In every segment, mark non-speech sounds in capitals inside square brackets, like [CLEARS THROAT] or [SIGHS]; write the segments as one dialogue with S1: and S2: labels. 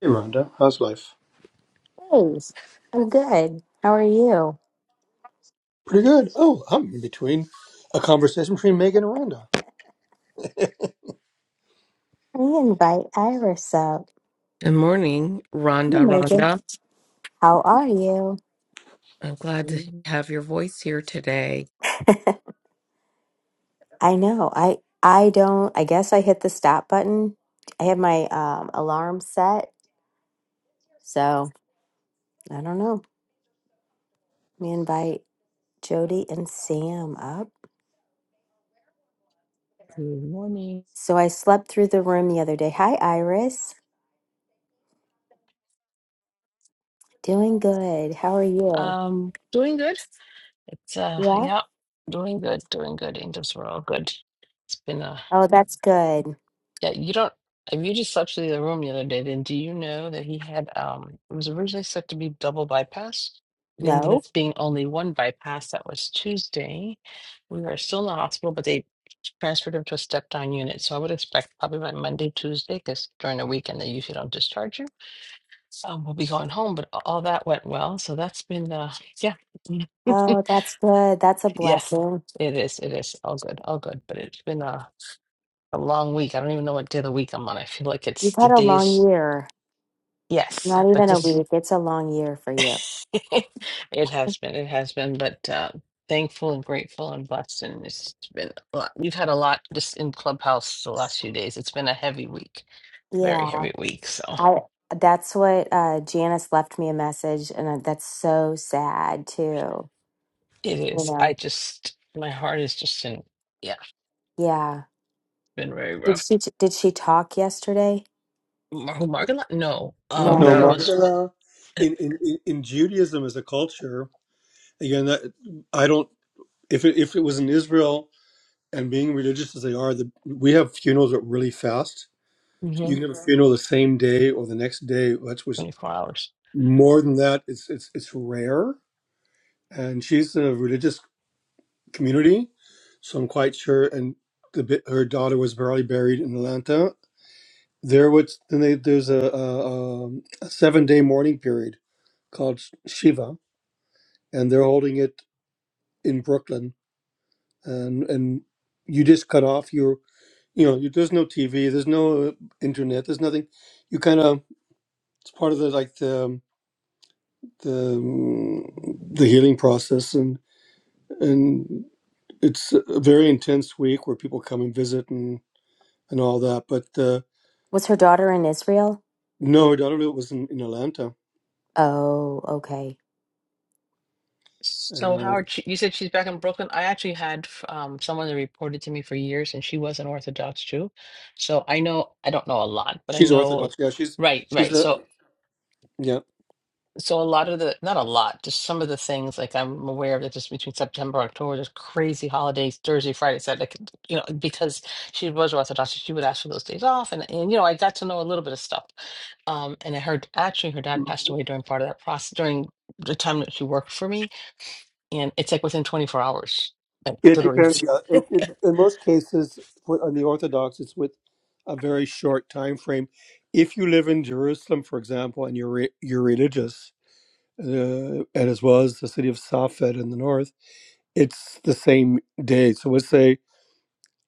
S1: Hey, Rhonda, how's life?
S2: Thanks. I'm good. How are you?
S1: Pretty good. Oh, I'm in between a conversation between Megan and Rhonda.
S2: I invite Iris up.
S3: Good morning,
S2: Hey,
S3: Rhonda.
S2: Megan.
S3: Rhonda,
S2: How are you?
S3: I'm glad to
S4: Mm,
S3: have your voice here today.
S2: I know. I I don't. I guess I hit the stop button. I have my um, alarm set, so I don't know. We invite Jody and Sam up.
S4: Good morning.
S2: So I slept through the room the other day. Hi, Iris. Doing good. How are you?
S4: Um, doing good. It's uh,
S2: Yeah.
S4: yeah, doing good, doing good. Angels were all good. It's been a
S2: Oh, that's good.
S4: yeah. You don't if you just slept through the room the other day, then do you know that he had um? It was originally set to be double bypass. It ended up
S2: No.
S4: being only one bypass. That was Tuesday. We are still in the hospital, but they transferred him to a step down unit. So I would expect probably by Monday, Tuesday, because during the weekend they usually don't discharge you. um, we'll be going home, but a- all that went well. So that's been, uh, yeah, [LAUGHS] mm,
S2: Oh, that's good. That's a
S4: yes,
S2: blessing.
S4: it is. It is all good, all good. But it's been a, a long week. I don't even know what day of the week I'm on. I feel like it's
S2: You've
S4: the
S2: had a long
S4: days.
S2: year.
S4: Yes,
S2: Not
S4: but
S2: even a
S4: this,
S2: week. It's a long year for you.
S4: [LAUGHS] it has been, it has been. But uh, thankful and grateful and blessed, and it's been a lot. We've had a lot just in Clubhouse the last few days. It's been a heavy week, very
S2: Yeah.
S4: heavy week. So
S2: I that's what uh Janice left me a message and uh, that's so sad too.
S4: it
S2: You
S4: is. I
S2: know.
S4: just, my heart is just in. Yeah,
S2: Yeah.
S4: it's been very
S2: Did
S4: rough.
S2: she did she talk yesterday?
S4: Mar- Margot? Lo- No, uh,
S3: Oh
S1: No,
S2: No.
S4: Mia
S1: Mark.
S3: no.
S4: was
S1: Uh, in, in in in Judaism as a culture, again, that, I don't. If it, if it was in Israel and being religious as they are, the, we have funerals that really fast. You
S4: mhm,
S1: can have a funeral the same day or the next day. That's was
S4: 24 hours.
S1: more than that. It's it's it's rare. And she's in a religious community, so I'm quite sure. And the, bi- her daughter was barely buried in Atlanta, There was then they, there's a, a, um, a seven day mourning period called Sh- Shiva, and they're holding it in Brooklyn, and and you just cut off your you know you, there's no TV, there's no uh, internet, there's nothing. You kind of it's part of the like the um, the um, the healing process, and and it's a very intense week where people come and visit and and all that. But uh,
S2: Was her daughter in Israel?
S1: no, I don't know. It was in, in Atlanta.
S2: Oh, okay.
S4: So
S1: Uh,
S4: Howard, she, you said she's back in Brooklyn. I actually had f- um, someone that reported to me for years, and she was an Orthodox Jew. So I know, I don't know a lot, but I
S1: she's
S4: know,
S1: Orthodox. Yeah, she's
S4: right,
S1: she's
S4: right.
S1: a
S4: So
S1: Yeah.
S4: So a lot of the, not a lot, just some of the things like I'm aware of that just between September, October, there's crazy holidays, Thursday, Friday, Saturday, like, you know, because she was Orthodox, she would ask for those days off. And, and, you know, I got to know a little bit of stuff. Um, and I heard actually her dad passed
S1: Mhm.
S4: away during part of that process, during the time that she worked for me. And it's like within 24 hours, like
S1: It
S4: literally.
S1: depends. Yeah.
S4: [LAUGHS]
S1: It, it, in most cases, for, on the Orthodox, it's with a very short time frame. If you live in Jerusalem, for example, and you're re- you're religious, uh, and as well as the city of Safed in the north, it's the same day. So let's say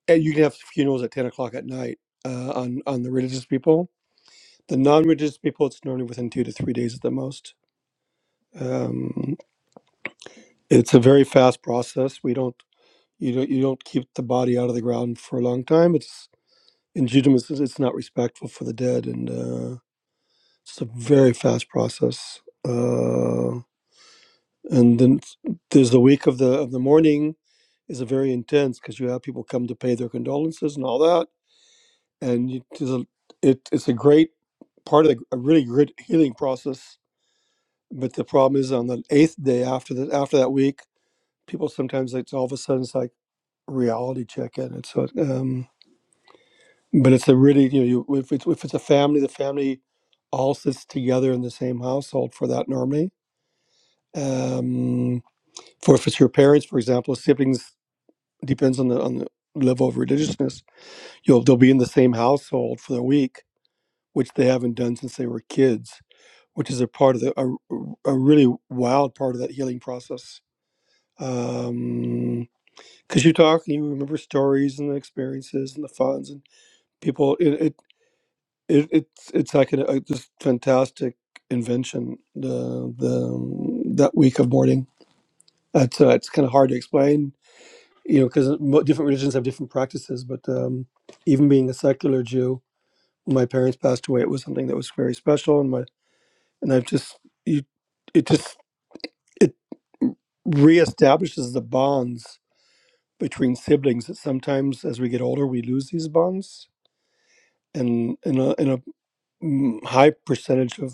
S1: and you can have funerals at ten o'clock at night uh, on on the religious people. The non-religious people, it's normally within two to three days at the most. Um, it's a very fast process. We don't. You don't you don't keep the body out of the ground for a long time. It's in Judaism, it's not respectful for the dead, and uh, it's a very fast process. Uh, and then there's the week of the of the mourning is a very intense because you have people come to pay their condolences and all that, and you, there's a, it, it's a great part of the, a really great healing process. But the problem is on the eighth day after the after that week, people sometimes it's all of a sudden it's like reality check in. And so um, But it's a really, you know, you, if it's if it's a family, the family all sits together in the same household for that normally. Um, for if it's your parents, for example, siblings depends on the on the level of religiousness. You'll they'll be in the same household for the week, which they haven't done since they were kids, which is a part of the a, a really wild part of that healing process. Um, because you talk and you remember stories and the experiences and the funds and people. it. it it, it's it's like a, a just fantastic invention the the um, that week of mourning it's uh, it's kind of hard to explain you know because mo- different religions have different practices but um, even being a secular Jew when my parents passed away it was something that was very special and my and I've just you it just it reestablishes the bonds between siblings that sometimes as we get older we lose these bonds and in a, in a mm, high percentage of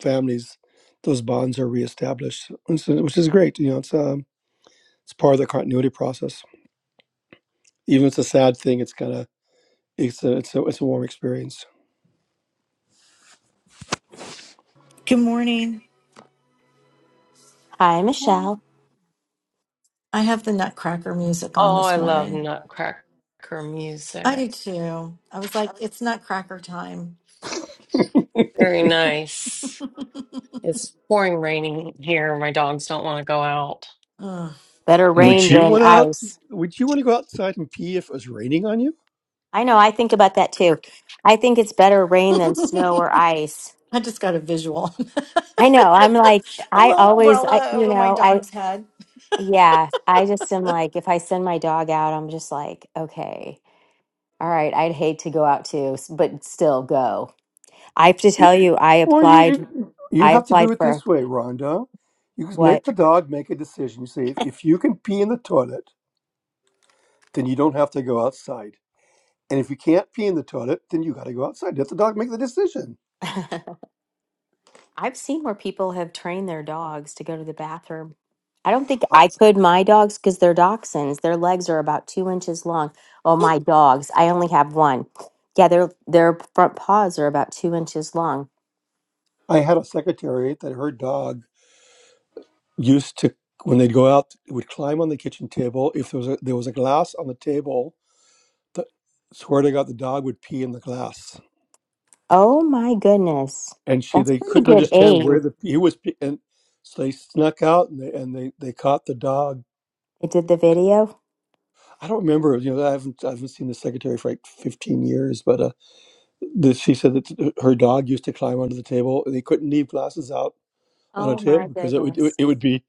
S1: families, those bonds are reestablished, which is which is great. You know, it's um, it's part of the continuity process. Even if it's a sad thing, it's kind of it's a it's a it's a warm experience.
S5: Good morning.
S2: Hi, Michelle.
S5: I have the Nutcracker music on
S3: Oh, I
S5: this
S3: love
S5: morning.
S3: nutcracker
S5: I
S3: music.
S5: do too. I was like, it's Nutcracker time.
S3: Very nice. It's pouring raining here. My dogs don't want to go out.
S5: Ugh.
S2: Better
S1: Would
S2: rain
S1: you
S2: than
S1: want to?
S2: ice.
S1: Would you want to go outside and pee if it was raining on you?
S2: I know, I think about that too. I think it's better
S5: [LAUGHS]
S2: rain than snow
S5: I
S2: or ice.
S5: just got a visual. [LAUGHS]
S2: I know. I'm like
S5: a
S2: I
S5: little
S2: always I
S5: umbrella
S2: you
S5: over my
S2: know, I.
S5: dog's head.
S2: Yeah, I just am like, if I send my dog out, I'm just like, okay, all right, I'd hate to go out too, s- but still go. I have to tell you, I
S1: Well, you
S2: applied,
S1: you you
S2: I
S1: have to do
S2: applied
S1: it
S2: for
S1: this way, Rhonda. You just make
S2: what?
S1: the dog make a decision. You say if, if you can pee in the toilet, then you don't have to go outside. And if you can't pee in the toilet, then you got to go outside. Let the dog make the decision.
S2: [LAUGHS] I've seen where people have trained their dogs to go to the bathroom. I don't think
S1: I,
S2: I could my dogs because they're dachshunds. Their legs are about two inches long. Oh, my dogs, I only have one. Yeah, their their front paws are about two inches long.
S1: I had a secretary that her dog used to when they'd go out would climb on the kitchen table if there was a, there was a glass on the table the, swear to god the dog would pee in the glass
S2: Oh my goodness.
S1: and she
S2: That's
S1: they
S2: pretty
S1: couldn't
S2: good
S1: understand where
S2: aim.
S1: the he was pee, and so they snuck out and they, and they they caught the dog
S2: They did the video.
S1: i don't remember you know i haven't i haven't seen the secretary for like 15 years but uh this, she said that her dog used to climb onto the table they couldn't leave glasses out on a
S2: Oh
S1: table
S2: my
S1: because it would it would,
S2: goodness.
S1: it would be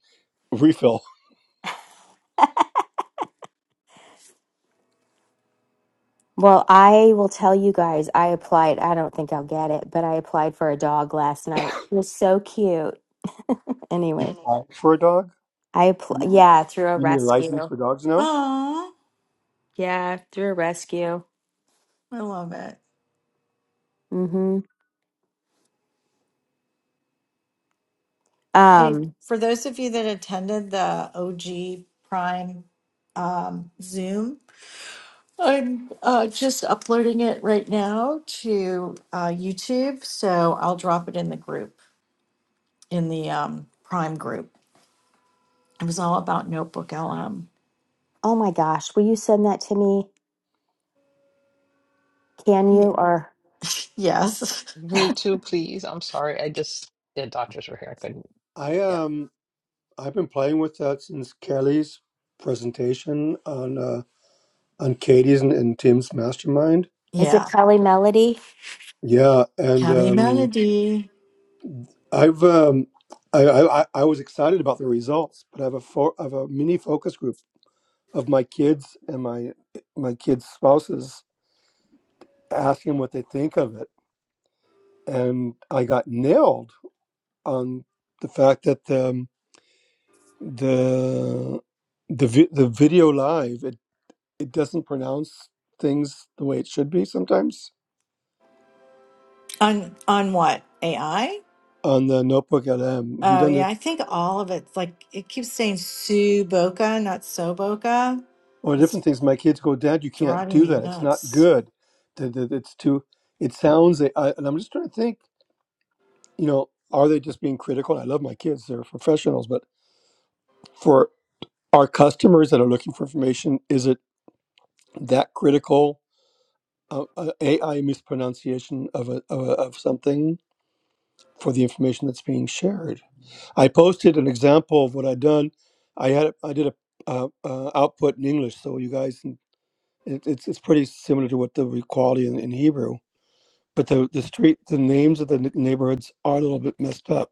S1: refill
S2: Well, I will tell you guys, I applied. I don't think I'll get it, but I applied for a dog last night. It was so cute.
S1: You
S2: Anyway,
S1: and apply for a dog?
S2: I apl-
S1: You
S2: yeah, through a
S1: need a license
S2: rescue.
S1: for dogs now?
S5: Aw,
S2: Yeah, through a rescue.
S5: I love it.
S2: Mm-hmm.
S5: Hey,
S2: Um,
S5: for those of you that attended the OG Prime um, Zoom, I'm uh, just uploading it right now to uh, YouTube. So I'll drop it in the group, in the um, Prime group. It was all about Notebook LM.
S2: oh my gosh, will you send that to me? Can
S5: Yeah.
S2: you or
S5: Yes. [LAUGHS]
S4: me too, please. I'm sorry. I just, the doctors were here. I couldn't.
S1: I
S4: Yeah.
S1: um I've been playing with that since Kelly's presentation on uh, on Katie's and, and Tim's mastermind.
S2: is it
S5: Yeah.
S2: Kelly Melody?
S1: Yeah, and
S5: Kelly
S1: um,
S5: Melody.
S1: I've um, I, I I I was excited about the results, but I have a for, I have a mini focus group of my kids and my my kids' spouses asking what they think of it, and I got nailed on the fact that. um, the the vi- the video live it it doesn't pronounce things the way it should be sometimes
S5: On on what? AI?
S1: on the notebook lm have you
S5: Oh
S1: done
S5: yeah,
S1: the
S5: I think all of it's like it keeps saying Sue Boca, not So Boca.
S1: or
S5: It's
S1: different things my kids go dad you can't
S5: driving
S1: do
S5: me
S1: that it's not
S5: nuts.
S1: good Th- th- it's too it sounds I, I- and i'm just trying to think you know are they just being critical i love my kids they're professionals but for our customers that are looking for information is it that critical uh, uh, ai mispronunciation of a, of a of something for the information that's being shared I posted an example of what I'd done. I had I did a uh, uh, output in English, so you guys, can- it, it's it's pretty similar to what the re- quality in, in Hebrew. But the the street, the names of the n- neighborhoods are a little bit messed up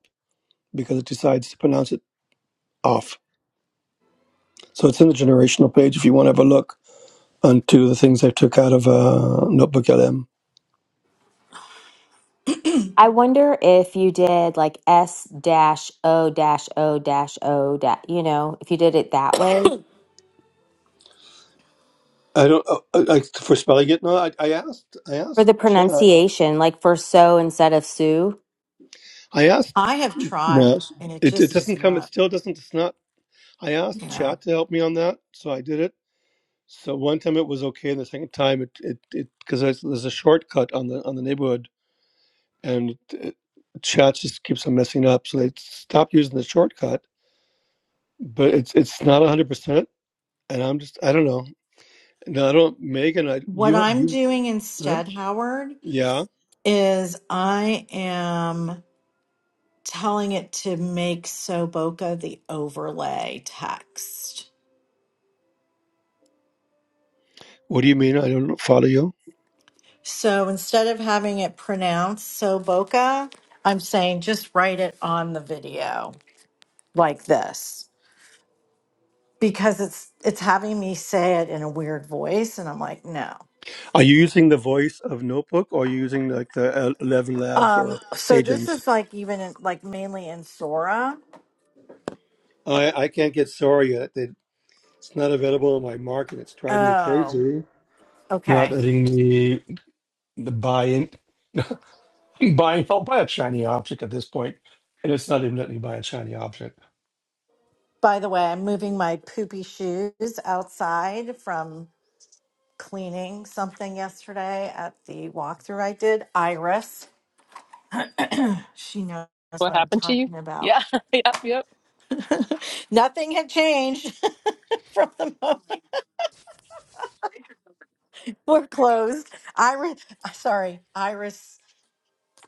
S1: because it decides to pronounce it off. So it's in the generational page if you want to have a look onto the things I took out of uh, Notebook LM.
S2: I wonder if you did like S dash O dash O dash O dash, you know, if you did it that way
S1: I don't uh, uh, like for spelling it. No, I, I asked. I
S2: for
S1: asked.
S2: the
S1: Ch- uh,
S2: pronunciation, like for so instead of Sue.
S1: I asked
S5: I have
S1: No,
S5: tried
S1: it's-
S5: and it
S1: it, it
S5: just is
S1: doesn't come. It
S5: not,
S1: still doesn't. It's not. I asked
S5: you know.
S1: chat to help me on that, so I did it. So one time it was okay, and the second time it it it because there's, there's a shortcut on the on the neighborhood, and it, chat just keeps on messing up. So they stopped using the shortcut, but it's it's not hundred percent. And I'm just I don't know. No, I don't. Megan, I
S5: What
S1: you
S5: I'm
S1: you
S5: doing
S1: huh?
S5: instead, Howard,
S1: yeah.
S5: is I am telling it to make So Boca the overlay text.
S1: What do you mean? I don't follow you.
S5: So instead of having it pronounced so boca, I'm saying just write it on the video like this because it's it's having me say it in a weird voice and I'm like, no.
S1: Are you using the voice of Notebook or are you using like the Eleven Labs or
S5: Um so this
S1: Agents?
S5: is like even in, like mainly in Sora.
S1: I, I can't get sorry yet. They, it's not available in my market. It's driving me
S5: Oh,
S1: crazy. Not
S5: okay.
S1: letting the the buy in [LAUGHS] buy I'll buy a shiny object at this point, and it's not even letting me buy a shiny object.
S5: By the way, I'm moving my poopy shoes outside from cleaning something yesterday at the walkthrough I did. Iris, she knows
S4: What
S5: what I'm
S4: happened to you?
S5: talking about.
S4: Yeah, [LAUGHS] yep, yep.
S5: [LAUGHS] Nothing had changed [LAUGHS] from the moment we're closed. Iris, uh, sorry, Iris.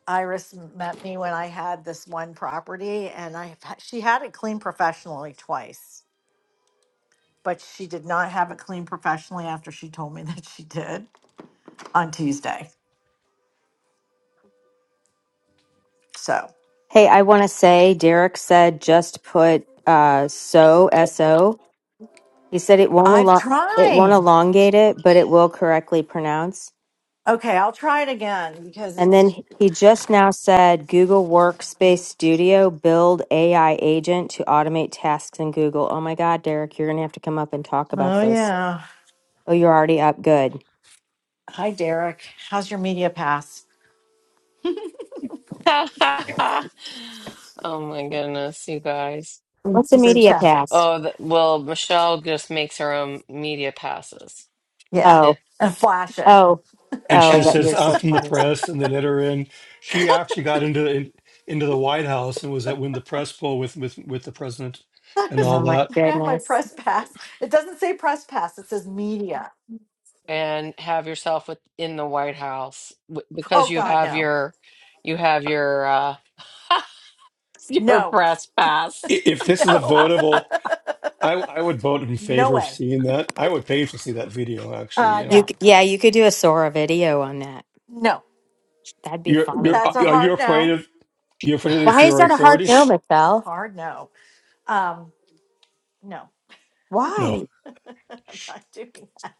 S5: Iris met me when I had this one property, and I she had it cleaned professionally twice, but she did not have it cleaned professionally after she told me [LAUGHS] that she did on Tuesday. So
S2: Hey, I want to say Derek said just put uh, so so. He said it won't
S5: I've
S2: elo- it won't
S5: tried.
S2: elongate it, but it will correctly pronounce.
S5: Okay, I'll try it again because
S2: And then
S5: it's.
S2: he he just now said Google Workspace Studio build AI agent to automate tasks in Google. Oh my God, Derek, you're gonna have to come up and talk about
S5: Oh
S2: this.
S5: yeah.
S2: Oh, you're already up. Good.
S5: Hi Derek. How's your media pass?
S3: [LAUGHS] oh my goodness, you guys.
S5: [LAUGHS]
S2: What's the media
S5: Yeah.
S2: pass?
S3: Oh, th well, Michelle just makes her own media passes.
S5: Yeah.
S2: Oh.
S3: It,
S5: And flash it.
S2: Oh,
S1: and she
S2: oh,
S1: just
S2: that
S1: says
S2: you're
S1: i'm
S2: so
S1: from the
S2: funny.
S1: press and they let her in she actually got into in, into the white house and was at when the press poll with with with the president
S5: [LAUGHS] I
S1: and
S5: was
S2: Oh
S1: all
S2: my
S1: that
S5: I have my
S2: goodness.
S5: press pass. It doesn't say press pass, it says media.
S3: and have yourself with, in the White House w- because
S5: Oh
S3: you
S5: god,
S3: have
S5: no.
S3: your you have your uh [LAUGHS] your
S5: No. [LAUGHS]
S3: press pass.
S1: I- if this is a
S5: No.
S1: votable i i would vote in
S5: [LAUGHS] no
S1: favor of
S5: way.
S1: seeing that i would pay to see that video actually
S5: Uh
S1: you
S2: You
S5: no.
S1: know
S2: c- yeah, you could do a Sora video on that.
S5: No.
S2: That'd be
S1: you're you're
S2: funny.
S5: That's a
S1: are you
S5: hard
S1: afraid
S5: no.
S1: of you afraid of the
S2: Why is
S1: theory
S2: that a hard
S1: authority
S2: no,
S5: It's a
S2: Michelle?
S5: hard no. Um no.
S1: no
S2: Why?
S5: [LAUGHS] I'm not doing that.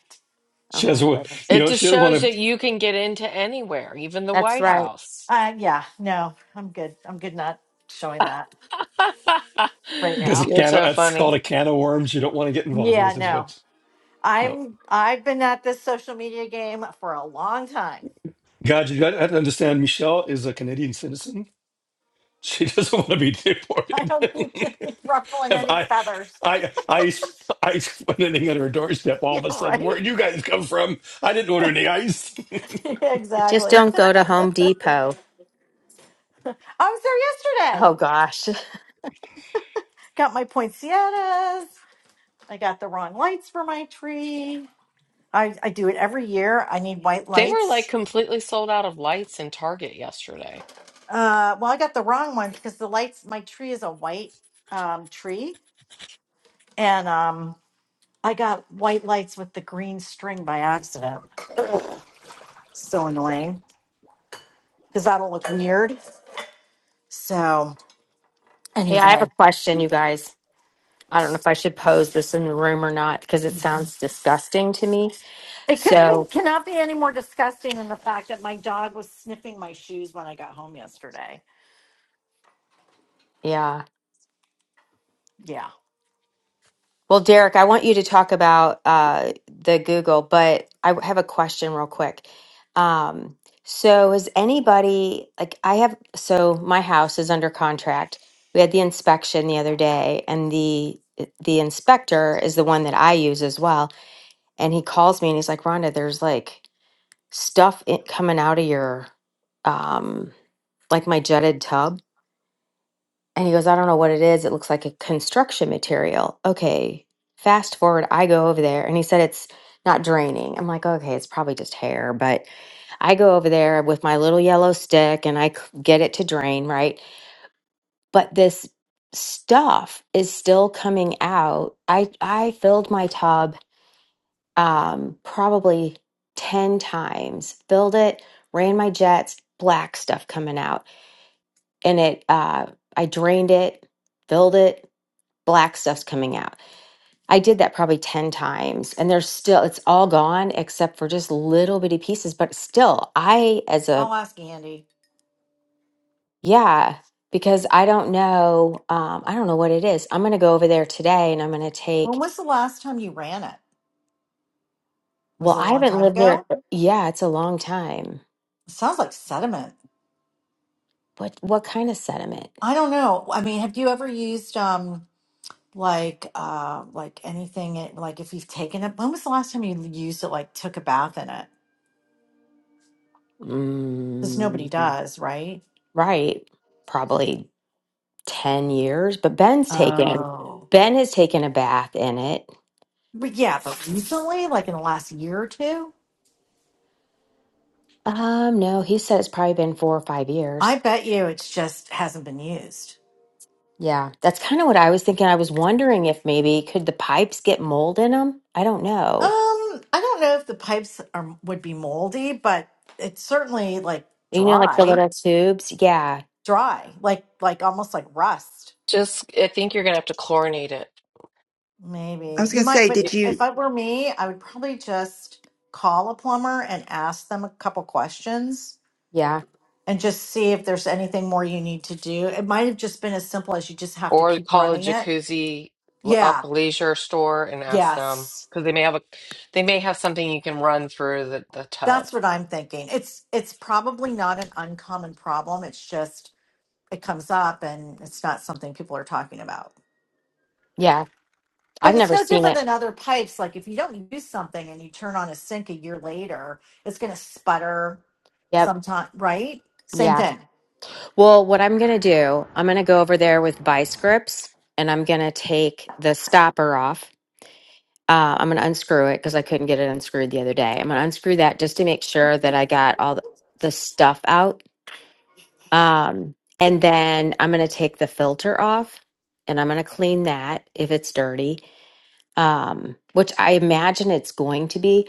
S2: Oh
S1: she has
S2: my
S1: a-
S2: goodness.
S1: you
S3: It
S1: know
S3: just
S1: she doesn't
S3: shows
S1: want
S3: that
S1: to
S3: you can get into anywhere, even the
S2: That's
S3: White
S2: right.
S3: House.
S5: Uh yeah, no. I'm good. I'm good not showing that
S3: [LAUGHS]
S5: right
S1: there's a
S5: now.
S3: You're
S1: can of
S3: so
S1: that's called
S3: funny.
S1: a can of worms you don't want to get involved
S5: Yeah,
S1: with is
S5: no.
S1: what no
S5: I'm I've been at this social media game for a long time. [LAUGHS]
S1: god you got to understand michelle is a canadian citizen She doesn't want to be
S5: I
S1: deported.
S5: don't need to be
S1: [LAUGHS]
S5: ruffling
S1: Have
S5: any
S1: I,
S5: feathers. [LAUGHS]
S1: I, ice, ice went in at her doorstep all
S5: Yeah,
S1: of a sudden.
S5: right.
S1: Where'd you guys come from? I didn't order any ice.
S5: [LAUGHS]
S2: Just
S5: exactly.
S2: don't go to Home
S5: I
S2: Depot.
S5: was there
S2: Oh
S5: yesterday.
S2: gosh. [LAUGHS]
S5: Got my poinsettias. I got the wrong lights for my tree. I, I do it every year. I need white
S3: They were like
S5: lights.
S3: completely sold out of lights in Target yesterday.
S5: Uh, well, I got the wrong ones because the lights, my tree is a white um, tree. And um, I got white lights with the green string by accident. So annoying because that'll look weird. So,
S2: Hey, I have a
S5: anyway.
S2: question, you guys. I don't know if I should pose this in the room or not because it sounds disgusting to me.
S5: It couldn't be,
S2: So,
S5: cannot be any more disgusting than the fact that my dog was sniffing my shoes when I got home yesterday.
S2: yeah.
S5: Yeah.
S2: Well, Derek, I want you to talk about uh, the Google, but I w- have a question real quick. Um, so, has anybody, like, I have, so my house is under contract. We had the inspection the other day, and the the inspector is the one that I use as well. And he calls me and he's like, Rhonda, there's like stuff i coming out of your, um, like my jutted tub. And he goes, I don't know what it is. It looks like a construction material. Okay. Fast forward, I go over there and he said it's not draining. I'm like, okay, it's probably just hair. But I go over there with my little yellow stick and I c- get it to drain, right? But this stuff is still coming out. I I filled my tub um probably 10 times. Filled it, ran my jets, black stuff coming out. And it uh I drained it, filled it, black stuff's coming out. I did that probably 10 times and there's still it's all gone except for just little bitty pieces but still I as a
S5: I'll ask Andy.
S2: yeah because I don't know um I don't know what it is. I'm going to go over there today and I'm going to
S5: When
S2: take
S5: was the last time you ran it? Was
S2: well
S5: it a
S2: I
S5: long
S2: haven't
S5: time
S2: lived there
S5: ago?
S2: yeah, it's a long time.
S5: It sounds like sediment.
S2: What what kind of sediment?
S5: I don't know. I mean, have you ever used um like uh like anything it- like if you've taken it when was the last time you used it like took a bath in it? Because nobody
S2: Mm,
S5: does, right?
S2: right. Probably 10 years, but Ben's taken
S5: Oh.
S2: Ben has taken a bath in it
S5: But yeah, but recently, like in the last year or two,
S2: Um, no, he said it's probably been four or five
S5: I
S2: years.
S5: bet you it's just hasn't been used.
S2: Yeah, that's kind of what I was thinking. I was wondering if maybe could the pipes get mold in them? I don't
S5: Um,
S2: know.
S5: I don't know if the pipes are would be moldy, but it's certainly like
S2: You know, like the
S5: dry,
S2: little tubes. Yeah,
S5: dry, like like almost like rust.
S3: Just I think you're gonna have to chlorinate it.
S6: I
S5: Maybe
S6: was
S5: you
S6: going to
S5: might,
S6: say,
S5: but
S6: did you
S5: if I were me, I would probably just call a plumber and ask them a couple questions
S2: yeah,
S5: and just see if there's anything more you need to do. It might have just been as simple as you just have to
S3: or
S5: keep
S3: call the
S5: running it.
S3: jacuzzi
S5: Yeah,
S3: aqua leisure store and ask them
S5: yes.
S3: because they may have a they may have something you can run through the, the
S5: That's
S3: tub
S5: what I'm thinking. It's it's probably not an uncommon problem. It's just it comes up and it's not something people are talking about.
S2: yeah. I've
S5: But it's
S2: never
S5: no
S2: seen
S5: different
S2: it.
S5: than other pipes. Like if you don't use something and you turn on a sink a year later, it's going to sputter
S2: Yep.
S5: sometime, right? Same
S2: Yeah.
S5: thing.
S2: Well, what I'm gonna do, I'm gonna go over there with vice grips, and I'm gonna take the stopper off. Uh, I'm gonna unscrew it because I couldn't get it unscrewed the other day. I'm gonna unscrew that just to make sure that I got all the, the stuff out Um, and then I'm going to take the filter off and I'm going to clean that if it's dirty, um, which I imagine it's going to be.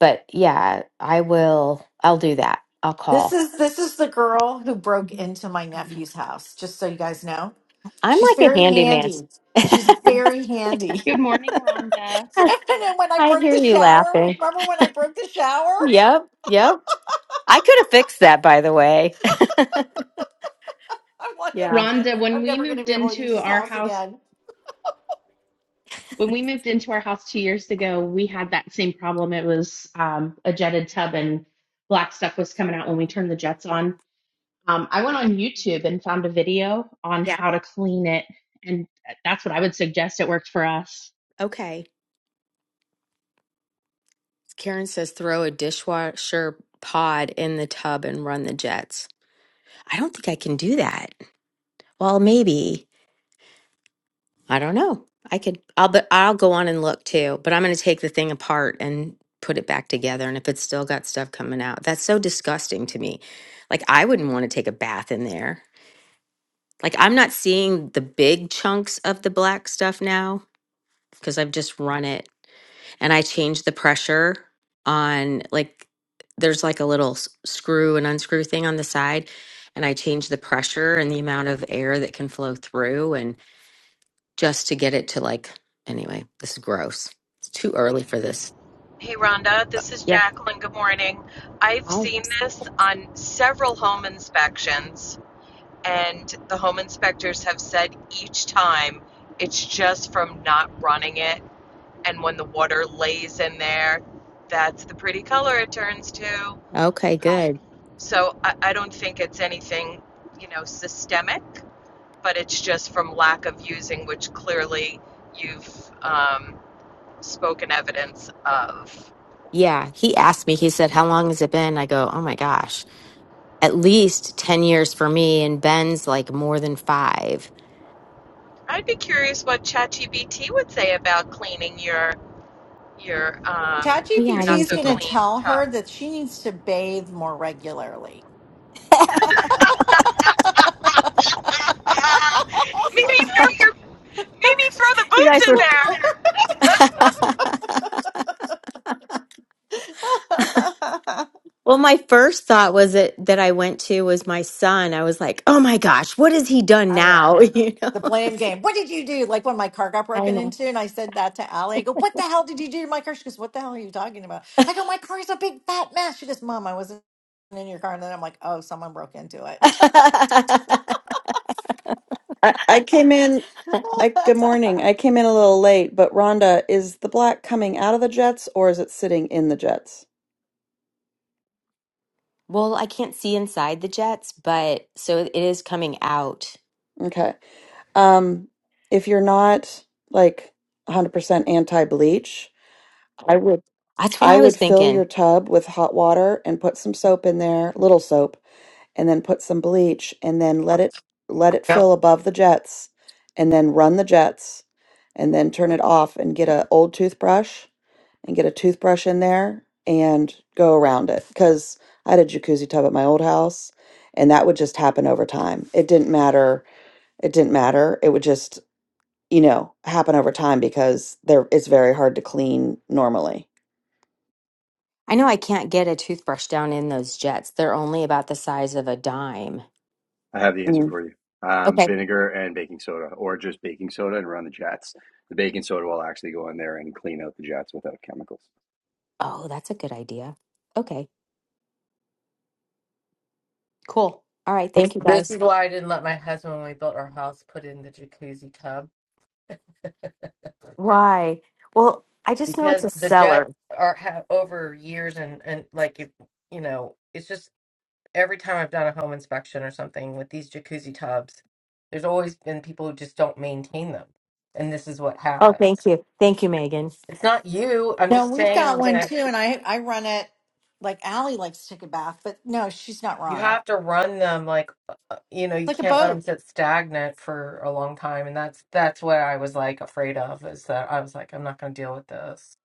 S2: But yeah, I will, I'll do that. I'll
S5: This
S2: call.
S5: is this is the girl who broke into my nephew's house, just so you guys know.
S2: I'm
S5: She's
S2: like a
S5: very
S2: handyman.
S5: handy.
S2: [LAUGHS]
S5: She's very handy.
S7: Good morning, Rhonda.
S5: [LAUGHS] and then when I
S2: I
S5: broke
S2: hear
S5: the
S2: you
S5: shower,
S2: laughing.
S5: remember when I broke the shower?
S2: Yep. Yep. I could have fixed that, by the way. [LAUGHS]
S5: I'm like, oh
S2: Yeah.
S5: shit,
S7: Rhonda, when
S5: I'm
S7: we
S5: never going to
S7: moved
S5: be able to use
S7: into
S5: this
S7: our
S5: house
S7: house,
S5: again.
S7: when we moved into our house two years ago, we had that same problem. It was um, a jetted tub and black stuff was coming out when we turned the jets on. Um, I went on YouTube and found a video on
S2: Yeah.
S7: how to clean it. And that's what I would suggest. It worked for us.
S2: Okay. Karen says throw a dishwasher pod in the tub and run the jets. I don't think I can do that. Well, maybe. I don't know. I could I'll but I'll go on and look too, but I'm going to take the thing apart and put it back together and if it's still got stuff coming out. That's so disgusting to me. Like I wouldn't want to take a bath in there. Like I'm not seeing the big chunks of the black stuff now because I've just run it and I changed the pressure on like there's like a little s- screw and unscrew thing on the side and I changed the pressure and the amount of air that can flow through just to get it to like anyway this is gross it's too early for this
S8: Hey Rhonda, this is
S2: yeah
S8: Jacqueline. Good morning. I've
S2: Oh,
S8: seen this on several home inspections, and the home inspectors have said each time it's just from not running it. And when the water lays in there, that's the pretty color it turns to.
S2: okay
S8: Um,
S2: good
S8: So I, I don't think it's anything, you know, systemic, but it's just from lack of using, which clearly you've um, spoken evidence of.
S2: yeah he asked me he said how long has it been i go oh my gosh at least 10 years for me and ben's like more than five
S8: I'd be curious what ChatGPT would say about cleaning your your um
S2: oh yeah
S8: your
S2: i
S5: ChatGPT
S8: not
S2: didn't
S5: is
S8: so
S2: think
S5: going to
S2: about that
S8: clean
S5: tell
S8: tub.
S5: her that she needs to bathe more regularly.
S8: [LAUGHS] Uh, maybe throw your maybe throw the
S2: you guys
S8: boots in
S2: were
S5: [LAUGHS] I
S2: [LAUGHS] Well, my first thought was it that I went to was my son. I was like, "Oh my gosh, what has he done now?" [LAUGHS]
S5: know.
S2: You know.
S5: The blame game. What did you do? Like when my car got
S2: i
S5: broken into, and I said that to Allie. I go, What the hell did you do to my car? She goes, What the hell are you talking about? I go, My car is a big fat mess. She goes, Mom, I wasn't in your car. And then I'm like, Oh, someone broke into it.
S2: know [LAUGHS]
S9: I, I came in. I, good morning. I came in a little late, but Rhonda, is the black coming out of the jets or is it sitting in the jets?
S2: Well, I can't see inside the jets, but so it is coming out.
S9: Okay. Um, if you're not like 100% anti-bleach, I would
S2: That's what
S9: I
S2: I
S9: would
S2: was
S9: fill your
S2: thinking.
S9: tub with hot water and put some soap in there, little soap, and then put some bleach and then let it let it
S3: Yep.
S9: fill above the jets and then run the jets and then turn it off and get a old toothbrush and get a toothbrush in there and go around it because I had a jacuzzi tub at my old house and that would just happen over time. It didn't matter. It didn't matter. It would just, you know, happen over time because there it's very hard to clean normally.
S2: I know I can't get a toothbrush down in those jets. They're only about the size of a dime.
S10: I have the answer
S9: Mm.
S10: for you. Um,
S2: Okay.
S10: vinegar and baking soda, or just baking soda and run the jets. The baking soda will actually go in there and clean out the jets without chemicals.
S2: Oh, that's a good idea. Okay, cool. All right. Thank
S3: This
S2: you
S3: this
S2: guys.
S3: is why I didn't let my husband, when we built our house, put in the jacuzzi tub
S2: Why? Well, I just know it's
S3: because
S2: a
S3: the jets
S2: seller.
S3: are have over years and and like if you know, it's just every time I've done a home inspection or something with these jacuzzi tubs, there's always been people who just don't maintain them, and this is what
S2: Oh, thank
S3: happens.
S2: you. Thank you, Megan.
S3: It's not you.
S5: [LAUGHS]
S3: I'm
S5: no,
S3: just
S5: we've got
S3: saying that
S5: one too. And I, I run it like Allie likes to take a bath, but no, she's not
S3: You
S5: wrong.
S3: have to run them like uh, uh, you know,
S5: It's
S3: you
S5: like a
S3: can't let
S5: boat.
S3: them sit stagnant for a long time and that's that's what I was like afraid of is that I was like I'm not going to deal with this.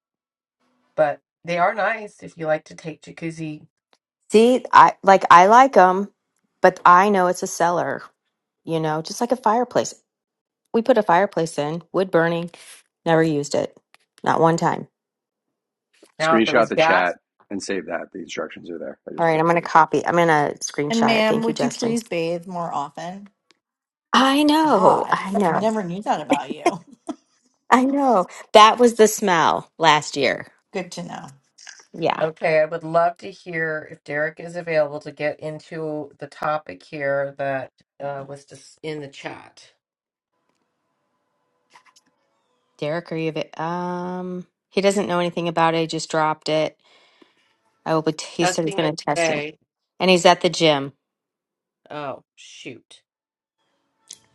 S3: But they are nice if you like to take jacuzzi.
S2: See, I like I like them, but I know it's a seller, you know, just like a fireplace. We put a fireplace in, wood burning, never used it. Not one time.
S3: Now if it
S10: Screenshot
S3: was
S10: the
S3: gas,
S10: chat and save that. The instructions are there. I
S2: All
S10: just
S2: right,
S10: put
S2: I'm
S10: it
S2: going to
S10: for you.
S2: copy. I'm going to
S5: And
S2: screenshot it.
S5: ma'am,
S2: Thank you,
S5: would you
S2: Justin.
S5: please bathe more often?
S2: I know.
S5: God,
S2: I
S5: I
S2: know.
S3: [LAUGHS]
S5: never knew that about you. [LAUGHS]
S2: I know. That was the smell last year.
S5: Good to know.
S2: Yeah.
S3: okay, I would love to hear if Derek is available to get into the topic here that uh, was just in the chat.
S2: Derek, are you av- um he doesn't know anything about it. He just dropped it. I will be he said he's
S3: Testing
S2: going
S3: it
S2: to testing.
S3: today.
S2: And he's at the gym.
S3: Oh, shoot.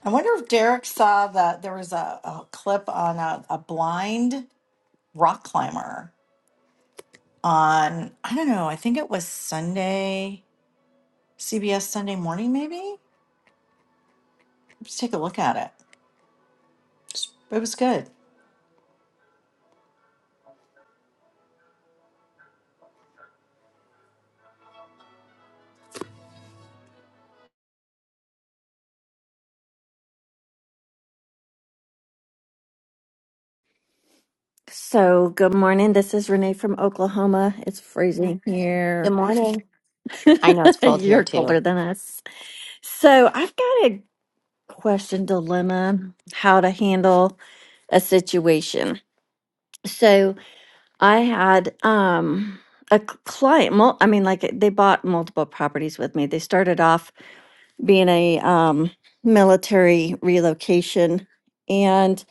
S5: I wonder if Derek saw that there was a, a clip on a, a blind rock climber on, I don't know, I think it was Sunday, CBS Sunday morning, maybe? Let's take a look at it. It was good.
S11: So, good morning. This is Renee from Oklahoma. It's freezing
S2: Good
S11: here.
S2: morning. I know it's
S11: [LAUGHS]
S2: cold
S11: You're
S2: here too.
S11: colder than us. So, I've got a question dilemma how to handle a situation. So, I had um a c- client, mul- I mean like they bought multiple properties with me. They started off being a um military relocation and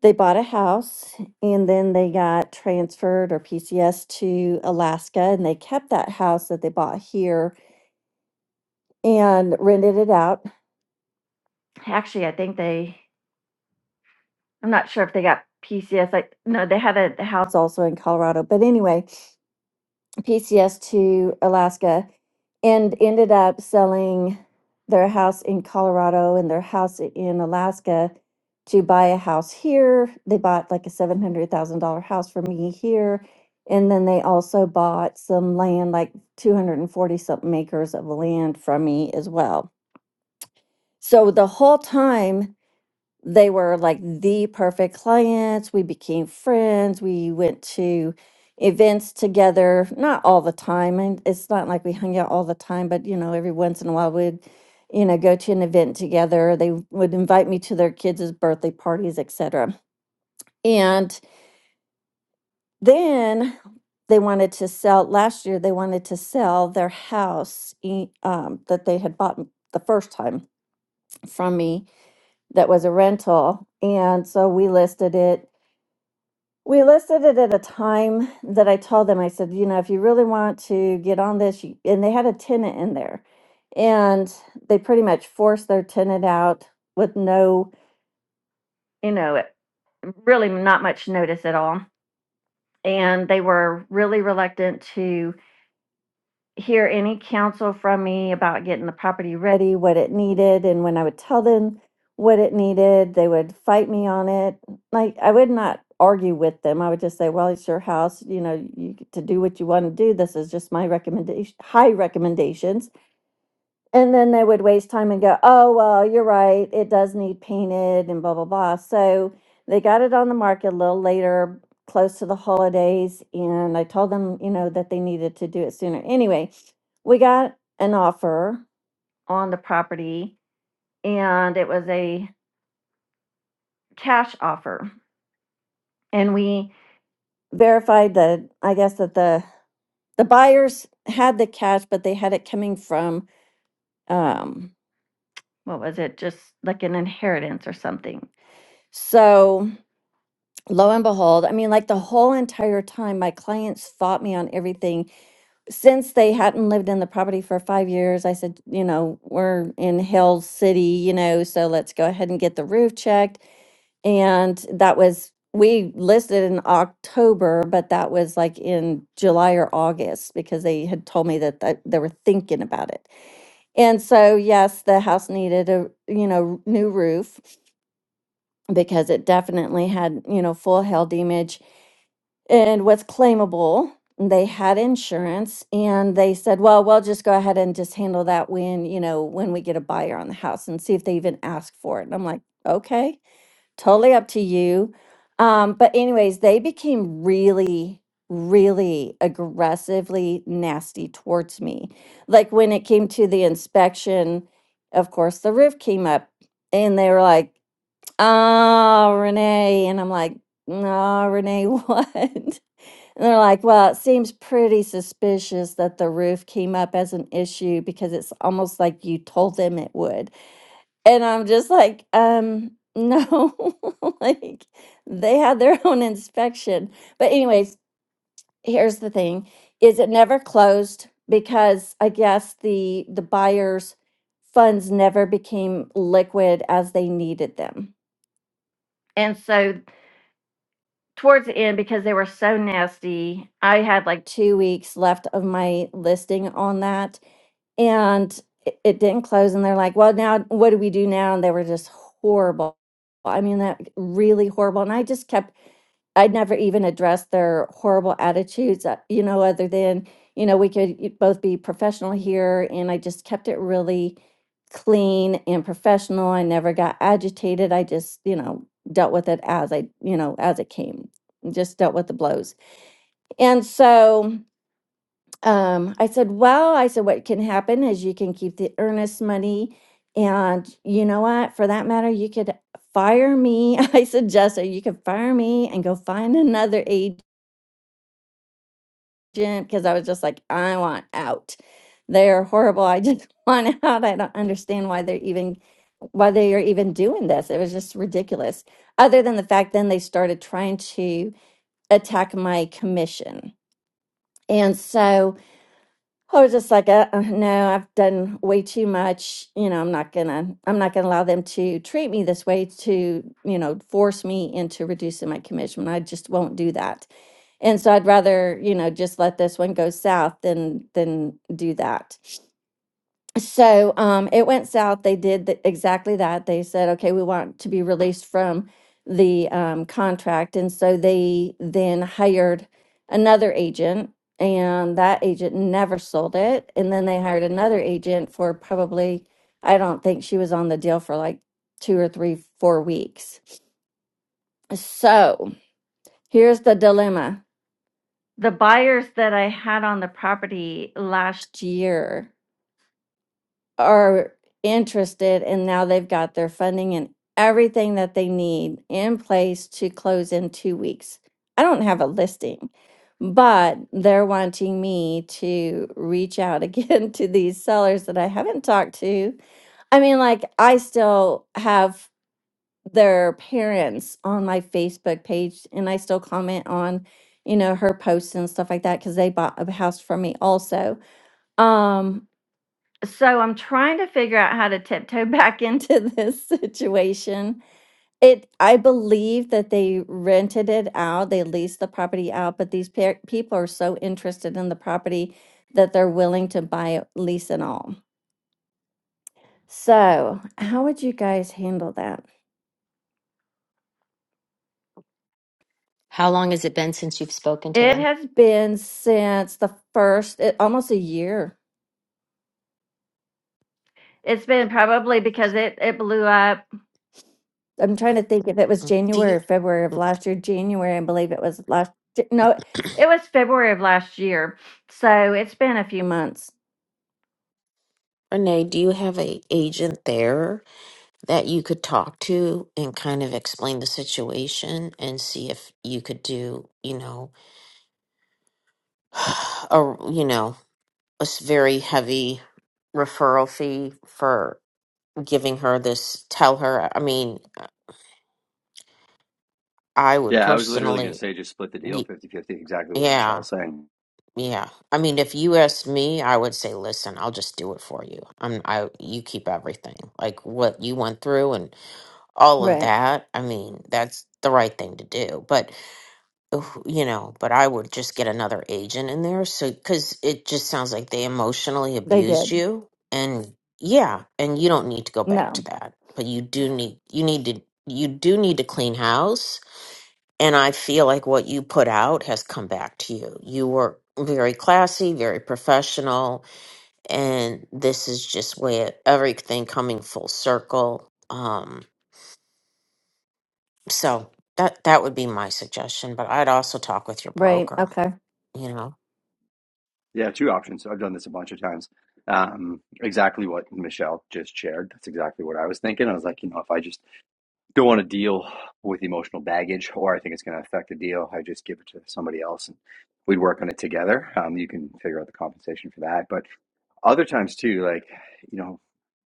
S11: they bought a house and then they got transferred or PCS to Alaska and they kept that house that they bought here and rented it out. Actually, I think they, I'm not sure if they got PCS. Like, no, they had a, house also in Colorado. But anyway, PCS to Alaska and ended up selling their house in Colorado and their house in Alaska to buy a house here. They bought like a $700,000 house for me here. And then they also bought some land, like 240 something acres of land from me as well. So the whole time they were like the perfect clients. We became friends. We went to events together, not all the time. And it's not like we hung out all the time, but you know, every once in a while we'd, you know, go to an event together. They would invite me to their kids' birthday parties, etc. And then they wanted to sell last year they wanted to sell their house e- um, that they had bought the first time from me that was a rental and so we listed it We listed it at a time that I told them, I said, you know, if you really want to get on this, you, and they had a tenant in there. And they pretty much forced their tenant out with no, you know, really not much notice at all. And they were really reluctant to hear any counsel from me about getting the property ready, what it needed, and when I would tell them what it needed, they would fight me on it. Like I would not argue with them. I would just say, "Well, it's your house. You know, you get to do what you want to do. This is just my recommendation, high recommendations." And then they would waste time and go, oh, well, you're right. It does need painted and blah, blah, blah. So they got it on the market a little later, close to the holidays. And I told them, you know, that they needed to do it sooner. Anyway, we got an offer on the property and it was a cash offer. And we verified that, I guess, that the, the buyers had the cash, but they had it coming from, um, what was it? Just like an inheritance or something. So lo and behold, I mean, like the whole entire time, my clients fought me on everything. Since they hadn't lived in the property for five years, I said, you know, we're in Hill City, you know, so let's go ahead and get the roof checked. And that was, we listed in October, but that was like in July or August because they had told me that that they were thinking about it. And so, yes, the house needed a, you know, new roof because it definitely had, you know, full health image and was claimable. They had insurance and they said, well, we'll just go ahead and just handle that when, you know, when we get a buyer on the house and see if they even ask for it. And I'm like, okay, totally up to you. Um, but, anyways, they became really, really aggressively nasty towards me. Like when it came to the inspection, of course, the roof came up and they were like, oh, Renee. And I'm like, no, Renee, what? [LAUGHS] And they're like, well, it seems pretty suspicious that the roof came up as an issue because it's almost like you told them it would. And I'm just like, um, no, [LAUGHS] like they had their [LAUGHS] own inspection. But, anyways, here's the thing is it never closed because I guess the the buyers funds never became liquid as they needed them. And so towards the end because they were so nasty. I had like two weeks left of my listing on that and it, it didn't close. And they're like, well, now what do we do now? And they were just horrible. I mean, that really horrible. And I just kept I never even addressed their horrible attitudes, uh, you know, other than, you know, we could y- both be professional here. And I just kept it really clean and professional. I never got agitated. I just, you know, dealt with it as I, you know, as it came, just dealt with the blows. And so um, I said, well, I said, what can happen is you can keep the earnest money. And you know what? For that matter, you could fire me. [LAUGHS] I suggested you could fire me and go find another agent because I was just like, I want out. They're horrible. I just [LAUGHS] want out. I don't understand why they're even why they are even doing this. It was just ridiculous. Other than the fact then they started trying to attack my commission. And so I was just like, uh, uh, no, I've done way too much. You know, I'm not gonna, I'm not gonna allow them to treat me this way to, you know, force me into reducing my commission. I just won't do that. And so I'd rather, you know, just let this one go south than than do that so um, it went south. They did the, exactly that. They said, okay, we want to be released from the um, contract. And so they then hired another agent, and that agent never sold it. And then they hired another agent for probably, I don't think she was on the deal for like two or three, four weeks. So here's the dilemma the buyers that I had on the property last year are interested and now they've got their funding and everything that they need in place to close in two weeks. I don't have a listing, but they're wanting me to reach out again [LAUGHS] to these sellers that I haven't talked to. I mean, like, I still have their parents on my Facebook page and I still comment on, you know, her posts and stuff like that because they bought a house from me also. Um, so I'm trying to figure out how to tiptoe [LAUGHS] back into this situation. It, I believe that they rented it out, they leased the property out, but these pe- people are so interested in the property that they're willing to buy it, lease and all. So, how would you guys handle that?
S2: How long has it been since you've spoken to
S11: It
S2: them?
S11: has been since the first, it, almost a year. It's been probably because it it blew up I'm trying to think if it was
S12: Mm, Do
S11: January or
S12: you,
S11: February of last year. January, I believe it was last. J- No, it was February of last year. So it's been a few months.
S12: Renee, do you have a agent there that you could talk to and kind of explain the situation and see if you could do, you know, [SIGHS] a you know, a s- very heavy referral fee for giving her this, tell her, I mean, I would
S10: Yeah, I was literally going to
S12: personally,
S10: say just split the deal
S12: y-
S10: fifty-fifty. exactly what
S12: yeah,
S10: Michelle's saying.
S12: yeah. I mean, if you asked me, I would say, listen, I'll just do it for you. I'm, I, you keep everything, like what you went through all of
S11: Right.
S12: that. I mean, that's the right thing to do. But, oof, you know, but I would just get another agent in there. So, because it just sounds like they emotionally
S11: They
S12: abused
S11: did.
S12: you. And yeah, and you don't need to go back to
S11: No.
S12: that. But you do need, you need to, you do need to clean house. And I feel like what you put out has come back to you. You were very classy, very professional. And this is just where everything coming full circle. Um. So that that would be my suggestion, but I'd also talk with your
S11: Right.
S12: broker,
S11: Okay.
S12: you know.
S10: Yeah, two options. I've done this a bunch of times. Um, exactly what Michelle just shared. That's exactly what I was thinking. I was like, you know, if I just don't want to deal with emotional baggage or I think it's going to affect the deal. I just give it to somebody else and we'd work on it together. Um, you can figure out the compensation for that. But other times too, like, you know,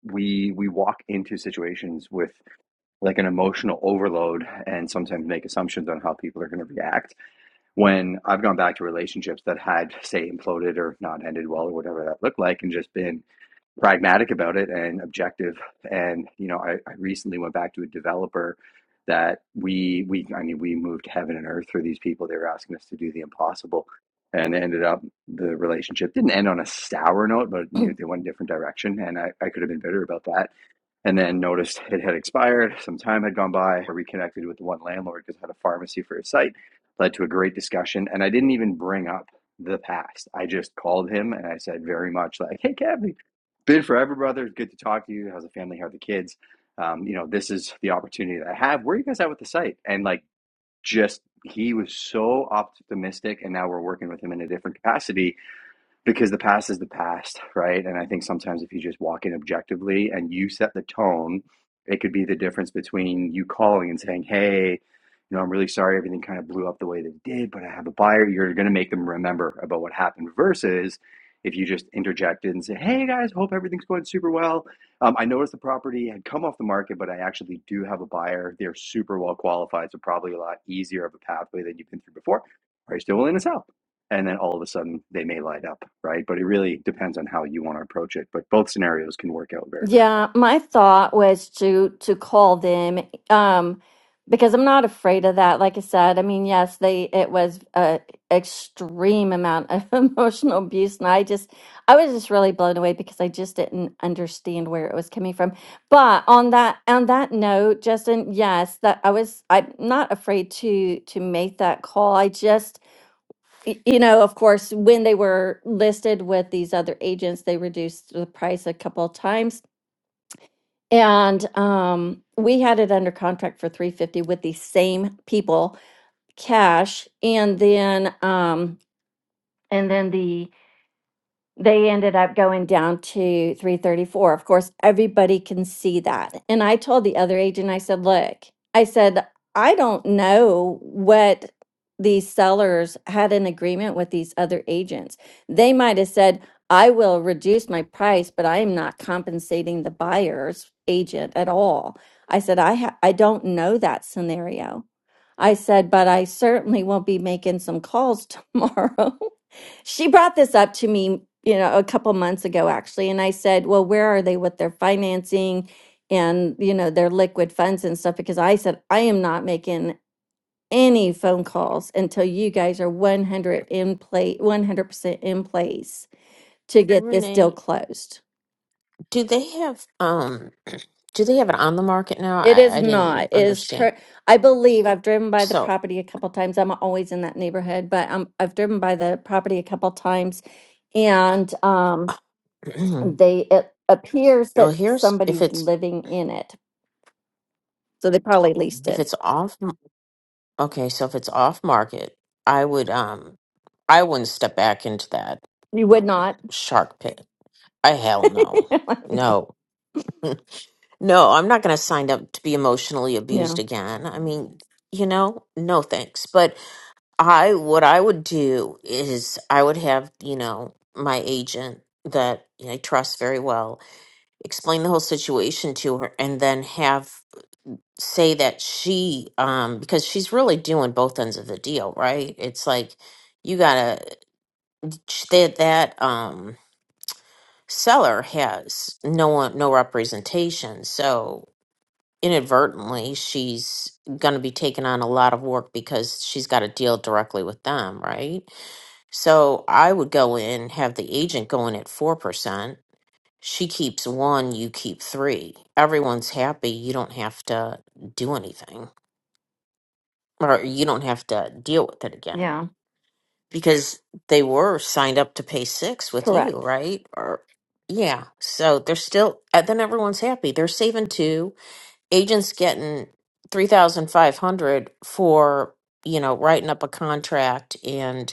S10: we we walk into situations with like an emotional overload and sometimes make assumptions on how people are going to react when i've gone back to relationships that had say imploded or not ended well or whatever that looked like and just been pragmatic about it and objective. And you know, I, I recently went back to a developer that we we I mean we moved heaven and earth for these people. They were asking us to do the impossible, and ended up the relationship didn't end on a sour note, but you know, they went a different direction, and I, I could have been bitter about that and then noticed it had expired. Some time had gone by. I reconnected with one landlord because I had a pharmacy for his site, led to a great discussion. And I didn't even bring up the past. I just called him and I said, very much like, hey, Kevin, been forever, brother. Good to talk to you. How's the family? How are the kids? Um, you know, this is the opportunity that I have. Where are you guys at with the site? And like, just he was so optimistic. And now we're working with him in a different capacity because the past is the past, right? And I think sometimes if you just walk in objectively and you set the tone, it could be the difference between you calling and saying, "Hey, you know, I'm really sorry everything kind of blew up the way that it did, but I have a buyer." You're going to make them remember about what happened versus if you just interjected and say, "Hey guys, hope everything's going super well. Um, I noticed the property had come off the market, but I actually do have a buyer. They're super well qualified, so probably a lot easier of a pathway than you've been through before. Are you still willing to sell?" and then all of a sudden they may light up, right? But it really depends on how you want to approach it. But both scenarios can work out very, very well.
S11: Yeah, my thought was to to call them um because I'm not afraid of that. Like I said, I mean, yes, they it was a extreme amount of [LAUGHS] emotional abuse and I just I was just really blown away because I just didn't understand where it was coming from. But on that on that note, Justin, yes, that I was I'm not afraid to to make that call. I just y- you know, of course, when they were listed with these other agents, they reduced the price a couple of times and um, we had it under contract for 350 with the same people, cash, and then um, and then the they ended up going down to 334. Of course, everybody can see that. And I told the other agent, I said, look, I said, I don't know what these sellers had an agreement with these other agents. They might have said, I will reduce my price, but I am not compensating the buyer's agent at all. I said, I, ha- I don't know that scenario. I said, but I certainly won't be making some calls [LAUGHS] tomorrow. She brought this up to me, you know, a couple months ago actually, and I said, "Well, where are they with their financing and, you know, their liquid funds and stuff?" Because I said, "I am not making any phone calls until you guys are 100 in place, 100% in place to get this deal
S12: Renee,
S11: closed."
S12: do they have um do they have it on the market now?
S11: It
S12: I,
S11: is
S12: I didn't
S11: not. It is
S12: understand.
S11: cur- I believe I've driven by the
S12: So
S11: property a couple times. I'm always in that neighborhood, but um, I've driven by the property a couple times, and um,
S12: [CLEARS THROAT]
S11: they it appears
S12: well
S11: that
S12: here's if
S11: somebody's
S12: it's
S11: living in it so they probably leased
S12: if
S11: it
S12: it's off m- okay, so if it's off market, I would um I wouldn't step back into that
S11: you would not
S12: shark pit. I hell no.
S11: [LAUGHS] Like, no
S12: No. No, I'm not gonna sign up to be emotionally abused
S11: yeah
S12: again. I mean, you know, no thanks. But I what I would do is I would have, you know, my agent that I trust very well explain the whole situation to her and then have say that she um because she's really doing both ends of the deal, right? It's like you gotta that that um seller has no one no representation. So inadvertently she's gonna be taking on a lot of work because she's gotta deal directly with them, right? So I would go in, have the agent go in at 4%. She keeps one, you keep three. Everyone's happy. You don't have to do anything or you don't have to deal with it again
S11: yeah
S12: because they were signed up to pay six with you,
S11: correct
S12: right? Or, yeah. So they're still, and then everyone's happy. They're saving two. Agents getting 3500 for, you know, writing up a contract and.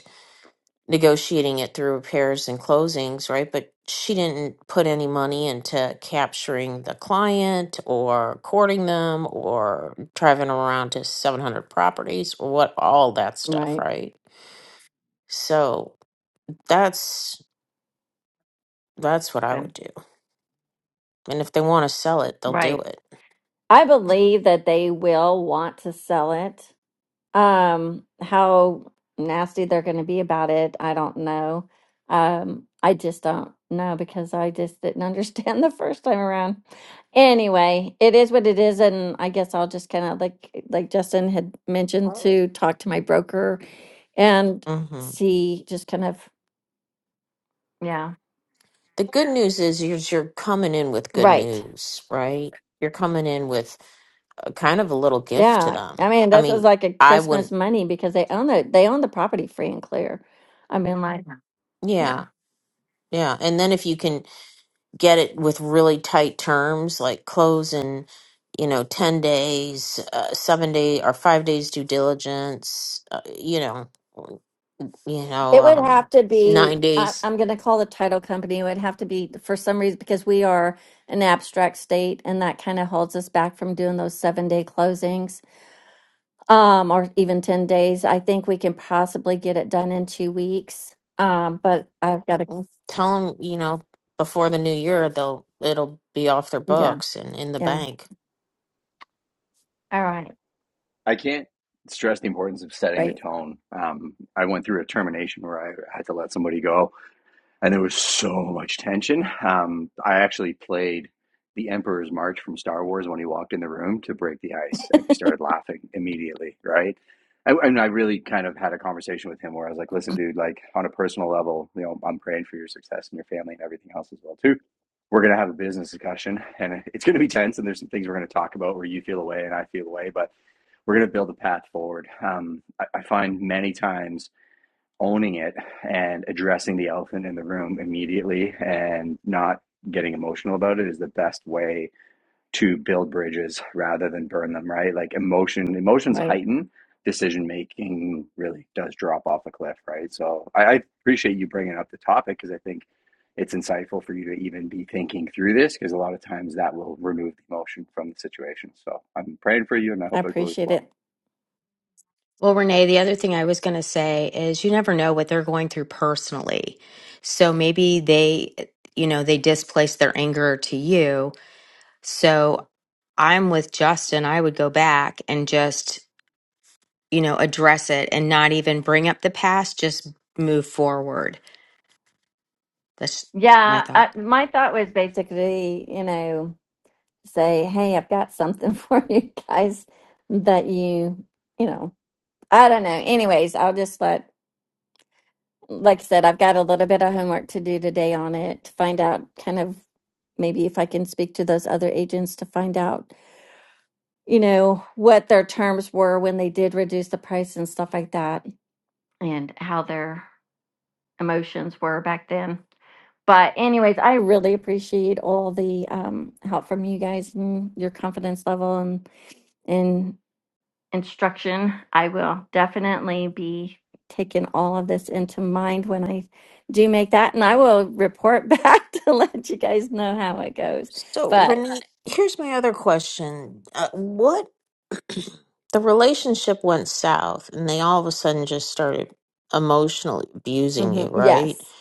S12: negotiating it through repairs and closings, right? But she didn't put any money into capturing the client or courting them or driving around to 700 properties or what all that stuff,
S11: right
S12: right? So that's that's what I
S11: Okay.
S12: would do. And if they want to sell it, they'll do
S11: Right.
S12: it.
S11: i believe that they will want to sell it Um, how nasty they're going to be about it, I don't know. Um, I just don't know because I just didn't understand [LAUGHS] the first time around. Anyway, it is what it is, and I guess I'll just kind of like like Justin had mentioned to talk to my broker and
S12: hmm
S11: see just kind of yeah.
S12: The good news is you're, you're coming in with good
S11: Right.
S12: news, right? You're coming in with a kind of a little gift to
S11: Yeah.
S12: them.
S11: I mean,
S12: I
S11: this
S12: mean,
S11: was like a
S12: I wouldn't,
S11: Christmas money because they own it. They own the property free and clear. I mean, like, yeah.
S12: yeah, yeah. And then if you can get it with really tight terms like close in you know 10 days uh, 7 day or 5 days due diligence uh, you know you know
S11: It would
S12: um
S11: have to
S12: 9
S11: be, I,
S12: days
S11: I'm going to call the title company. It would have to be for some reason because we are an abstract state and that kind of holds us back from doing those seven day closings um, or even 10 days. I think we can possibly get it done in two weeks. Um, but I've got to,
S12: tell them you know before the new year they'll it'll be off their
S11: yeah,
S12: books and in the
S11: yeah.
S12: bank
S11: All right.
S10: I can't stress the importance of setting the
S11: Right,
S10: tone. Um, I went through a termination where I had to let somebody go, and there was so much tension. Um, I actually played the Emperor's March from Star Wars when he walked in the room to break the ice, and he started laughing immediately. Right, I, and I really kind of had a conversation with him where I was like, "Listen, dude, like on a personal level, you know, I'm praying for your success and your family and everything else as well too. We're gonna have a business discussion, and it's gonna be tense, and there's some things we're gonna talk about where you feel away and I feel away, but." We're going to build a path forward. Um, I, I find many times owning it and addressing the elephant in the room immediately and not getting emotional about it is the best way to build bridges rather than burn them right like emotion emotions
S11: right.
S10: heighten decision making really does drop off a cliff right so i, I appreciate you bringing up the topic because i think it's insightful for you to even be thinking through this because a lot of times that will remove the emotion from the situation so i'm praying for you and i
S11: I
S10: hope it goes
S11: appreciate
S10: well
S11: it.
S2: Well, Renee, the other thing I was going to say is you never know what they're going through personally. So maybe they you know, they displaced their anger to you So I'm with Justin. I would go back and just, you know, address it and not even bring up the past, just move forward. That's my
S11: Yeah,
S2: thought.
S11: uh, my thought was Basically, you know, say, hey, I've got something [LAUGHS] for you guys that you, you know. I don't know. Anyways, I'll just let, like I said, I've got a little bit of homework to do today on it to find out kind of maybe if I can speak to those other agents to find out, you know, what their terms were when they did reduce the price and stuff like that and how their emotions were back then. But, anyways, I really appreciate all the um, help from you guys and your confidence level and, and instruction. I will definitely be taking all of this into mind when I do make that, and I will report [LAUGHS] back to let you guys know how it goes.
S12: so
S11: But
S12: renee here's my other question uh, what [CLEARS THROAT] the relationship went south and they all of a sudden just started emotionally abusing you
S11: mhm,
S12: right
S11: yes,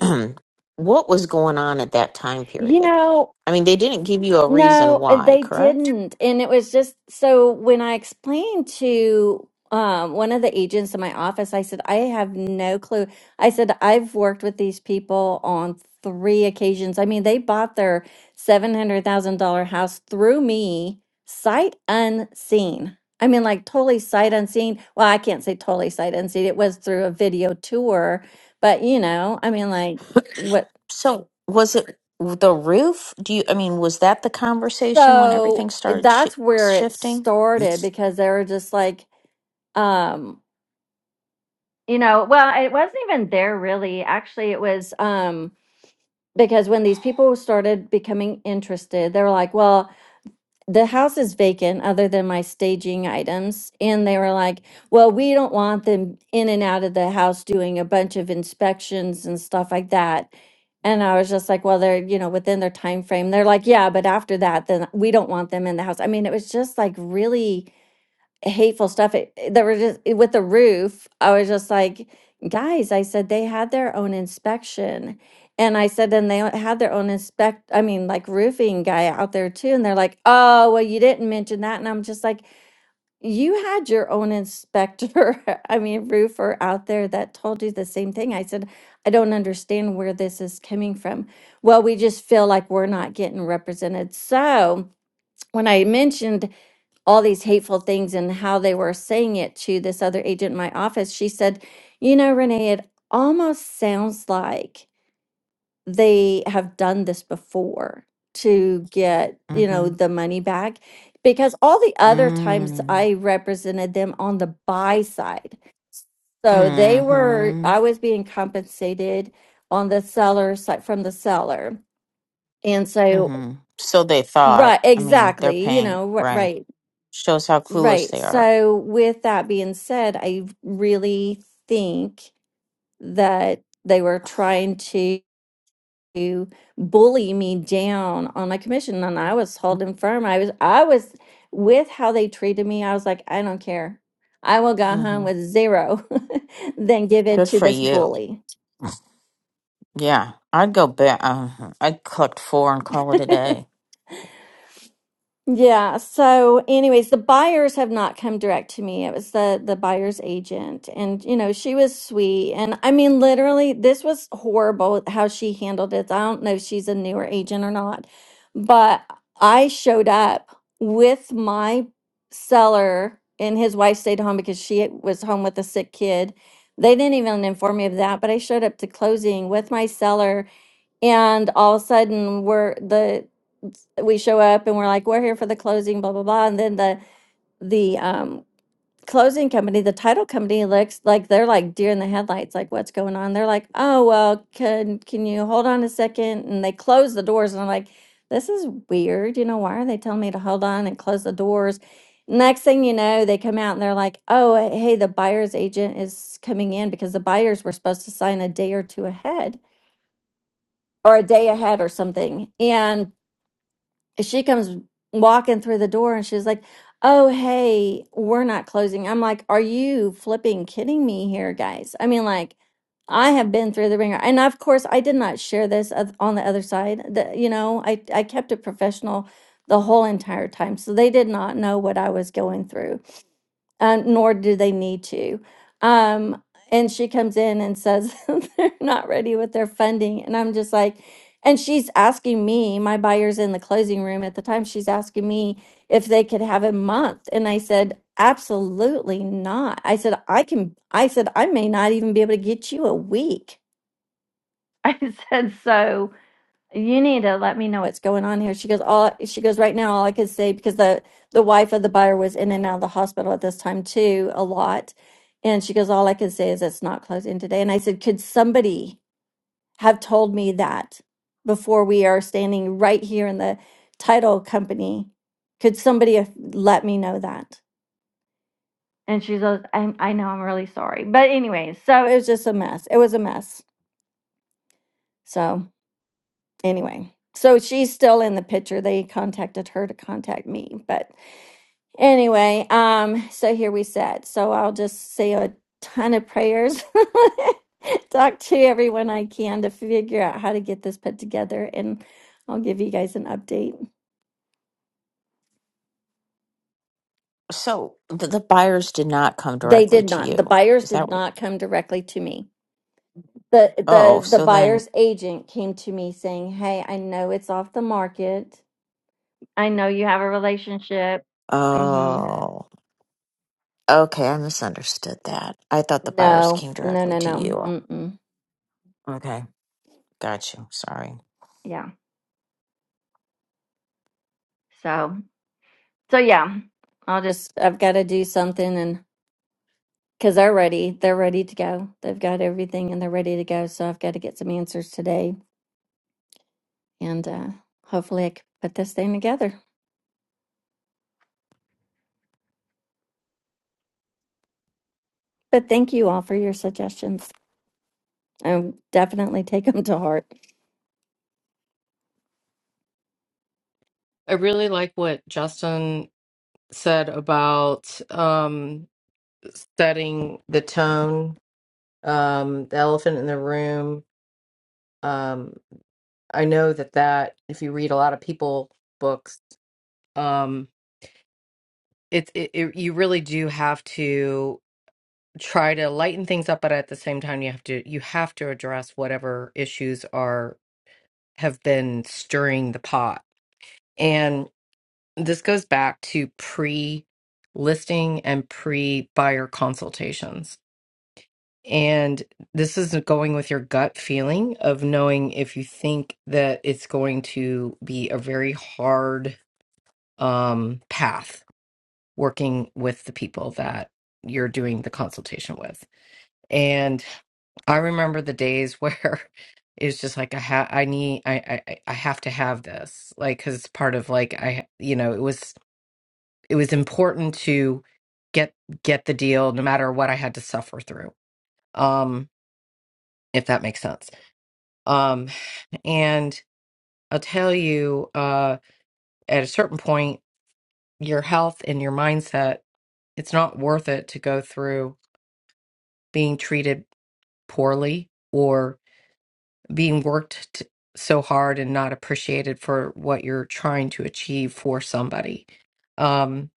S12: [CLEARS THROAT] what was going on at that time
S11: you
S12: period?
S11: know.
S12: I mean, they didn't give you a reason
S11: No, uh,
S12: why,
S11: they
S12: correct?
S11: didn't. And it was just so when I explained to um, one of the agents in my office, I said, I have no clue. I said, I've worked with these people on three occasions. I mean, they bought their $700,000 house through me, sight unseen. I mean, like totally sight unseen. Well, I can't say totally sight unseen. It was through a video tour, but you know, I mean, like, what?
S12: So was it the roof? Do you? I mean, was that the conversation when everything
S11: So eh,
S12: started shi
S11: that's where it
S12: shifting?
S11: started because they were just like, um, you know, well, it wasn't even there really. Actually, it was um, because when these people started becoming interested, they were like, well, the house is vacant other than my staging items and they were like well we don't want them in and out of the house doing a bunch of inspections and stuff like that and i was just like well they're you know within their time frame they're like yeah but after that then we don't want them in the house i mean it was just like really hateful stuff it, it- that were just eh, with the roof. I was just like, guys, I said they had their own inspection. And I said, and they o- had their own inspect, I mean, like roofing guy out there too. And they're like, oh, well, you didn't mention that. And I'm just like, you had your own inspector, [LAUGHS] I mean, roofer out there that told you the same thing. I said, I don't understand where this is coming from. Well, we just feel like we're not getting represented. So when I mentioned all these hateful things and how they were saying it to this other agent in my office, she said, You know, Renee, it almost sounds like they have done this before to get, you know,
S12: Mm-hmm.
S11: the money back. Because all the other times
S12: Mm.
S11: I represented them on the buy side. So they were,
S12: Mm-hmm.
S11: I was being compensated on the seller side from the seller. And so,
S12: Mm-hmm. So they thought,
S11: right,
S12: I mean, they're
S11: exactly, you
S12: paying,
S11: know, ri-
S12: right?
S11: right.
S12: Shows how clueless
S11: Right.
S12: they are.
S11: So, with that being said, I really think that they were trying to bully me down on my commission, and I was holding firm. I was, I was with how they treated me. I was like, I don't care. I will go home
S12: Mm-hmm.
S11: with zero [LAUGHS] than give it
S12: Good
S11: to
S12: for
S11: this
S12: you.
S11: bully.
S12: Yeah. I'd go back. Uh, I'd collect four and call it a
S11: [LAUGHS]
S12: day.
S11: Yeah. So, anyways, the buyers have not come direct to me. It was the the buyer's agent, and you know she was sweet, and I mean, literally, this was horrible how she handled it. I don't know if she's a newer agent or not, but I showed up with my seller, and his wife stayed home because she was home with a sick kid. They didn't even inform me of that, but I showed up to closing with my seller and all of a sudden, we're the we show up and we're like, we're here for the closing, blah blah blah. And then the the um closing company, the title company looks like they're like deer in the headlights, like what's going on? They're like, oh well, can can you hold on a second? And they close the doors, and I'm like, this is weird. You know, why are they telling me to hold on and close the doors? Next thing you know, they come out and they're like, oh hey, the buyer's agent is coming in because the buyers were supposed to sign a day or two ahead or a day ahead or something. And she comes walking through the door and she's like, Oh, hey, we're not closing. I'm like, Are you flipping kidding me here, guys? I mean, like, I have been through the ringer. And of course, I did not share this oth- on the other side. The, you know, I, I kept it professional the whole entire time. So they did not know what I was going through uh, nor do they need to. Um, and she comes in and says [LAUGHS] they're not ready with their funding. And I'm just like, and she's asking me, my buyer's in the closing room at the time, she's asking me if they could have a month. And I said, absolutely not. I said, I can, I said, I may not even be able to get you a week. [LAUGHS] I said, so you need to let me know what's going on here. She goes, all she goes right now, all I could say because the the wife of the buyer was in and out of the hospital at this time too, a lot. And she goes, all I can say is it's not closing today. And I said, could somebody have told me that before we are standing right here in the title company? Could somebody have let me know that? And she goes, I I know, I'm really sorry. But anyway, so it was just a mess. It was a mess. So. anyway, so she's still in the picture. They contacted her to contact me, but anyway, um, so here we sat. So I'll just say a ton of prayers. [LAUGHS] Talk to everyone I can to figure out how to get this put together, and I'll give you guys an update.
S12: So the, the buyers did not come
S11: They
S12: directly
S11: did
S12: to
S11: not. The
S12: you.
S11: buyers
S12: Is that
S11: did
S12: what?
S11: not come directly to me. the
S12: Oh,
S11: the the
S12: so then,
S11: buyer's agent came to me saying, "Hey, I know it's off the market. I know you have a relationship. Mm-hmm.
S12: oh, okay. I misunderstood that. I thought the buyers
S11: No,
S12: came
S11: no,
S12: directly
S11: no,
S12: to
S11: no.
S12: you.
S11: Mm-mm.
S12: Okay, got you. Sorry.
S11: Yeah. So, so yeah, I'll just, I've got to do something and because they're ready, they're ready to go. They've got everything and they're ready to go. So I've got to get some answers today and uh, hopefully I can put this thing together. But thank you all for your suggestions. I'll definitely take them to heart.
S3: I really like what Justin said about um setting the tone, um, the elephant in the room. Um, I know that that if you read a lot of people books, um, it, it, it you really do have to try to lighten things up, but at the same time, you have to you have to address whatever issues are have been stirring the pot. And this goes back to pre listing and pre buyer consultations And this is going with your gut feeling of knowing if you think that it's going to be a very hard um, path working with the people that you're doing the consultation with. And I remember the days where [LAUGHS] it's just like I ha- I need I, I I I have to have this like because it's part of like I you know it was it was important to get get the deal no matter what I had to suffer through um if that makes sense Um. And I'll tell you, uh, at a certain point, your health and your mindset, it's not worth it to go through being treated poorly or being worked t- so hard and not appreciated for what you're trying to achieve for somebody. Um,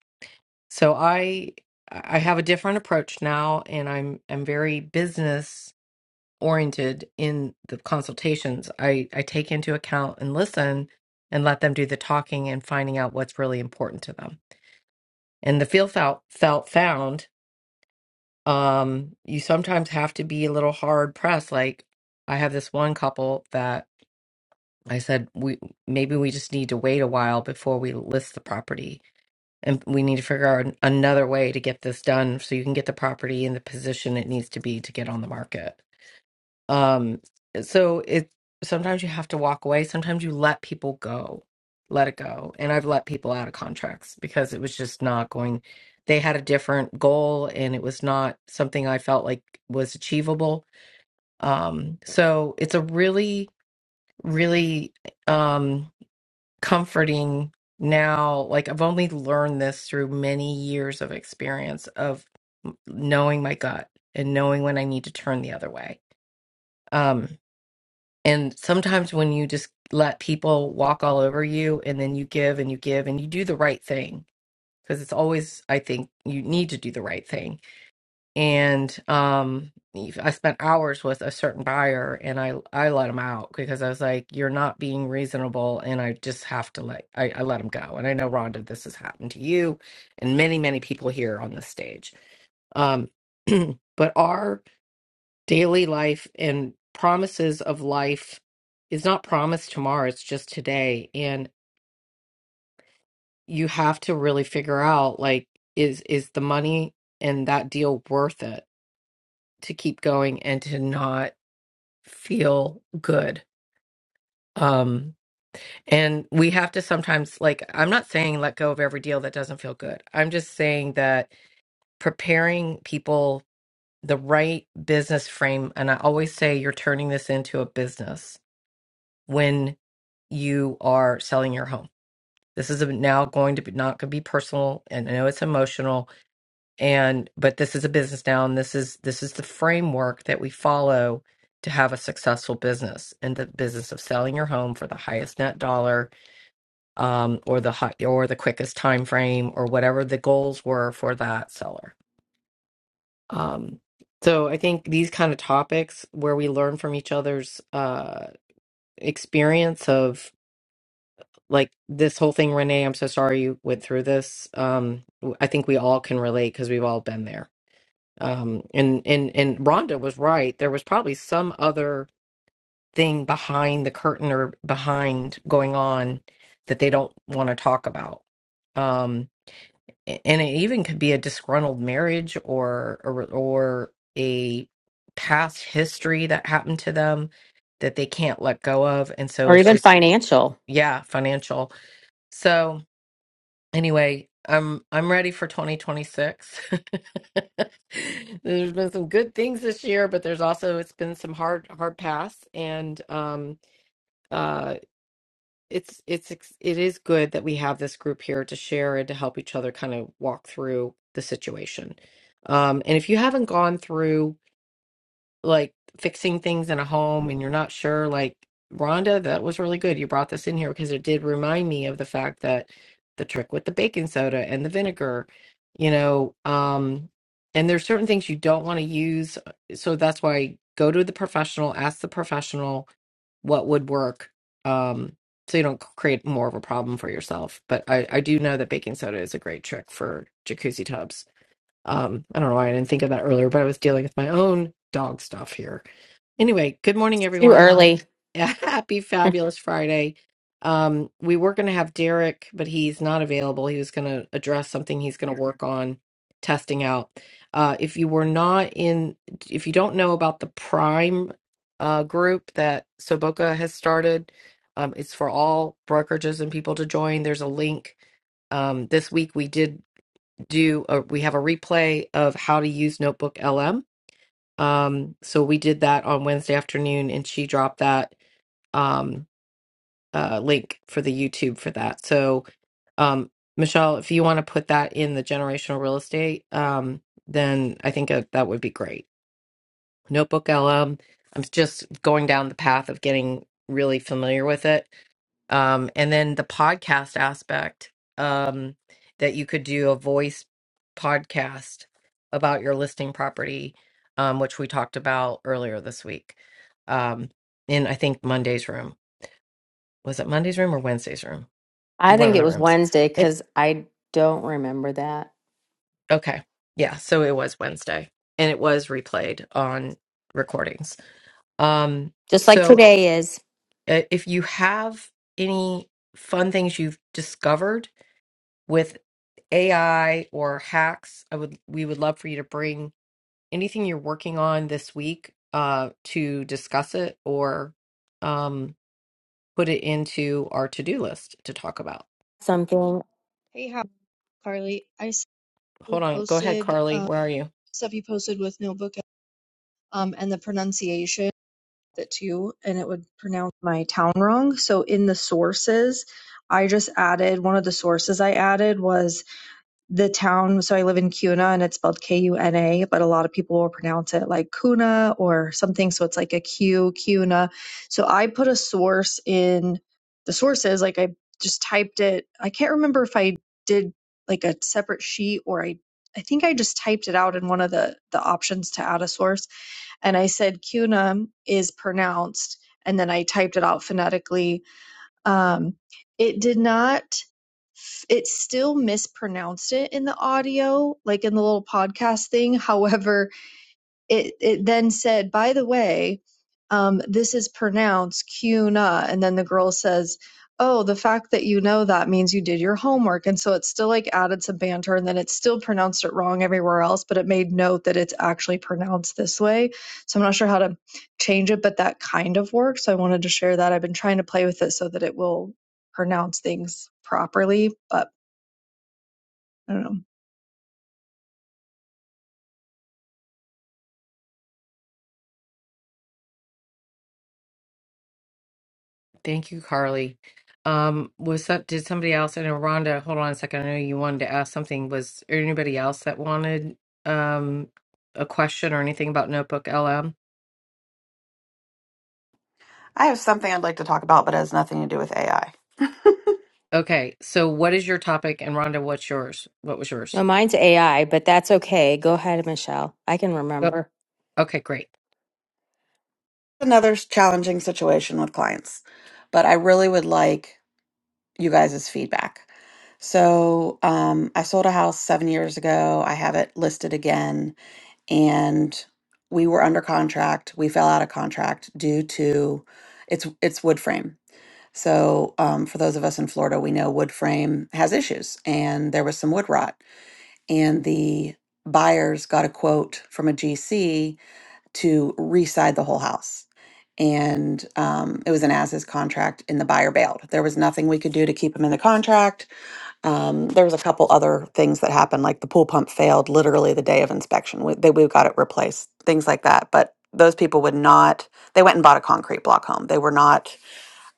S3: so I I have a different approach now, and I'm I'm very business oriented in the consultations i i take into account and listen and let them do the talking and finding out what's really important to them and the feel felt felt found um you sometimes have to be a little hard pressed like i have this one couple that i said we maybe we just need to wait a while before we list the property and we need to figure out an- another way to get this done so you can get the property in the position it needs to be to get on the market Um, so it sometimes you have to walk away. Sometimes you let people go, let it go. And I've let people out of contracts because it was just not going. They had a different goal, and it was not something I felt like was achievable. Um, so it's a really, really um, comforting now. Like I've only learned this through many years of experience of knowing my gut and knowing when I need to turn the other way Um. And sometimes when you just let people walk all over you and then you give and you give and you do the right thing because it's always I think you need to do the right thing. And um if- I spent hours with a certain buyer and I I let him out because I was like you're not being reasonable and I just have to let I, I let him go. And I know Rhonda this has happened to you and many many people here on this stage. Um [CLEARS THROAT] but our daily life and promises of life is not promised tomorrow it's just today and you have to really figure out like is is the money and that deal worth it to keep going and to not feel good um and we have to sometimes like i'm not saying let go of every deal that doesn't feel good i'm just saying that preparing people the right business frame and i always say you're turning this into a business when you are selling your home. This is a, now going to be not going to be personal, and I know it's emotional, and but this is a business now, and this is this is the framework that we follow to have a successful business in the business of selling your home for the highest net dollar, um, or the hot or the quickest time frame, or whatever the goals were for that seller. Um, so I think these kind of topics where we learn from each other's uh, experience of like this whole thing, Renee, I'm so sorry you went through this. Um, w- I think we all can relate because we've all been there. Um, and and and Rhonda was right. There was probably some other thing behind the curtain or behind going on that they don't want to talk about. Um, a- and it even could be a disgruntled marriage or or, or a past history that happened to them that they can't let go of. And so
S2: or
S3: it's
S2: even
S3: just,
S2: financial.
S3: yeah, financial. So Anyway, I'm I'm ready for 2026. [LAUGHS] There's been some good things this year, but there's also it's been some hard hard pass and um uh it's it's ex- it is good that we have this group here to share and to help each other kind of walk through the situation. Um and if you haven't gone through like fixing things in a home and you're not sure like Rhonda that was really good you brought this in here because it did remind me of the fact that the trick with the baking soda and the vinegar you know um and there's certain things you don't want to use uh, so that's why go to the professional ask the professional what would work um so you don't create more of a problem for yourself but I I do know that baking soda is a great trick for jacuzzi tubs um, I don't know why I didn't think of that earlier, but I was dealing with my own dog stuff here. Anyway, good morning,
S2: Too
S3: everyone.
S2: early.
S3: [LAUGHS] Happy fabulous Friday. Um, we were going to have Derek, but he's not available. He was going to address something he's going to work on testing out. Uh, if you were not in, if you don't know about the Prime uh, group that Soboka has started, um, it's for all brokerages and people to join. There's a link um, this week we did do a, we have a replay of how to use Notebook LM. Um, so we did that on Wednesday afternoon, and she dropped that um, uh, link for the YouTube for that. So, um, Michelle, if you want to put that in the generational real estate, um, then I think uh, that would be great. Notebook LM. I'm just going down the path of getting really familiar with it um, and then the podcast aspect um, that you could do a voice podcast about your listing property um, which we talked about earlier this week um, in i think monday's room was it monday's room or wednesday's room
S2: I
S3: one
S2: think
S3: of
S2: it
S3: the
S2: was
S3: rooms
S2: Wednesday
S3: it
S2: because I don't remember that.
S3: okay yeah so it was wednesday and it was replayed on recordings um,
S2: Just like
S3: so
S2: today is.
S3: uh, if you have any fun things you've discovered with AI or hacks, I would we would love for you to bring anything you're working on this week uh, to discuss it or um, put it into our to-do list to talk about.
S2: something.
S13: Hey, how Carly? I saw you
S3: Hold on, go ahead,
S13: posted
S3: Carly.
S13: uh,
S3: Where are you?
S13: stuff you posted with notebook um and the pronunciation that too, and it would pronounce my town wrong. So in the sources, I just added one of the sources I added was the town. So I live in Kuna, and it's spelled K U N A, but a lot of people will pronounce it like Kuna or something. So it's like a Q, Kuna. So I put a source in the sources, like I just typed it. I can't remember if I did like a separate sheet or I. I think I just typed it out in one of the, the options to add a source. And I said Kuna is pronounced. And then I typed it out phonetically um, it did not, it still mispronounced it in the audio, like in the little podcast thing. [LAUGHS] However, it, it then said, by the way, um, this is pronounced Cuna. And then the girl says, oh, the fact that you know that means you did your homework. And so it's still like added some banter and then it's still pronounced it wrong everywhere else, but it made note that it's actually pronounced this way. So I'm not sure how to change it, but that kind of works. So I wanted to share that. I've been trying to play with it so that it will pronounce things properly, but I don't know.
S3: Thank you, Carly. Um, was that? did somebody else? I know Rhonda. Hold on a second. I know you wanted to ask something. Was there anybody else that wanted um, a question or anything about Notebook LM?
S9: I have something I'd like to talk about, but it has nothing to do with AI. [LAUGHS]
S3: Okay, so what is your topic? And Rhonda, what's yours? What was
S2: No,
S3: yours?
S2: mine's AI, but that's okay. Go ahead, Michelle. I can remember.
S3: Okay, great.
S9: Another s- challenging situation with clients, but I really would like you guys' feedback. So, um, I sold a house seven years ago. I have it listed again and we were under contract. We fell out of contract due to it's it's wood frame. So um, for those of us in Florida, we know wood frame has issues, and there was some wood rot. And the buyers got a quote from a GC to reside the whole house. And um, it was an as is contract, and the buyer bailed. There was nothing we could do to keep him in the contract um, there was a couple other things that happened, like the pool pump failed literally the day of inspection. We, they, we got it replaced, things like that. But those people would not. They went and bought a concrete block home. They were not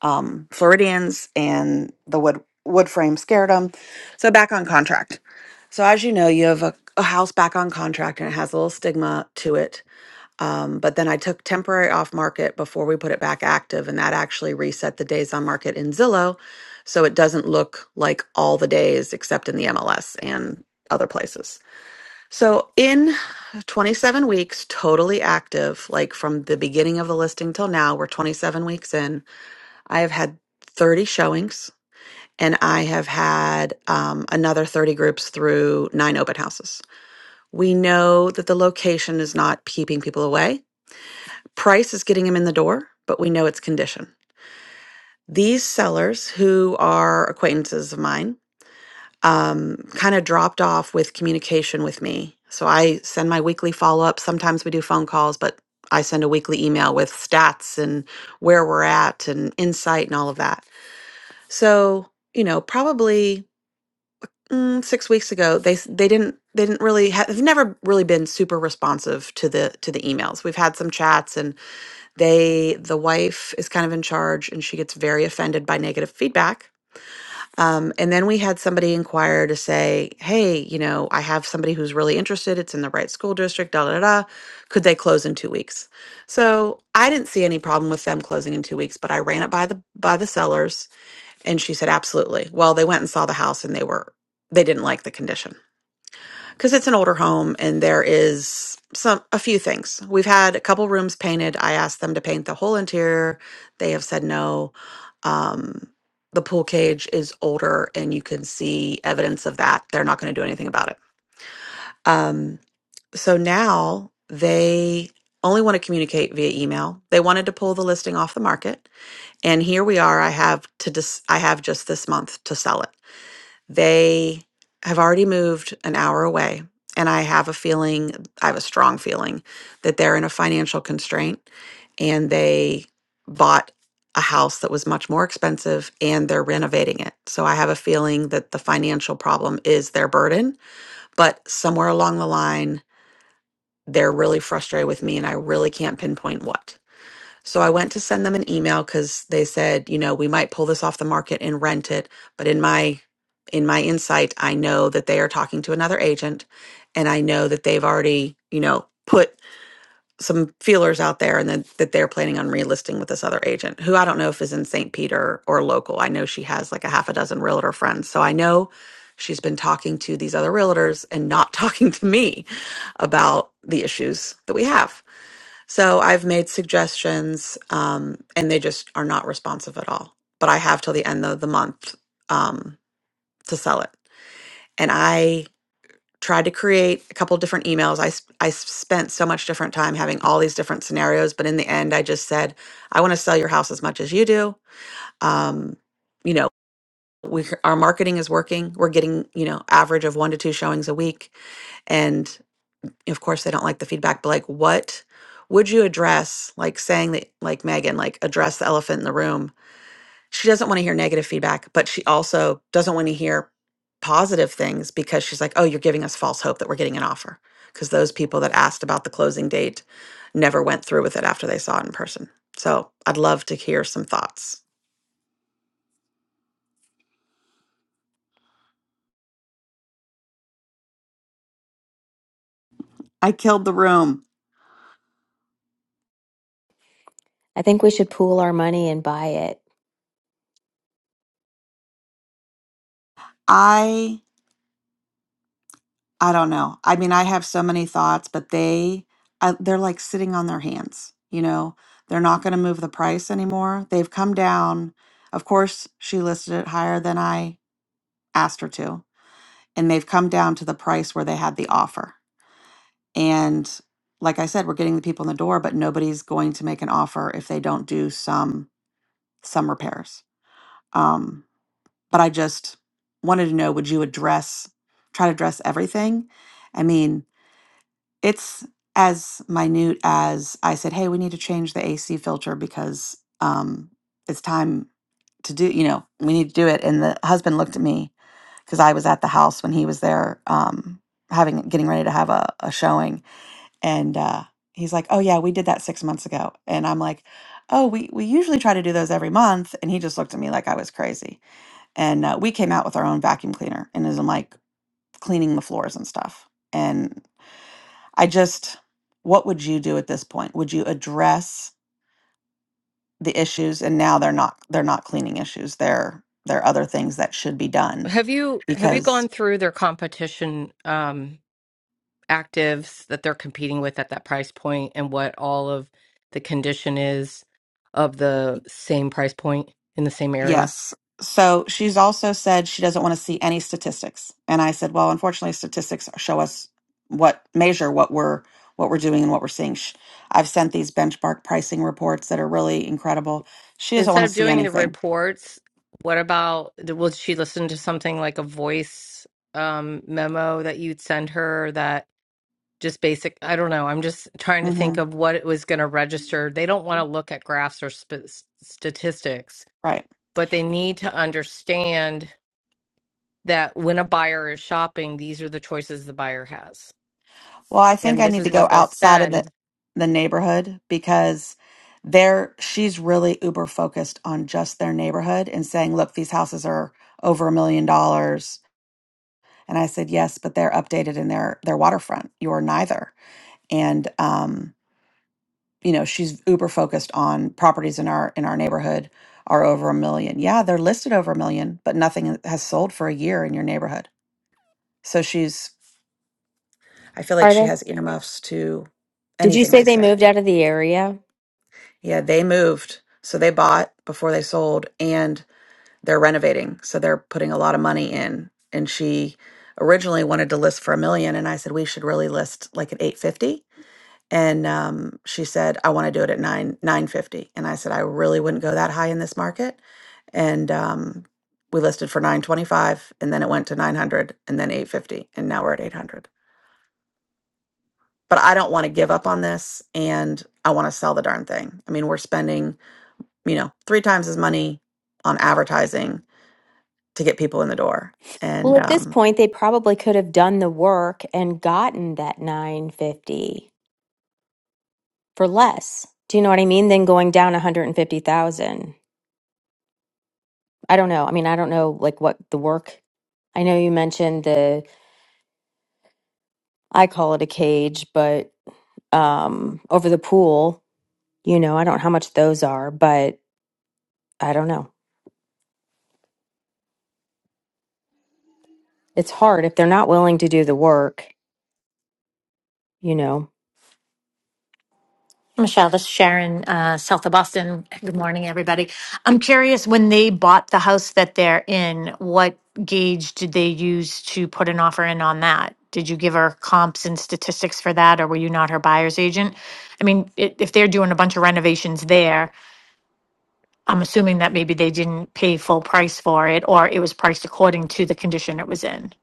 S9: um, Floridians, and the wood wood frame scared them. So back on contract. So as you know, you have a, a house back on contract, and it has a little stigma to it um, but then I took temporary off market before we put it back active, and that actually reset the days on market in Zillow. So it doesn't look like all the days except in the MLS and other places. So in 27 weeks, totally active, like from the beginning of the listing till now, we're 27 weeks in. I have had 30 showings and I have had um, another 30 groups through nine open houses. We know that the location is not keeping people away. Price is getting him in the door, but we know it's condition. These sellers, who are acquaintances of mine, um, kind of dropped off with communication with me. So I send my weekly follow up. Sometimes we do phone calls, but I send a weekly email with stats and where we're at and insight and all of that. So, you know, probably mm, six weeks ago, they s- they didn't they didn't really have, they've never really been super responsive to the to the emails. We've had some chats and they the wife is kind of in charge and she gets very offended by negative feedback um, and then we had somebody inquire to say hey you know i have somebody who's really interested it's in the right school district da da da da. could they close in two weeks so i didn't see any problem with them closing in two weeks but i ran it by the by the sellers and she said absolutely well they went and saw the house and they were they didn't like the condition because it's an older home and there is some a few things we've had a couple rooms painted i asked them to paint the whole interior they have said no um, the pool cage is older and you can see evidence of that they're not going to do anything about it um, so now they only want to communicate via email they wanted to pull the listing off the market and here we are i have to dis- i have just this month to sell it they have already moved an hour away. And I have a feeling, I have a strong feeling that they're in a financial constraint and they bought a house that was much more expensive and they're renovating it. So I have a feeling that the financial problem is their burden, but somewhere along the line, they're really frustrated with me and I really can't pinpoint what. So I went to send them an email because they said, you know, we might pull this off the market and rent it. But in my in my insight, I know that they are talking to another agent and I know that they've already, you know, put some feelers out there and that, that they're planning on relisting with this other agent who I don't know if is in St. Peter or local. I know she has like a half a dozen realtor friends. So I know she's been talking to these other realtors and not [LAUGHS] talking to me about the issues that we have. So I've made suggestions, um, and they just are not responsive at all. But I have till the end of the month um, to sell it. And I tried to create a couple different emails. I, s- I spent so much different time having all these different scenarios. But in the end, I just said, I want to sell your house as much as you do. Um, you know, we, our marketing is working. We're getting, you know, average of one to two showings a week. And of course they don't like the feedback but like what would you address like saying that like megan like address the elephant in the room she doesn't want to hear negative feedback but she also doesn't want to hear positive things because she's like oh you're giving us false hope that we're getting an offer because those people that asked about the closing date never went through with it after they saw it in person so i'd love to hear some thoughts I killed the room.
S2: I think we should pool our money and buy it.
S9: I I don't know. I mean, I have so many thoughts, but they I, they're like sitting on their hands, you know. They're not going to move the price anymore. They've come down. Of course, she listed it higher than I asked her to, and they've come down to the price where they had the offer. And like I said, we're getting the people in the door, but nobody's going to make an offer if they don't do some some repairs. Um, but I just wanted to know: Would you address, try to address everything? I mean, it's as minute as I said, hey, we need to change the AC filter because um, it's time to do, you know, we need to do it. And the husband looked at me because I was at the house when he was there um, having, getting ready to have a, a showing. And uh, he's like, oh, yeah, we did that six months ago. And I'm like, oh, we, we usually try to do those every month. And he just looked at me like I was crazy. And uh, we came out with our own vacuum cleaner and is like cleaning the floors and stuff. And I just, what would you do at this point? Would you address the issues? And now they're not, they're not cleaning issues. They're, they're other things that should be done
S3: Have you have you
S9: because
S3: gone through their competition um actives that they're competing with at that price point and what all of the condition is of the same price point in the same area?
S9: Yes. So she's also said she doesn't want to see any statistics. And I said, well, unfortunately, statistics show us what measure what we're what we're doing and what we're seeing. Sh I've sent these benchmark pricing reports that are really incredible. She doesn't
S3: Instead
S9: want to
S3: of
S9: see
S3: doing the
S9: anything.
S3: reports, what about will she listen to something like a voice um memo that you'd send her that just basic I don't know. I'm just trying to
S9: hmm
S3: think of what it was going to register. They don't want to look at graphs or sp- statistics
S9: Right.
S3: but they need to understand that when a buyer is shopping, these are the choices the buyer has.
S9: Well, I think
S3: And
S9: I
S3: this
S9: need to
S3: is
S9: go
S3: what they'll
S9: outside of the
S3: spend.
S9: the neighborhood because there she's really uber focused on just their neighborhood and saying, "Look, these houses are over a million dollars." And I said, "Yes, but they're updated and they're they're waterfront. You're neither." And um, you know, she's uber focused on properties in our in our neighborhood are over a million. Yeah, they're listed over a million, but nothing has sold for a year in your neighborhood. So she's I feel like
S2: Are
S9: she
S2: they?
S9: has earmuffs to
S2: Did you
S9: anything
S2: say
S9: I
S2: they
S9: say.
S2: moved out of the area?
S9: Yeah, they moved. So they bought before they sold and they're renovating. So they're putting a lot of money in. And she originally wanted to list for a million and I said we should really list like at 850 and um, she said I want to do it at 9 950 and I said I really wouldn't go that high in this market and um, we listed for 925 and then it went to 900 and then 850 and now we're at 800. But I don't want to give up on this and I want to sell the darn thing. I mean, we're spending you know, three times as money on advertising to get people in the door.
S2: Well,
S9: And
S2: at this
S9: um,
S2: point, they probably could have done the work and gotten that 950 for less. Do you know what I mean? Than going down 150,000. I don't know. I mean, I don't know like what the work. I know you mentioned the I call it a cage, but um over the pool, you know, I don't know how much those are, but I don't know. It's hard if they're not willing to do the work, you know.
S14: Michelle, this is Sharon, uh, south of Boston. Good morning, everybody. I'm curious when they bought the house that they're in, what gauge did they use to put an offer in on that? Did you give her comps and statistics for that, or were you not her buyer's agent? I mean, i if they're doing a bunch of renovations there, I'm assuming that maybe they didn't pay full price for it, or it was priced according to the condition it was in.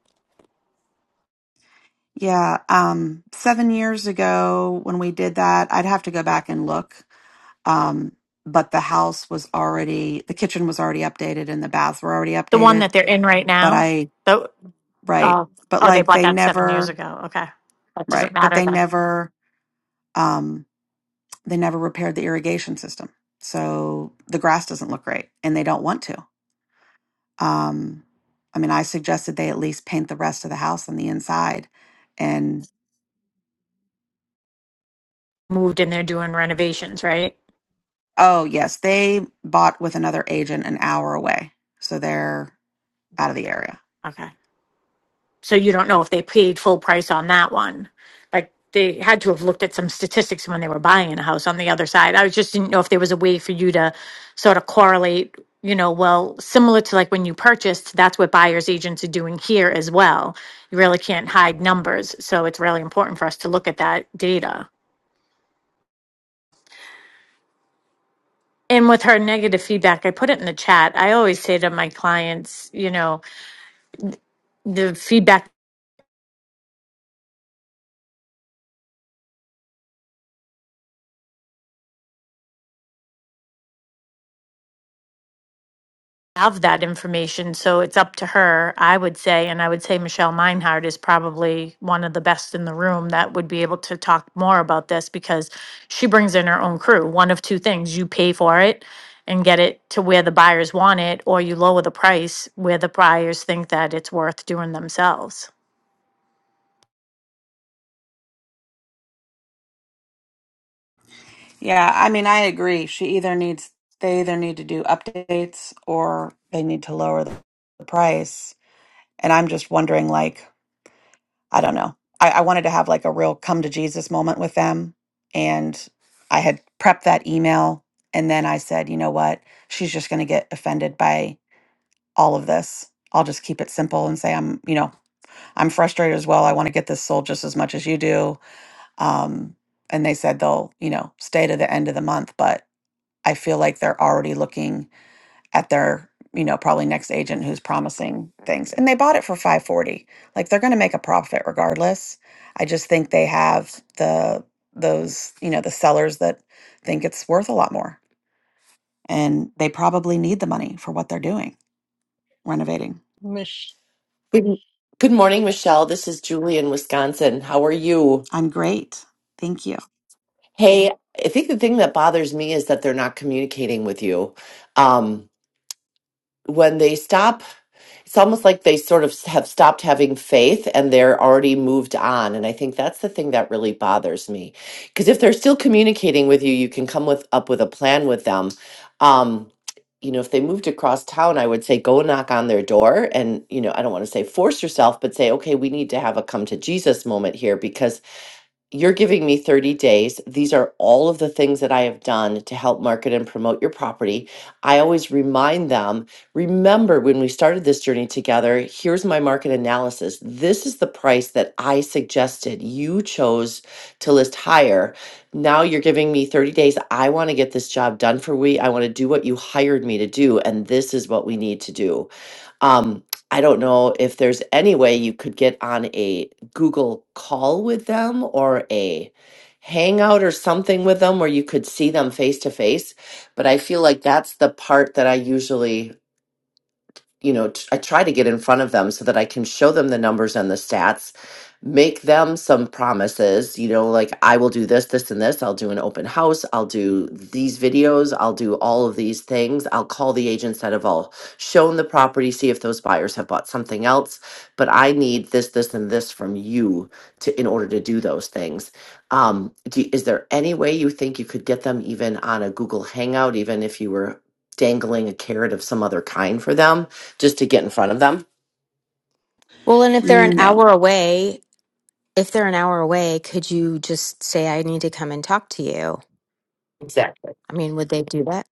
S9: yeah, um, seven years ago when we did that, I'd have to go back and look. Um, but the house was already, the kitchen was already updated and the baths were already
S14: The one
S9: updated.
S14: that they're in right
S9: But
S14: now,
S9: I,
S14: the,
S9: right.
S14: uh,
S9: But
S14: oh, they
S9: like
S14: bought
S9: they
S14: that seven years
S9: never,
S14: ago. Okay. That doesn't
S9: right. But
S14: matter
S9: they
S14: then.
S9: never, um, they never repaired the irrigation system. So the grass doesn't look great and they don't want to Um, I mean, I suggested they at least paint the rest of the house on the inside. And
S14: moved and they're doing renovations, right?
S9: oh, yes, they bought with another agent an hour away. So they're out of the area.
S14: Okay. So you don't know if they paid full price on that one. Like they had to have looked at some statistics when they were buying a house on the other side. I was just didn't know if there was a way for you to sort of correlate, you know, well, similar to like when you purchased, that's what buyer's agents are doing here as well. You really can't hide numbers. So it's really important for us to look at that data. And with her negative feedback, I put it in the chat. I always say to my clients, you know, the feedback have that information, so it's up to her, I would say. And I would say Michelle Meinhardt is probably one of the best in the room that would be able to talk more about this because she brings in her own crew. One of two things you pay for it and get it to where the buyers want it, or you lower the price where the buyers think that it's worth doing themselves.
S9: Yeah, I mean, I agree. She either needs, they either need to do updates or they need to lower the, the price. And I'm just wondering, like, I don't know. I, I wanted to have like a real come to Jesus moment with them. And I had prepped that email. And then I said, you know what? She's just going to get offended by all of this. I'll just keep it simple and say I'm, you know, I'm frustrated as well. I want to get this sold just as much as you do. Um, and they said they'll, you know, stay to the end of the month, but I feel like they're already looking at their, you know, probably next agent who's promising things. And they bought it for 540. Like they're going to make a profit regardless. I just think they have the those, you know, the sellers that think it's worth a lot more. And they probably need the money for what they're doing, renovating.
S4: Mish.
S15: Good, good morning,
S4: Yeah.
S15: Michelle. This is Julie in Wisconsin. How are you?
S9: I'm great. Thank you.
S15: Hey, I think the thing that bothers me is that they're not communicating with you. Um, when they stop it's almost like they sort of have stopped having faith and they're already moved on. And I think that's the thing that really bothers me. Because if they're still communicating with you, you can come with up with a plan with them. Um, you know, if they moved across town, I would say go knock on their door and, you know, I don't want to say force yourself, but say, okay, we need to have a come to Jesus moment here because you're giving me 30 days. These are all of the things that I have done to help market and promote your property. I always remind them remember when we started this journey together, here's my market analysis. This is the price that I suggested. You chose to list higher. Now you're giving me 30 days. I want to get this job done for we. I want to do what you hired me to do. And this is what we need to do. Um, I don't know if there's any way you could get on a Google call with them or a hangout or something with them where you could see them face to face. But I feel like that's the part that I usually you know, t- I try to get in front of them so that I can show them the numbers and the stats, make them some promises, you know, like I will do this, this, and this. I'll do an open house. I'll do these videos. I'll do all of these things. I'll call the agents that have all shown the property, see if those buyers have bought something else. But I need this, this, and this from you to in order to do those things. Um, do, is there any way you think you could get them even on a Google Hangout, even if you were dangling a carrot of some other kind for them? just to get in front of them.
S2: Well, and if they're an
S9: No,
S2: hour away, if they're an hour away, could you just say, I need to come and talk to you?
S15: Exactly.
S2: I mean, would they do that?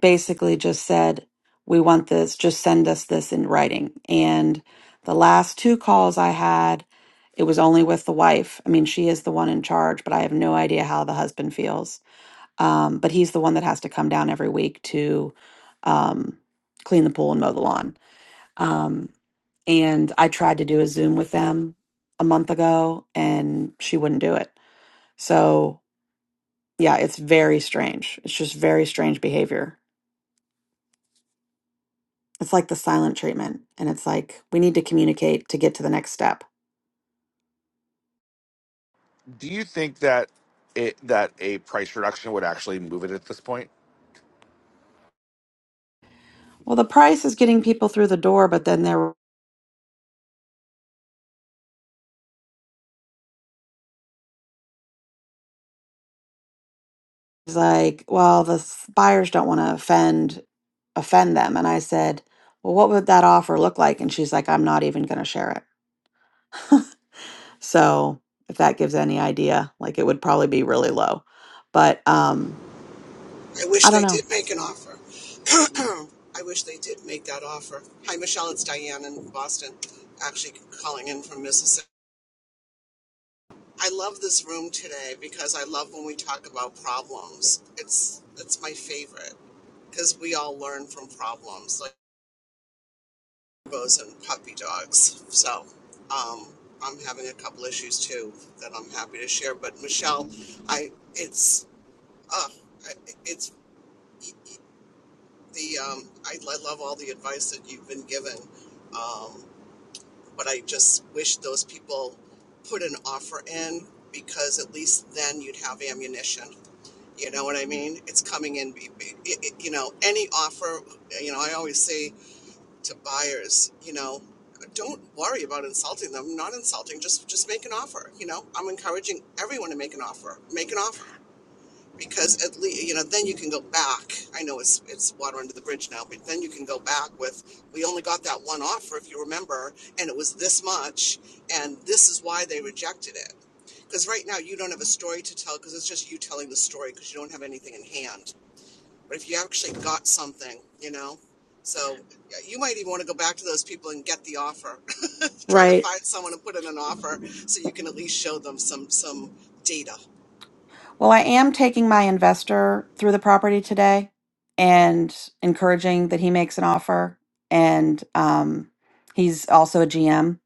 S9: basically just said, we want this, just send us this in writing. And the last two calls I had, it was only with the wife. I mean, she is the one in charge, but I have no idea how the husband feels. Um, but he's the one that has to come down every week to um, clean the pool and mow the lawn. Um, and I tried to do a Zoom with them a month ago and she wouldn't do it. So, yeah, it's very strange. It's just very strange behavior. It's like the silent treatment. And it's like, we need to communicate to get to the next step.
S16: Do you think that it that a price reduction would actually move it at this point?
S9: Well, the price is getting people through the door, but then there was like, well, the s- buyers don't want to offend offend them. And I said, well, what would that offer look like? And she's like, I'm not even going to share it. [LAUGHS] so if that gives any idea, like it would probably be really low. But um,
S17: I wish
S9: I don't
S17: they
S9: know.
S17: did make an offer. [CLEARS THROAT] I wish they did make that offer. Hi, Michelle. It's Diane in Boston, actually calling in from Mississippi. I love this room today because I love when we talk about problems. It's it's my favorite because we all learn from problems, like bows and puppy dogs. So um, I'm having a couple issues too that I'm happy to share. But Michelle, I it's uh, it's. the um, I, I love all the advice that you've been given, um, but I just wish those people put an offer in because at least then you'd have ammunition. You know what I mean? It's coming in. be- be- it- it- You know, any offer. You know, I always say to buyers, you know, don't worry about insulting them. Not insulting. Just just make an offer. You know, I'm encouraging everyone to make an offer. Make an offer because at least you know then you can go back i know it's it's water under the bridge now but then you can go back with we only got that one offer if you remember and it was this much and this is why they rejected it because right now you don't have a story to tell because it's just you telling the story because you don't have anything in hand but if you actually got something you know so yeah, you might even want to go back to those people and get the offer [LAUGHS] try to
S9: Right.
S17: find someone and put in an offer so you can at least show them some some data
S9: Well, I am taking my investor through the property today and encouraging that he makes an offer. And um, he's also a GM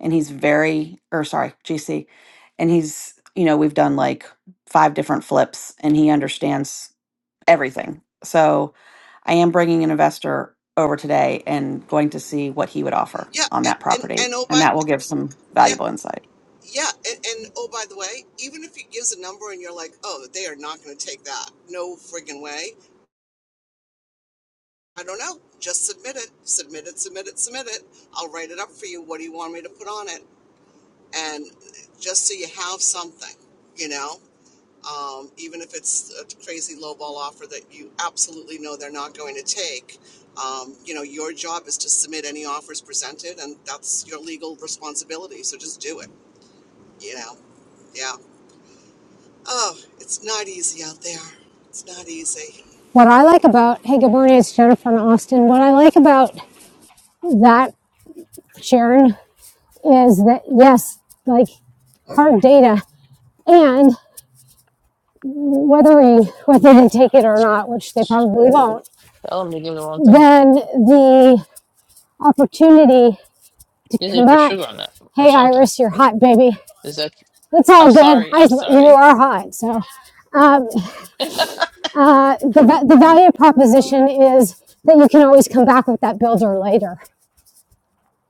S9: and he's very, or sorry, GC. And he's, you know, we've done like five different flips and he understands everything. So I am bringing an investor over today and going to see what he would offer
S17: yeah
S9: on that
S17: a- and
S9: property.
S17: and oh
S9: And
S17: but
S9: that will give some
S17: yeah
S9: valuable insight.
S17: Yeah, and, and oh, by the way, even if he gives a number and you're like, oh, they are not going to take that, no friggin' way. I don't know. Just submit it, submit it, submit it, submit it. I'll write it up for you. What do you want me to put on it? And just so you have something, you know, um, even if it's a crazy lowball offer that you absolutely know they're not going to take, um, you know, your job is to submit any offers presented, and that's your legal responsibility. So just do it, you know. Yeah. Oh, it's not easy out there. It's not easy.
S18: What I like about, hey, good morning, it's Jennifer in Austin. What I like about that, Sharon, is that yes, like hard data, and whether we, whether they take it or not, which they probably won't,
S4: Tell them to give the wrong thing.
S18: then the opportunity to
S4: You need to
S18: come
S4: put sugar
S18: back,
S4: on that or
S18: hey,
S4: something.
S18: Iris, you're hot, baby.
S4: Is that?
S18: It's
S4: I'm
S18: all good.
S4: sorry.
S18: I,
S4: I'm
S18: you
S4: sorry.
S18: are hot, so um,
S4: [LAUGHS]
S18: uh, the, the value
S4: Oh
S18: proposition
S4: God.
S18: is that you can always come back with that builder later.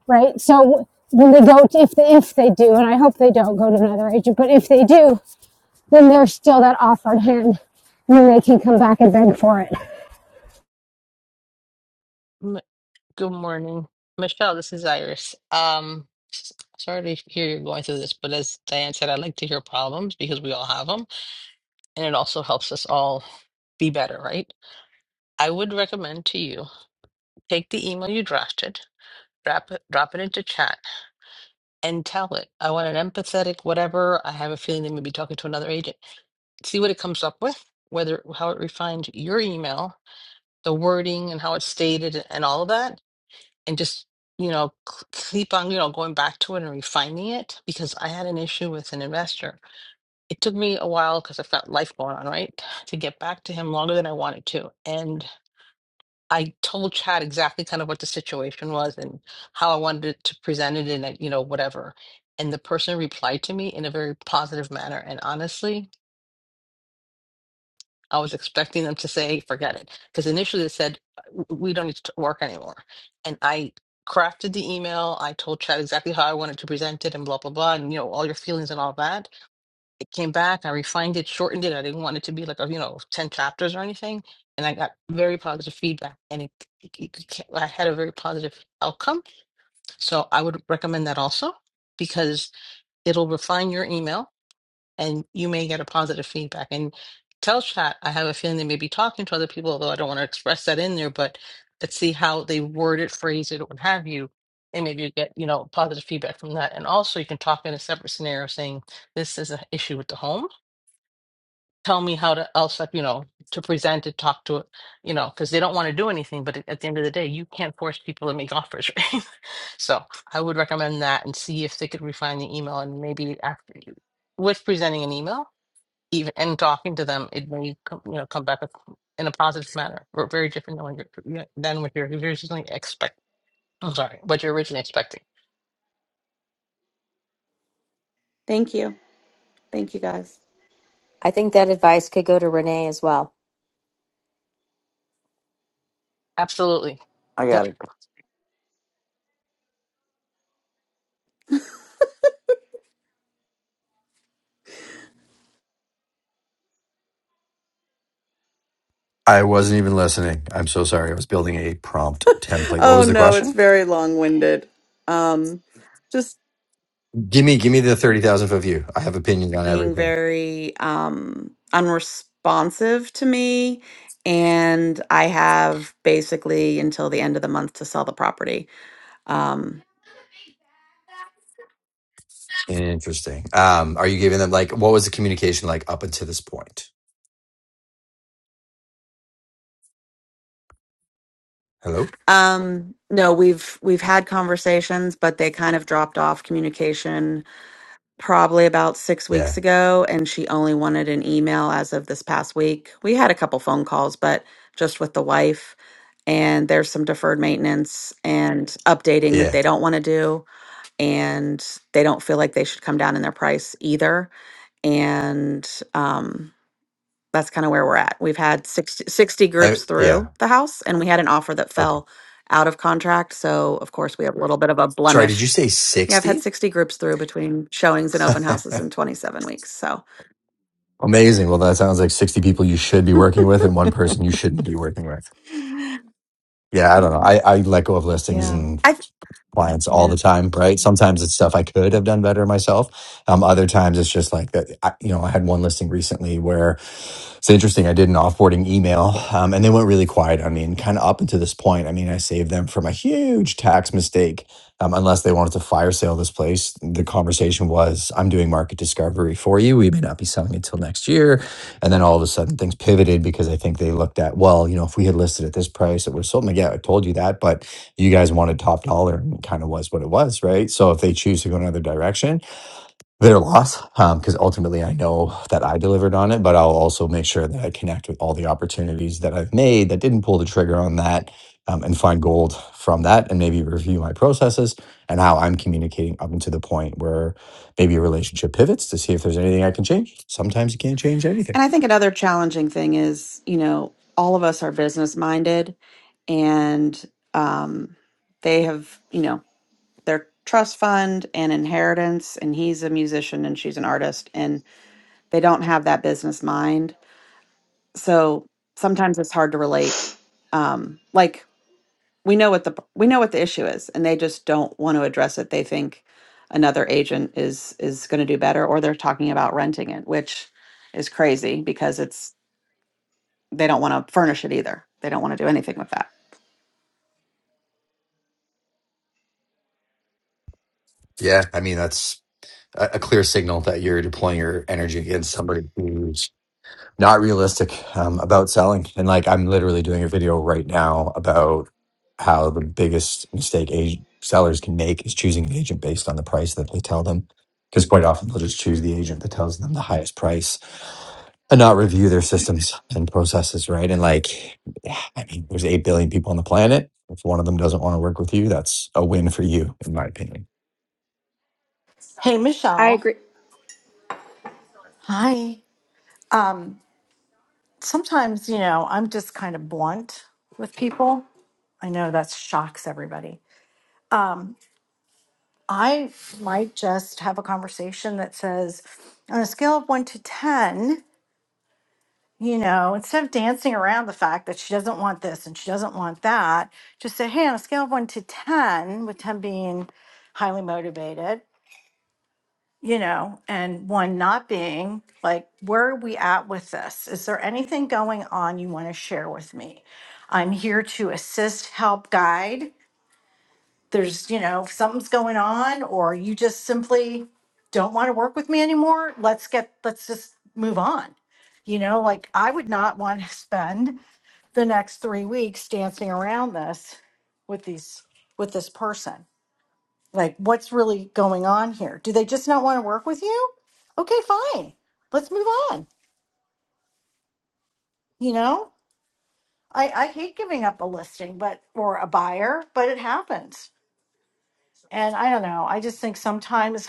S18: right? So when they go, to, if they, if they do, and I hope they don't go to another agent, but if they do, then there's still that offered hand, and then they can come back and beg for it.
S4: M- Good morning, Michelle. This is Iris. Um, s- sorry to hear you're going through this, but as Diane said, I like to hear problems because we all have them, and it also helps us all be better, right? I would recommend to you take the email you drafted, drop it, drop it into chat. and tell it. I want an empathetic whatever. I have a feeling they may be talking to another agent. See what it comes up with, whether how it refined your email, the wording and how it's stated and all of that. And just, you know, c- keep on, you know, going back to it and refining it because I had an issue with an investor. It took me a while because I've got life going on, right? To get back to him longer than I wanted to. and. I told Chad exactly kind of what the situation was and how I wanted to present it and uh, you know whatever. And the person replied to me in a very positive manner. And honestly, I was expecting them to say, "Hey, "Forget it," because initially they said, "W- "We don't need to work anymore." And I crafted the email. I told Chad exactly how I wanted to present it and blah blah blah, and you know all your feelings and all that it came back. I refined it, shortened it. I didn't want it to be like a you know ten chapters or anything. And I got very positive feedback, and it, it, it- ca- I had a very positive outcome. So I would recommend that also because it'll refine your email, and you may get a positive feedback. And tell chat, I have a feeling they may be talking to other people, although I don't want to express that in there. But let's see how they word it, phrase it, or what have you. And maybe you get, you know, positive feedback from that. And also you can talk in a separate scenario saying this is an issue with the home tell me how to else like you know to present it talk to it you know because they don't want to do anything but at the end of the day you can't force people to make offers [LAUGHS] right so i would recommend that and see if they could refine the email and maybe after you with presenting an email even and talking to them it may come, you know come back with, in a positive manner or very different than what you're you know, than what you're originally expect i'm sorry what you're originally expecting
S9: Thank you. Thank you guys.
S2: I think that advice could go to Renee as well.
S4: absolutely
S19: I
S4: Yep.
S19: got it.
S9: Oh no, it's very long-winded. Um, just being very um unresponsive to me, and I have basically until the end of the month to sell the property. Um, um, no, we've we've had conversations, but they kind of dropped off communication probably about six weeks
S10: Yeah,
S9: ago, and she only wanted an email as of this past week. We had a couple phone calls, but just with the wife. And there's some deferred maintenance and updating that
S10: yeah,
S9: they don't want to do. And they don't feel like they should come down in their price either. And, um, that's kind of where we're at. We've had 60, sixty
S10: I
S9: groups
S10: yeah.
S9: through the house, and we had an offer that
S10: Okay.
S9: fell out of contract. So, of course, we have a little bit of a
S10: Sorry, did you
S9: blemish.
S10: say
S9: Yeah, I've had
S10: sixty?
S9: 60 groups through between showings and open houses in 27 weeks. So,
S10: Amazing. Well, that sounds like 60 people you should be working with and
S9: [LAUGHS]
S10: one person you shouldn't be working with. Yeah, I don't know. I, I let go of listings
S9: yeah.
S10: and.
S9: I th-
S10: clients all
S9: yeah.
S10: the time, right? Sometimes it's stuff I could have done better myself. Um, other times it's just like that. I, you know, I had one listing recently where it's interesting. I did an offboarding email, um, and they went really quiet on me. And kind of up until this point, I mean, I saved them from a huge tax mistake. Um, unless they wanted to fire sale this place, the conversation was, "I'm doing market discovery for you. We may not be selling it till next year." And then all of a sudden, things pivoted because I think they looked at, well, you know, if we had listed at this price, it would have sold. i yeah, I told you that, but you guys wanted top dollar and it kind of was what it was, right? So if they choose to go another direction, their loss, because ultimately I know that I delivered on it, but I'll also make sure that I connect with all the opportunities that I've made that didn't pull the trigger on that um, and find gold from that and maybe review my processes and how I'm communicating up until the point where maybe a relationship pivots to see if there's anything I can change. Sometimes you can't change anything.
S9: And I think another challenging thing is, you know, all of us are business minded and um they have, you know, their trust fund and inheritance and he's a musician and she's an artist They don't have that business mind. So sometimes it's hard to relate. Um, like we know what the we know what the issue is, and they just don't want to address it. They think another agent is is going to do better, or they're talking about renting it, which is crazy because it's they don't want to furnish it either. They don't want to do anything with that.
S10: Yeah. I mean, that's a a clear signal that you're deploying your energy against somebody who's not realistic um, about selling. And like, I'm literally doing a video right now about how the biggest mistake ag- sellers can make is choosing an agent based on the price that they tell them. Because quite often they'll just choose the agent that tells them the highest price and not review their systems and processes, right? And like, I mean, there's 8 billion people on the planet. If one of them doesn't want to work with you, that's a win for you, in my opinion.
S5: Hey,
S20: I
S5: Michelle.
S20: agree.
S5: Hi. Um, sometimes, you know, I'm just kind of blunt with people. I know that shocks everybody. Um, I might just have a conversation that says, on a scale of one to 10, you know, instead of dancing around the fact that she doesn't want this and she doesn't want that, just say, hey, on a scale of one to 10, with 10 being highly motivated, you know, and one not being like, where are we at with this? Is there anything going on you want to share with me? I'm here to assist, help, guide. There's, you know, if something's going on, or you just simply don't want to work with me anymore. Let's get, let's just move on. You know, like I would not want to spend the next three weeks dancing around this with these, with this person. Like, what's really going on here? Do they just not want to work with you? Okay, fine. Let's move on. You know, I, I hate giving up a listing, but or a buyer, but it happens. And I don't know. I just think sometimes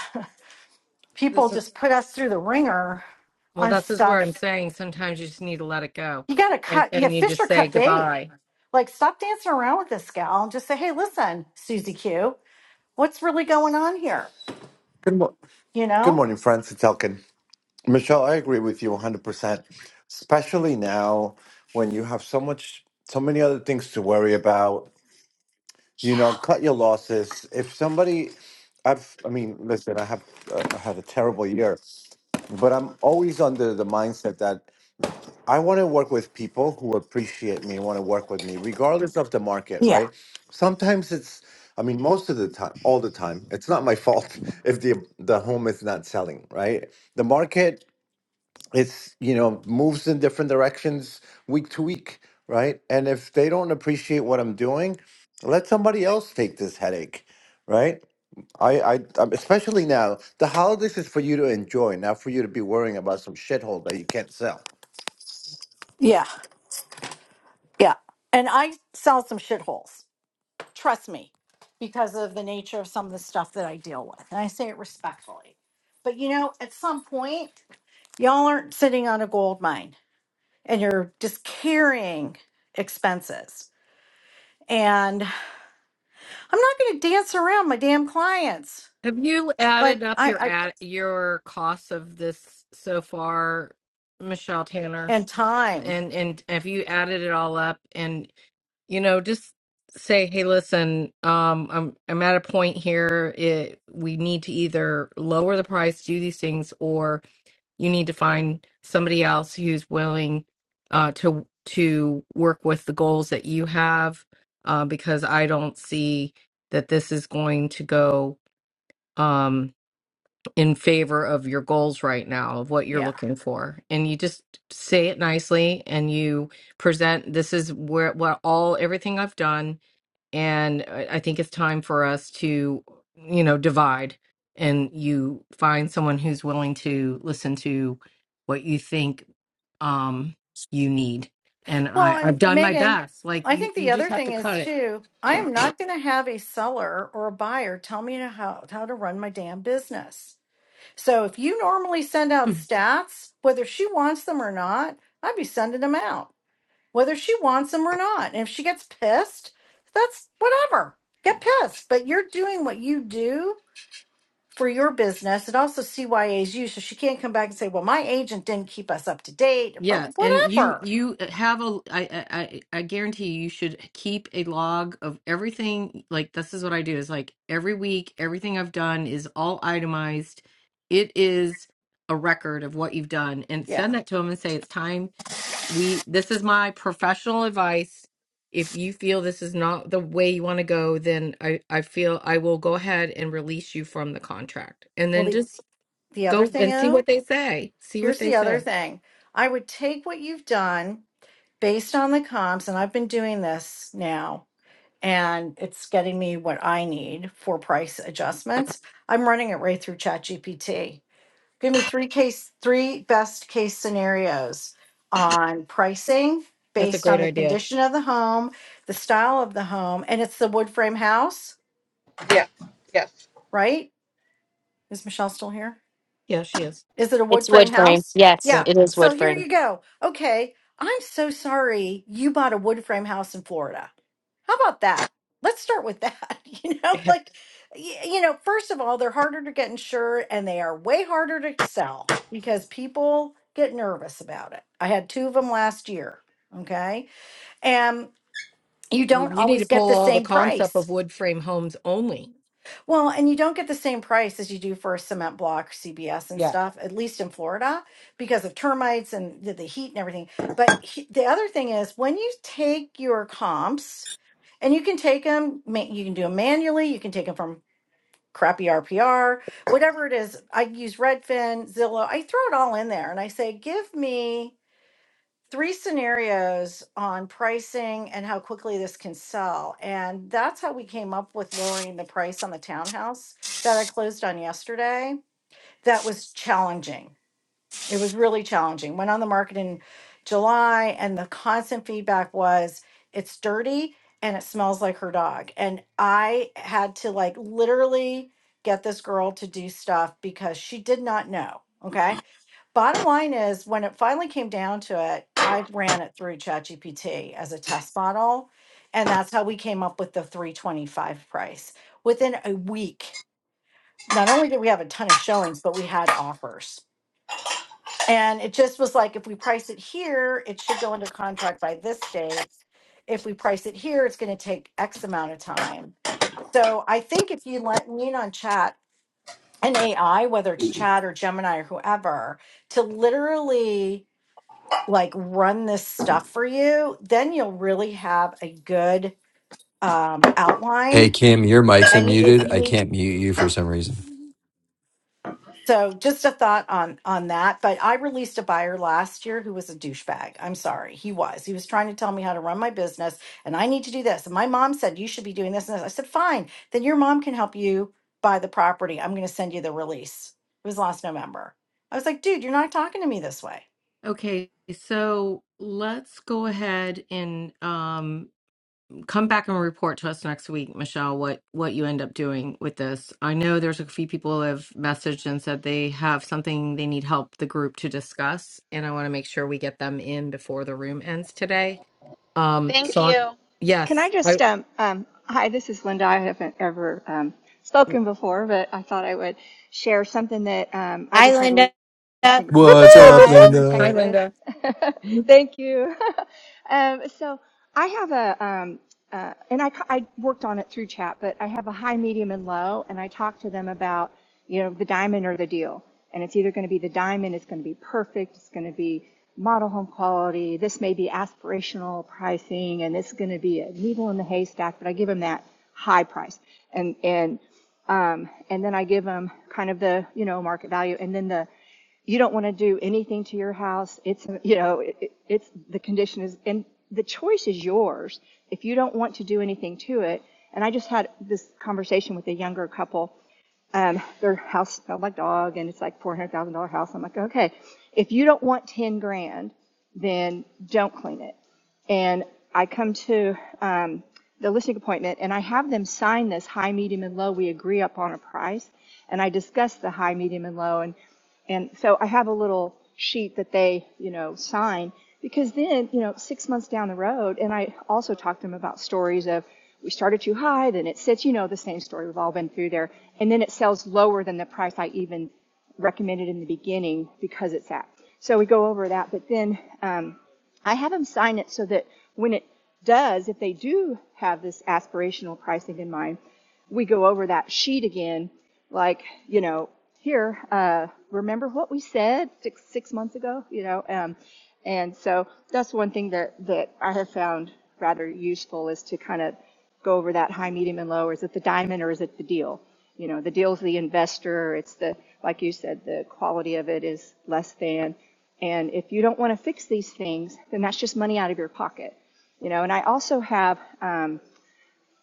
S5: [LAUGHS] people
S3: This is
S5: just put us through the ringer
S3: well,
S5: on
S3: this is where I'm
S5: stuff.
S3: saying sometimes you just need to let it go
S5: You got to
S3: and,
S5: cut, yeah,
S3: and you
S5: fish
S3: just
S5: or
S3: say
S5: cut bait.
S3: goodbye.
S5: Like, stop dancing around with this gal and just say, hey, listen, Susie Q, what's really going on here?
S21: Good, mo-
S5: You
S21: good
S5: know?
S21: morning, friends. It's Elkin. Michelle, I agree with you 100%, especially now when you have so much, so many other things to worry about. You
S5: Yeah.
S21: know, cut your losses. If somebody, I've, I mean, listen, I have uh, I had a terrible year, but I'm always under the mindset that I want to work with people who appreciate me, and want to work with me, regardless of the market,
S5: Yeah.
S21: right? Sometimes it's, I mean, most of the time, all the time, it's not my fault [LAUGHS] if the the home is not selling, right? The market, it's you know, moves in different directions week to week, right? And if they don't appreciate what I'm doing, let somebody else take this headache, right? I, I, um, especially now, the holidays is for you to enjoy, not for you to be worrying about some shithole that you can't sell.
S5: Yeah. Yeah. And I sell some shitholes. trust me, because of the nature of some of the stuff that I deal with. And I say it respectfully. But you know, at some point, y'all aren't sitting on a gold mine and you're just carrying expenses. And I'm not going to dance around my damn clients.
S3: Have you added
S5: Like,
S3: up
S5: I,
S3: your
S5: I,
S3: ad, your costs of this so far, Michelle Tanner?
S5: and time.
S3: And and have you added it all up and. you know, just say, hey, listen, um, I'm I'm at a point here. It, we need to either lower the price, do these things, or you need to find somebody else who's willing uh, to to work with the goals that you have, uh, because I don't see that this is going to go um in favor of your goals right now of what you're
S5: Yeah.
S3: looking for and you just say it nicely and you present this is where what all everything I've done and I I think it's time for us to, you know, divide and you find someone who's willing to listen to what you think um, you need. And
S5: Well,
S3: I,
S5: and
S3: I've done my
S5: Megan,
S3: best. Like
S5: I
S3: you,
S5: think
S3: you
S5: the
S3: just
S5: other
S3: have to
S5: thing
S3: cut
S5: is
S3: it.
S5: too, I am not going to have a seller or a buyer tell me to how, how to run my damn business So if you normally send out stats, whether she wants them or not, I'd be sending them out, whether she wants them or not. And if she gets pissed, that's whatever. Get pissed. But you're doing what you do for your business. And also CYA's you. So she can't come back and say, well, my agent didn't keep us up to date, but
S3: Yeah, and you
S5: whatever.
S3: you uh, have a I I I I guarantee you you should keep a log of everything. Like this is what I do is like every week everything I've done is all itemized. It is a record of what you've done and
S5: Yeah.
S3: send that to them and say it's time we this is my professional advice. If you feel this is not the way you want to go, then I I feel I will go ahead and release you from the contract. And
S5: Well,
S3: then
S5: the,
S3: just
S5: the other
S3: go
S5: thing,
S3: and see what
S5: oh,
S3: they say. See what
S5: here's
S3: they
S5: the other
S3: say.
S5: thing. I would take what you've done based on the comps, and I've been doing this now and it's getting me what I need for price adjustments. I'm running it right through ChatGPT. Give me three case, three best case scenarios on pricing
S3: That's a
S5: based
S3: great
S5: on the
S3: idea.
S5: condition of the home, the style of the home, and it's the wood frame house, right? Is Michelle still here?
S3: Yeah, she is.
S5: Is it a wood
S2: It's
S5: frame
S2: wood frame.
S5: house?
S2: Yes,
S3: Yeah.
S5: Yeah.
S2: it is wood
S5: So here
S2: frame.
S5: you go. Okay. I'm so sorry you bought a wood frame house in Florida. How about that? Let's start with that. [LAUGHS] You know,
S3: [LAUGHS]
S5: like, y- you know, first of all, they're harder to get insured and they are way harder to sell because people get nervous about it. I had two of them last year. Okay. And you don't
S3: You need to
S5: always get
S3: pull
S5: the
S3: all the
S5: same
S3: comps up
S5: price.
S3: of wood frame homes only.
S5: Well, and you don't get the same price as you do for a cement block, CBS and
S3: Yeah.
S5: stuff, at least in Florida, because of termites and the, the heat and everything. But he, the other thing is when you take your comps, and you can take them, you can do them manually, you can take them from crappy RPR, whatever it is. I use Redfin, Zillow, I throw it all in there and I say, give me three scenarios on pricing and how quickly this can sell. And that's how we came up with lowering the price on the townhouse that I closed on yesterday. That was challenging it was really challenging. Went on the market in July, and the constant feedback was it's dirty and it smells like her dog. And I had to like literally get this girl to do stuff because she did not know. Okay. Bottom line is, when it finally came down to it, I ran it through ChatGPT as a test model. And that's how we came up with the 325 price. Within a week, not only did we have a ton of showings, but we had offers. And it just was like, if we price it here, it should go into contract by this date. If we price it here, it's going to take X amount of time. So I think if you let, lean on chat and AI, whether it's chat or Gemini or whoever, to literally like run this stuff for you, then you'll really have a good um,
S10: Hey,
S5: outline.
S10: Kim, your mic's
S5: And y- if
S10: unmuted.
S5: you
S10: I
S5: need
S10: can't mute you for some reason.
S5: So just a thought on on that. But I released a buyer last year who was a douchebag. I'm sorry, he was. He was trying to tell me how to run my business, and I need to do this. And my mom said you should be doing this and this. I said fine. Then your mom can help you buy the property. I'm going to send you the release. It was last November. I was like, dude, you're not talking to me this way.
S3: Okay, so let's go ahead and um, come back and report to us next week, Michelle, what what you end up doing with this. I know there's a few people that have messaged and said they have something they need help the group to discuss, and I want to make sure we get them in before the room ends today. Um,
S9: Thank
S3: so
S9: you.
S20: Can I
S3: yes, I,
S20: just, um, um, hi, this is Linda. I haven't ever um, spoken before, but I thought I would share something that um, I
S2: Hi,
S20: just had.
S2: Linda.
S20: a listening to point.
S10: What's
S18: Boop-ee,
S10: up,
S20: Hi, I'm in
S10: Linda?
S3: hi
S20: Texas.
S3: Linda.
S20: [LAUGHS] Thank you. [LAUGHS] um, so I have a, um, uh, and I, I worked on it through chat, but I have a high, medium, and low, and I talk to them about, you know, the diamond or the deal. And it's either going to be the diamond, it's going to be perfect, it's going to be model home quality, this may be aspirational pricing, and this is going to be a needle in the haystack, but I give them that high price. And, and, um, and then I give them kind of the you know market value, and then the you don't want to do anything to your house. It's, you know, it, it- it's the condition is, and the choice is yours if you don't want to do anything to it. And I just had this conversation with a younger couple. Um, their house smelled like dog and it's like $400,000 house. I'm like, okay, if you don't want 10 grand, then don't clean it and I come to um, the listing appointment and I have them sign this high, medium, and low. We agree upon a price, and I discuss the high, medium, and low, and and so I have a little sheet that they you know sign because then you know six months down the road, and I also talk to them about stories of we started too high, then it sits, you know, the same story we've all been through there, and then it sells lower than the price I even recommended in the beginning because it's at. So we go over that, but then um, I have them sign it so that when it does, if they do have this aspirational pricing in mind, we go over that sheet again. Like, you know, here, uh, remember what we said six, six months ago, you know? Um, and so that's one thing that, that I have found rather useful is to kind of go over that high, medium, and low. Is it the diamond or is it the deal? You know, the deal's the investor. It's the, like you said, the quality of it is less than. And if you don't want to fix these things, then that's just money out of your pocket. You know, and I also have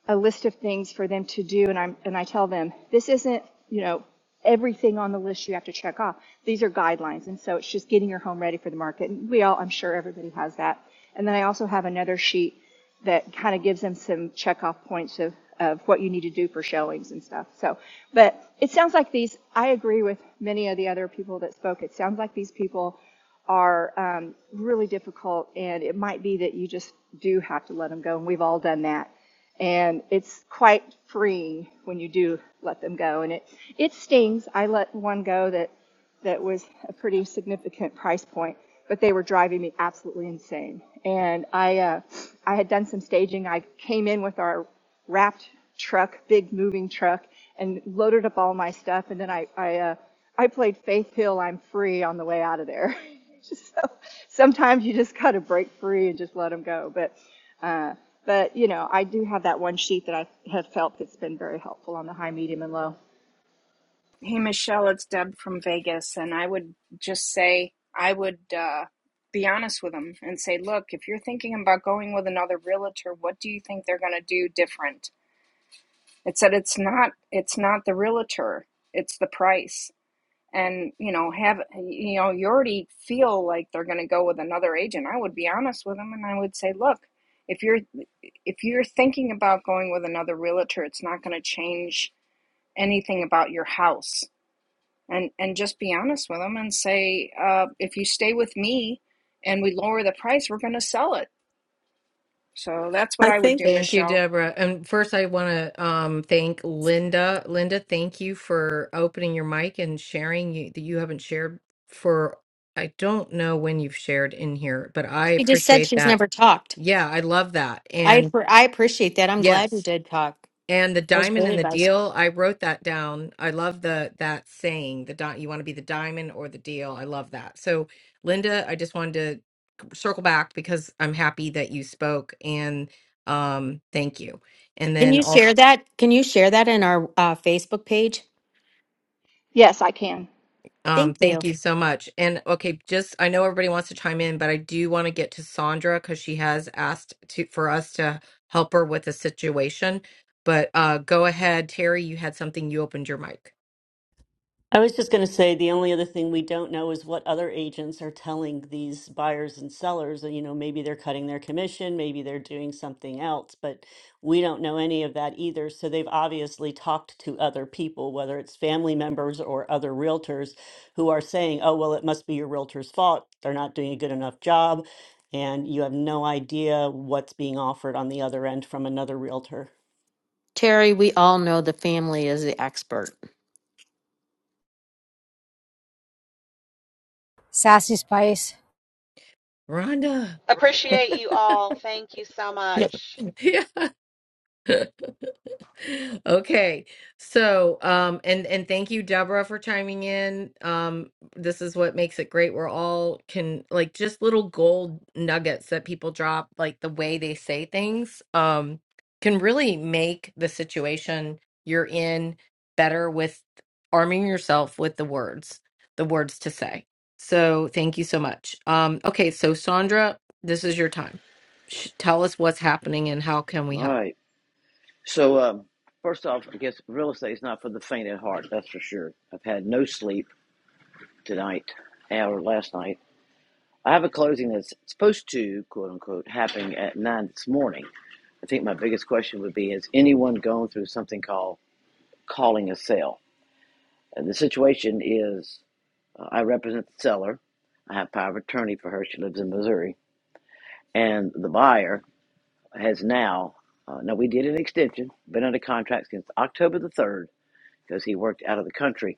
S20: a list of things for them to do and I'm and I tell them this isn't, you know, everything on the list you have to check off. These are guidelines and so it's just getting your home ready for the market. And we all I'm sure everybody has that. And then I also have another sheet that kind of gives them some check off points of of what you need to do for showings and stuff. So, but it sounds like these I agree with many of the other people that spoke. It sounds like these people are um, really difficult, and it might be that you just do have to let them go, and we've all done that and it's quite freeing when you do let them go and it it stings i let one go that that was a pretty significant price point but they were driving me absolutely insane and i uh, i had done some staging i came in with our wrapped truck big moving truck and loaded up all my stuff and then i i uh, I played Faith Hill I'm Free on the way out of there. [LAUGHS] Just so sometimes you just gotta break free and just let them go. But uh, but you know, I do have that one sheet that I have felt that's been very helpful on the high, medium, and low.
S22: Hey Michelle, it's Deb from Vegas, and I would just say I would uh, be honest with them and say, look, if you're thinking about going with another realtor, what do you think they're going to do different? It said it's not it's not the realtor, it's the price, and you know have you know you already feel like they're going to go with another agent. I would be honest with them, and I would say, look, if you're if you're thinking about going with another realtor, it's not going to change anything about your house and and just be honest with them and say uh, if you stay with me and we lower the price we're going to sell it so that's what
S23: I
S22: i would
S23: think
S22: do
S3: Thank you,
S22: michelle
S3: Deborah. And first, I want to um, thank Linda. Linda, thank you for opening your mic and sharing you, that you haven't shared for, I don't know when you've shared in here, but I
S2: She just said
S3: appreciate
S2: she's
S3: that.
S2: never talked.
S3: Yeah, I love that.
S2: I
S3: And
S2: appre- I appreciate that. I'm glad you
S3: yes.
S2: did talk.
S3: And the
S2: That's
S3: diamond
S2: great
S3: in the
S2: advice.
S3: deal, I wrote that down. I love the that saying, the di- you want to be the diamond or the deal. I love that. So, Linda, I just wanted to circle back because I'm happy that you spoke and um thank you. And
S2: Can
S3: then
S2: you share
S3: also
S2: that? Can you share that in our uh, Facebook page?
S20: Yes, I can.
S3: um
S2: Thank you,
S3: thank you so much. And okay, just I know everybody wants to chime in, but I do want to get to Sandra cuz she has asked to for us to help her with a situation. But uh go ahead, Terry, you had something you opened your mic.
S23: I was just going to say the only other thing we don't know is what other agents are telling these buyers and sellers. You know, maybe they're cutting their commission, maybe they're doing something else, but we don't know any of that either. So they've obviously talked to other people, whether it's family members or other realtors who are saying, oh, well, it must be your realtor's fault. They're not doing a good enough job. And you have no idea what's being offered on the other end from another realtor.
S2: Terry. We all know the family is the expert.
S18: Sassy Spice.
S3: Rhonda.
S9: Appreciate you all. Thank you so
S3: Yeah.
S9: much.
S3: [LAUGHS] Yeah. Okay. So, um, and and thank you, Deborah, for chiming in. Um, this is what makes it great. We're all can like just little gold nuggets that people drop, like the way they say things, um, can really make the situation you're in better with arming yourself with the words, the words to say. So, thank you so much. Um, okay, so Sandra, this is your time. Sh- tell us what's happening and how can we
S19: All
S3: help.
S19: right. So, um, first off, I guess real estate is not for the faint at heart. That's for sure. I've had no sleep tonight or last night. I have a closing that's supposed to, quote unquote, happen at nine this morning. I think my biggest question would be: Has anyone gone through something called calling a sale? And the situation is, uh, I represent the seller. I have power of attorney for her. She lives in Missouri, and the buyer has now. Uh, now we did an extension. Been under contract since October the third because he worked out of the country.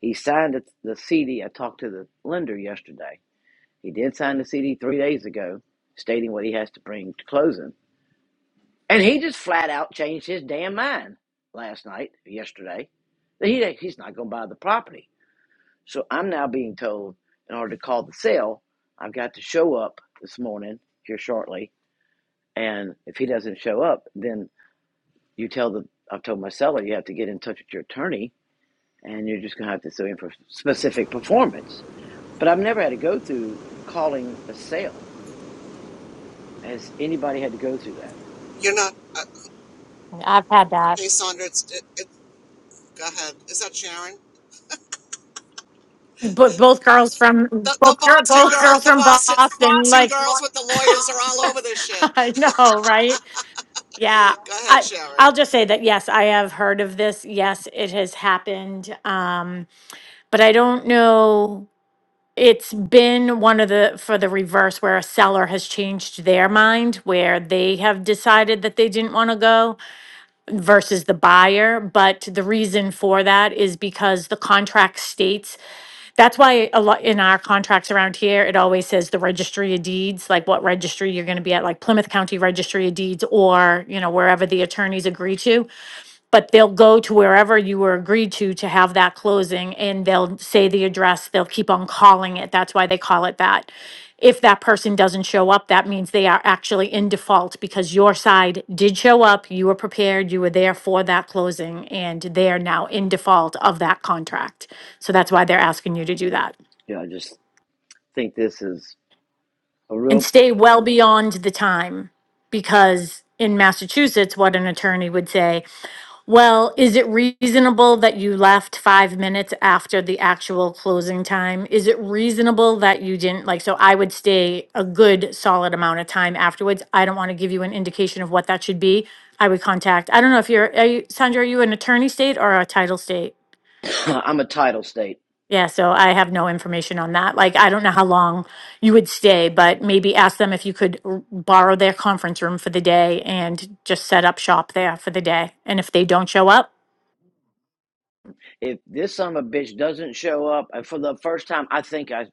S19: He signed the the CD. I talked to the lender yesterday. He did sign the CD three days ago, stating what he has to bring to closing. And he just flat out changed his damn mind last night, yesterday, that he, he's not going to buy the property. So I'm now being told in order to call the sale, I've got to show up this morning here shortly. And if he doesn't show up, then you tell the, I've told my seller, you have to get in touch with your attorney and you're just going to have to sue him for specific performance. But I've never had to go through calling a sale. Has anybody had to go through that?
S17: You're not. Uh,
S14: I've had that.
S17: hey, Sandra. It's, it, it, go ahead. Is that Sharon?
S14: But both girls from
S17: The,
S14: both,
S17: the
S14: gir-
S17: Boston
S14: both
S17: girl,
S14: girls
S17: the
S14: from
S17: Boston,
S14: Boston,
S17: Boston
S14: like
S17: girls with the lawyers are all over this
S14: [LAUGHS]
S17: shit.
S14: I know, right? Yeah,
S17: Go ahead,
S14: I
S17: Sharon.
S14: I'll just say that yes, I have heard of this. Yes, it has happened. Um, but I don't know. It's been one of the for the reverse where a seller has changed their mind where they have decided that they didn't want to go versus the buyer. But the reason for that is because the contract states that's why a lot in our contracts around here, it always says the registry of deeds, like what registry you're gonna be at, like Plymouth County Registry of Deeds or, you know, wherever the attorneys agree to but they'll go to wherever you were agreed to to have that closing and they'll say the address they'll keep on calling it that's why they call it that if that person doesn't show up that means they are actually in default because your side did show up you were prepared you were there for that closing and they are now in default of that contract so that's why they're asking you to do that
S19: You know, I just think this is a
S14: and
S19: real.
S14: stay well beyond the time because in massachusetts what an attorney would say Well, is it reasonable that you left five minutes after the actual closing time? Is it reasonable that you didn't, like, so I would stay a good solid amount of time afterwards. I don't want to give you an indication of what that should be. I would contact, I don't know if you're, are you, Sandra, are you an attorney state or a title state?
S19: [CLEARS THROAT] [LAUGHS] I'm a title state.
S14: Yeah, so I have no information on that. Like, I don't know how long you would stay, but maybe ask them if you could r- borrow their conference room for the day and just set up shop there for the day. And if they don't show up,
S19: If this son of a bitch doesn't show up for the first time, I think I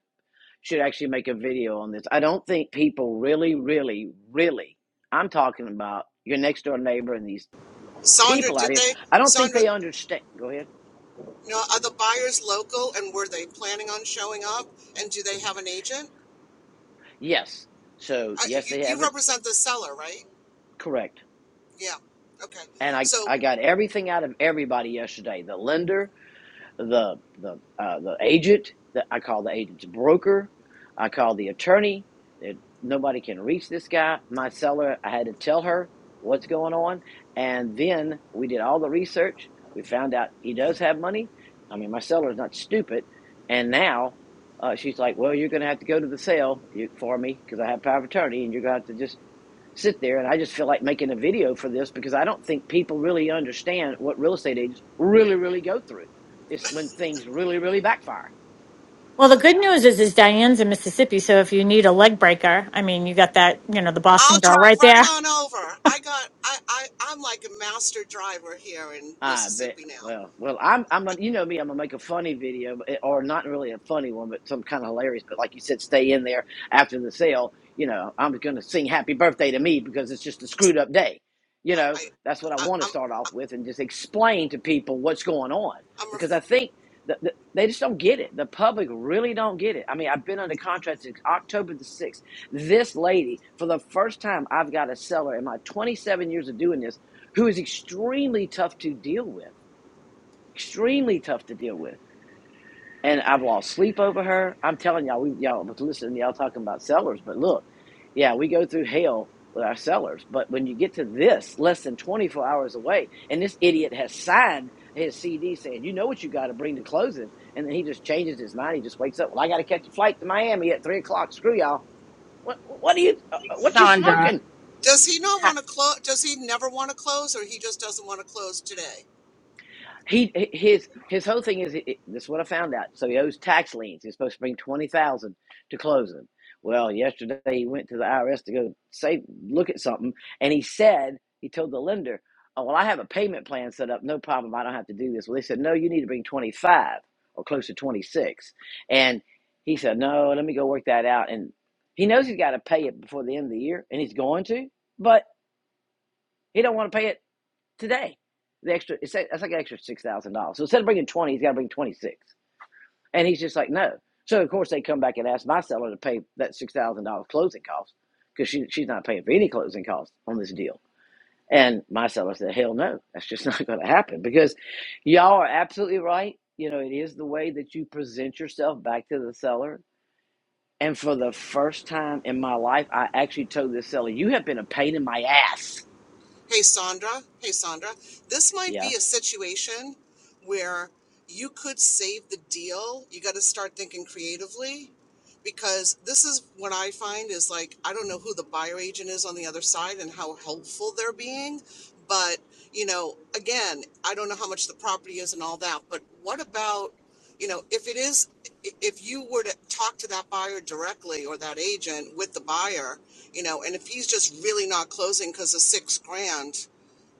S19: should actually make a video on this. I don't think people really, really, really. I'm talking about your next door neighbor and these
S17: Sandra,
S19: people out
S17: did
S19: here.
S17: they?
S19: I don't think
S17: Sandra,
S19: they understand. Go ahead.
S17: no. Are the buyers local, and were they planning on showing up? And do they have an agent?
S19: Yes. So
S17: I,
S19: yes,
S17: you,
S19: they
S17: you
S19: haven't.
S17: represent the seller, right?
S19: Correct.
S17: Yeah. Okay.
S19: and I,
S17: So,
S19: I got everything out of everybody yesterday. The lender, the the uh, the agent, the, I call the agent's broker, I call the attorney. It, nobody can reach this guy. My seller, I had to tell her what's going on, and then we did all the research. We found out he does have money. I mean, my seller is not stupid, and now. Uh, she's like, well, you're going to have to go to the sale for me because I have power of attorney, and you're going to have to just sit there and I just feel like making a video for this because I don't think people really understand what real estate agents really, really go through. It's when things really, really backfire
S14: Well, the
S17: yeah.
S14: good news is, is Diane's in Mississippi, so if you need a leg breaker, I mean, you got that, you know, the
S17: I'll
S14: Boston girl
S17: drive
S14: right there.
S17: right on over. I got I, I I'm like a master driver here in
S19: I bet.
S17: Mississippi now.
S19: Well, well, I'm, I'm, gonna- you know me, I'm gonna make a funny video, but- or not really a funny one, but some kind of hilarious. But like you said, stay in there after the sale. You know, I'm gonna sing "Happy Birthday" to me because it's just a screwed up day. You know,
S17: I,
S19: that's what I
S17: I
S19: want to
S17: I'm
S19: start off with, and just explain to people what's going on
S17: I'm a,
S19: because I think that the, they just don't get it. The public really don't get it. I mean, I've been under contract since October the sixth. This lady, for the first time, I've got a seller in my 27 years of doing this who is extremely tough to deal with, extremely tough to deal with. And I've lost sleep over her. I'm telling y'all, we y'all but listen, y'all talking about sellers, but look, yeah, we go through hell with our sellers. But when you get to this, less than 24 hours away, and this idiot has signed his CD saying, you know what you got to bring to closing, and then he just changes his mind. He just wakes up. Well, I got to catch a flight to Miami at three o'clock. Screw y'all. What what are you uh, uh, what you
S24: Sandra,
S19: smoking?
S17: does he not
S24: ha-
S17: want to close does he never want to close or he just doesn't want to close today?
S19: He his his whole thing is it, this. Is what I found out. So he owes tax liens. He's supposed to bring twenty thousand to close them. Well, yesterday he went to the IRS to go say look at something, and he said he told the lender, "Oh well, I have a payment plan set up. No problem. I don't have to do this." Well, they said, "No, you need to bring twenty five or close to twenty six," And he said, "No, let me go work that out." And he knows he's got to pay it before the end of the year, and he's going to, but he don't want to pay it today. The extra it's like, that's like an extra six thousand dollars. So instead of bringing twenty, he's got to bring twenty six, and he's just like, no. So of course they come back and ask my seller to pay that six thousand dollars closing cost because she she's not paying for any closing costs on this deal. And my seller said, hell no, that's just [LAUGHS] not going to happen because y'all are absolutely right. You know, it is the way that you present yourself back to the seller. And for the first time in my life, I actually told this seller, you have been a pain in my ass.
S17: Hey Sandra, hey Sandra, this might
S19: Yeah.
S17: be a situation where you could save the deal. You got to start thinking creatively because this is what I find is like I don't know who the buyer agent is on the other side and how helpful they're being, but you know, again, I don't know how much the property is and all that, but what about you know, if it is, if you were to talk to that buyer directly or that agent with the buyer, you know, and if he's just really not closing because of six grand,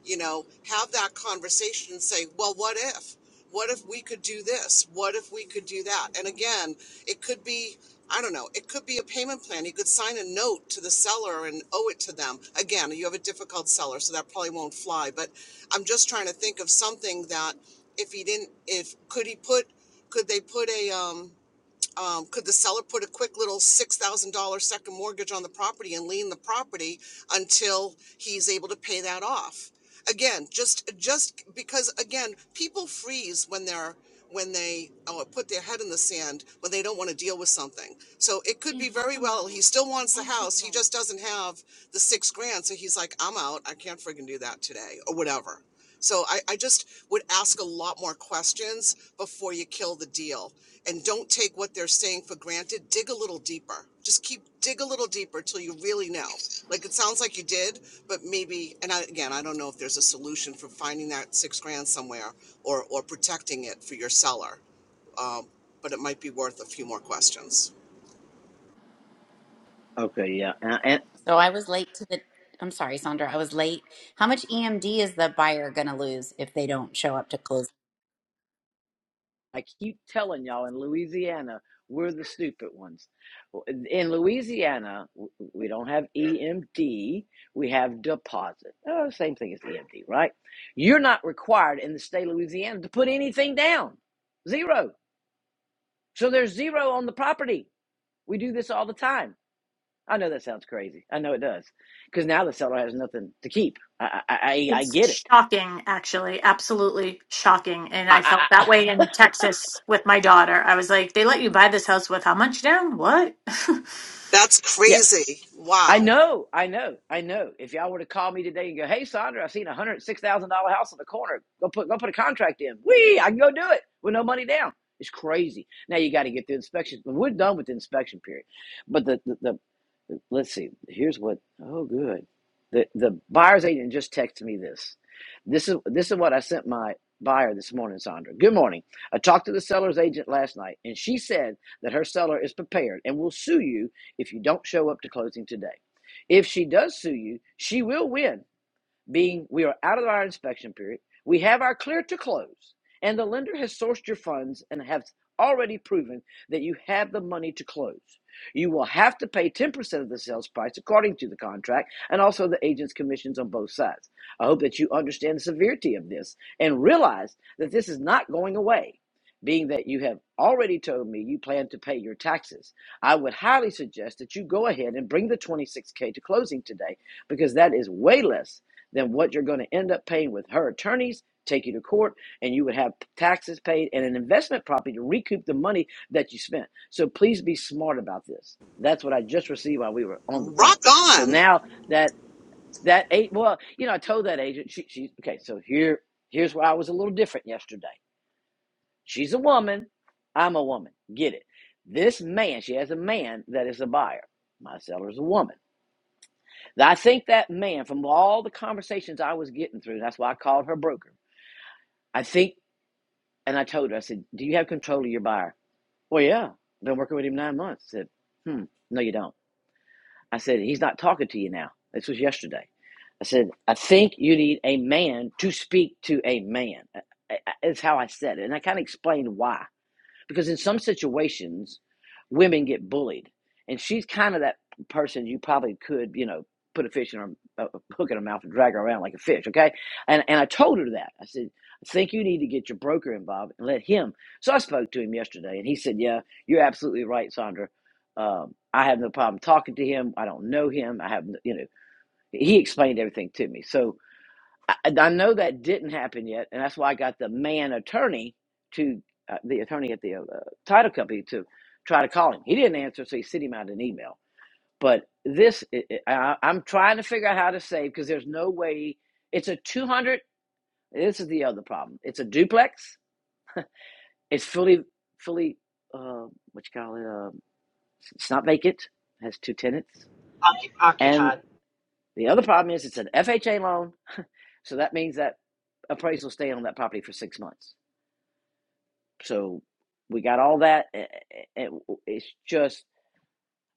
S17: you know, have that conversation and say, well, what if? What if we could do this? What if we could do that? And again, it could be, I don't know, it could be a payment plan. You could sign a note to the seller and owe it to them. Again, you have a difficult seller, so that probably won't fly. But I'm just trying to think of something that if he didn't, if could he put, could they put a, um, um, could the seller put a quick little six thousand dollar second mortgage on the property and lien the property until he's able to pay that off? Again, just just because again, people freeze when they're when they oh, put their head in the sand when they don't want to deal with something. So it could be very well he still wants the house, he just doesn't have the six grand, so he's like, I'm out, I can't friggin' do that today or whatever. So I, I just would ask a lot more questions before you kill the deal. And don't take what they're saying for granted. Dig a little deeper. Just keep dig a little deeper till you really know. Like it sounds like you did, but maybe and I, again, I don't know if there's a solution for finding that six grand somewhere or or protecting it for your seller, but it might be worth a few more questions.
S19: Okay. Yeah. And. and
S25: So I was late to the. I'm sorry, Sandra. I was late. How much EMD is the buyer going to lose if they don't show up to closing?
S19: I keep telling y'all in Louisiana, we're the stupid ones. Well, In Louisiana, we don't have EMD, we have deposit. Oh, same thing as EMD, right? You're not required in the state of Louisiana to put anything down. Zero. So there's zero on the property. We do this all the time. I know that sounds crazy. I know it does. Because now the seller has nothing to keep. I, I, I, I
S14: It's
S19: get it.
S14: shocking, actually, absolutely shocking. And I
S19: I,
S14: felt
S19: I,
S14: that way
S19: I,
S14: in Texas with my daughter. I was like, they let you buy this house with how much down? What?
S17: That's
S19: [LAUGHS] Yeah.
S17: crazy.
S19: I
S17: Wow.
S19: know, I know, I know. If y'all were to call me today and go, "Hey, Sandra, I've seen a hundred six thousand dollar house on the corner. Go put go put a contract in. Wee, I can go do it with no money down." It's crazy. Now you got to get the inspection. We're done with the inspection period, but the the, the let's see. Here's what. Oh, good. The the buyer's agent just texted me this. This is this is what I sent my buyer this morning, Sandra. Good morning. I talked to the seller's agent last night, and she said that her seller is prepared and will sue you if you don't show up to closing today. If she does sue you, she will win being we are out of our inspection period, we have our clear to close, and the lender has sourced your funds and have already proven that you have the money to close. You will have to pay 10% of the sales price according to the contract and also the agent's commissions on both sides. I hope that you understand the severity of this and realize that this is not going away. Being that you have already told me you plan to pay your taxes, I would highly suggest that you go ahead and bring the 26K to closing today because that is way less then what you're going to end up paying with her attorneys take you to court and you would have taxes paid and an investment property to recoup the money that you spent so please be smart about this that's what i just received while we were on the phone
S17: Rock
S19: so
S17: on.
S19: now that that eight well you know i told that agent she, she okay so here here's where i was a little different yesterday she's a woman i'm a woman get it this man she has a man that is a buyer my seller's a woman I think that man, from all the conversations I was getting through, that's why I called her broker. I think, and I told her, I said, Do you have control of your buyer? Well, yeah. I've Been working with him nine months. I said, Hmm, no, you don't. I said, He's not talking to you now. This was yesterday. I said, I think you need a man to speak to a man. I- It's how I said it. And I kind of explained why because in some situations women get bullied and she's kind of that person you probably could you know put a fish in her a hook in her mouth and drag her around like a fish okay and and i told her that i said i think you need to get your broker involved and let him so i spoke to him yesterday and he said yeah you're absolutely right sandra um, i have no problem talking to him i don't know him i have no, you know he explained everything to me so I, I know that didn't happen yet, and that's why I got the man attorney to uh, the attorney at the uh, title company to try to call him. He didn't answer, so he sent him out an email. But this, i I, I- am trying to figure out how to save because there's no way. It's a 200. This is the other problem. It's a duplex. It's fully, fully, uh, what you call it? Um it's not vacant. It Has two tenants. And
S24: occupied.
S19: the other problem is it's an FHA loan, so that means that appraisal stay on that property for six months So we got all that. It's just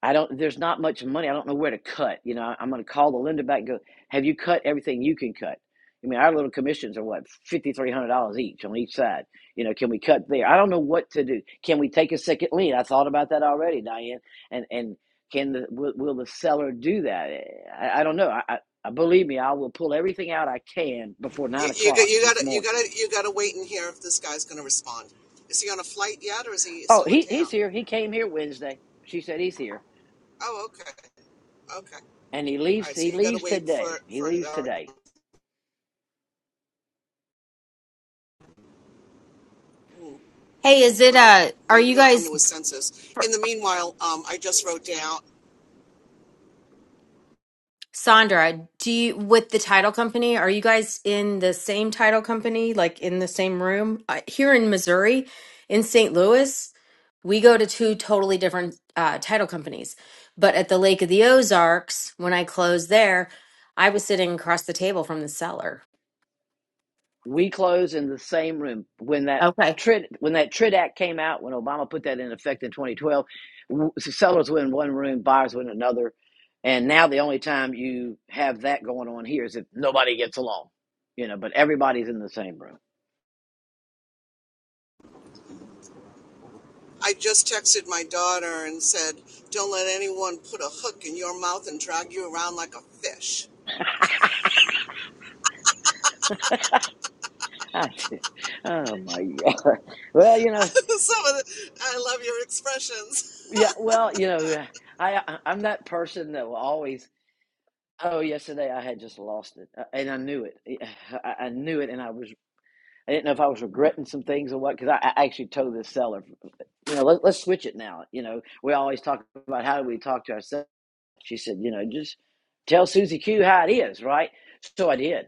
S19: I don't. There's not much money. I don't know where to cut. You know, I'm going to call the lender back. And go. Have you cut everything you can cut? I mean, our little commissions are what fifty three hundred dollars each on each side. You know, can we cut there? I don't know what to do. Can we take a second lien? I thought about that already, Diane. And and can the will, will the seller do that? Eh, I, I don't know. I, I I- believe me, I will pull everything out I can before
S17: You,
S19: nine
S17: you,
S19: o'clock
S17: you
S19: this
S17: gotta you
S19: morning.
S17: gotta you gotta wait and hear if this guy's gonna respond. Is he on a flight yet, or is he
S19: Oh,
S17: still in
S19: he
S17: town?
S19: he's here. He came here Wednesday. She said he's here.
S17: Oh, okay, okay, all
S19: and he leaves
S17: right. So
S19: he
S17: you gotta
S19: leaves
S17: wait for
S19: today he
S17: for
S19: leaves
S17: that.
S19: today
S2: Hey, is it?
S17: Well,
S2: Uh, are
S17: maybe
S2: you
S17: he'll come
S2: guys?
S17: to his senses. In the meanwhile, um, I just wrote down.
S2: Sandra, do you with the title company, are you guys in the same title company, like in the same room? Uh, here in Missouri, in St. Louis, we go to two totally different uh, title companies. But at the Lake of the Ozarks, when I closed there, I was sitting across the table from the seller.
S19: we close in the same room when that
S2: Okay.
S19: Trid, when that Trid Act came out, when Obama put that in effect in 2012, sellers were in one room, buyers were in another, and now the only time you have that going on here is if nobody gets along, you know. But everybody's in the same room.
S17: I just texted my daughter and said, "Don't let anyone put a hook in your mouth and drag you around like a fish."
S19: [LAUGHS] I did. Oh my God. Well, you know,
S17: [LAUGHS] Some of the, I love your expressions.
S19: yeah. Well, you know, yeah, I- I'm that person that will always Oh, yesterday I had just lost it, uh, and I knew it. I, [SIGHS] I I knew it, and I was—I didn't know if I was regretting some things or what. Because I, I actually told this seller, you know, let, let's switch it now. You know, we always talk about how do we talk to ourselves. She said, you know, just tell Susie Q how it is, right? So I did,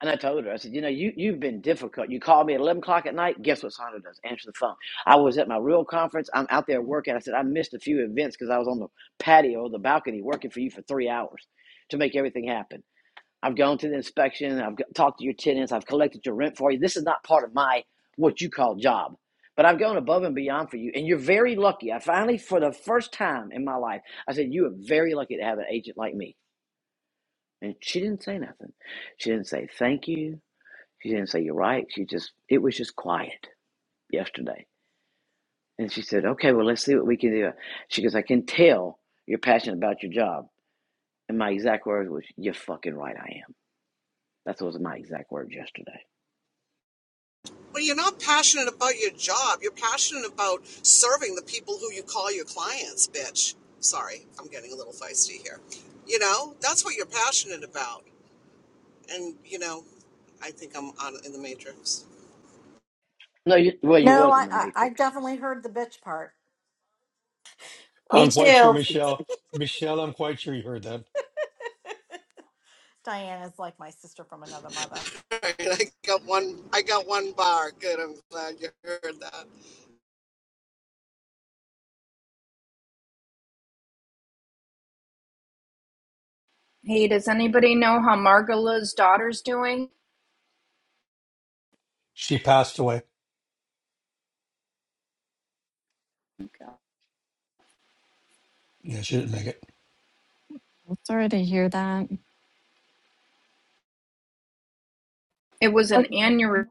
S19: and I told her. I said, you know, you you've been difficult. You call me at eleven o'clock at night. Guess what Sandra does? Answer the phone. I was at my real conference. I'm out there working. I said I missed a few events because I was on the patio, the balcony, working for you for three hours to make everything happen. I've gone to the inspection. I've talked to your tenants. I've collected your rent for you. This is not part of my what you call job, but I've gone above and beyond for you. And you're very lucky. I finally, for the first time in my life, I said, You are very lucky to have an agent like me. And she didn't say nothing. She didn't say thank you. She didn't say you're right. She just, it was just quiet yesterday. And she said, Okay, well, let's see what we can do. She goes, I can tell you're passionate about your job. And my exact words was, You're fucking right, I am. That was my exact words yesterday.
S17: Well, you're not passionate about your job. You're passionate about serving the people who you call your clients, bitch. Sorry, I'm getting a little feisty here. You know, that's what you're passionate about. And, you know, I think I'm on in the matrix.
S19: No, you, well, you
S5: No,
S19: was
S5: I,
S19: in the
S5: I, I
S19: Matrix.
S5: definitely heard the bitch part.
S1: [LAUGHS]
S2: Me
S1: I'm quite sure
S2: too.
S1: Michelle, Michelle, I'm quite sure you heard that.
S5: Diana's like my sister from another mother.
S17: [LAUGHS] All right, I got one I got one bar. Good. I'm glad you heard that.
S22: hey does anybody know how margola's daughter's doing
S1: She passed away. Yeah, she didn't make it. [LAUGHS]
S11: sorry to hear that.
S22: it was an aneurysm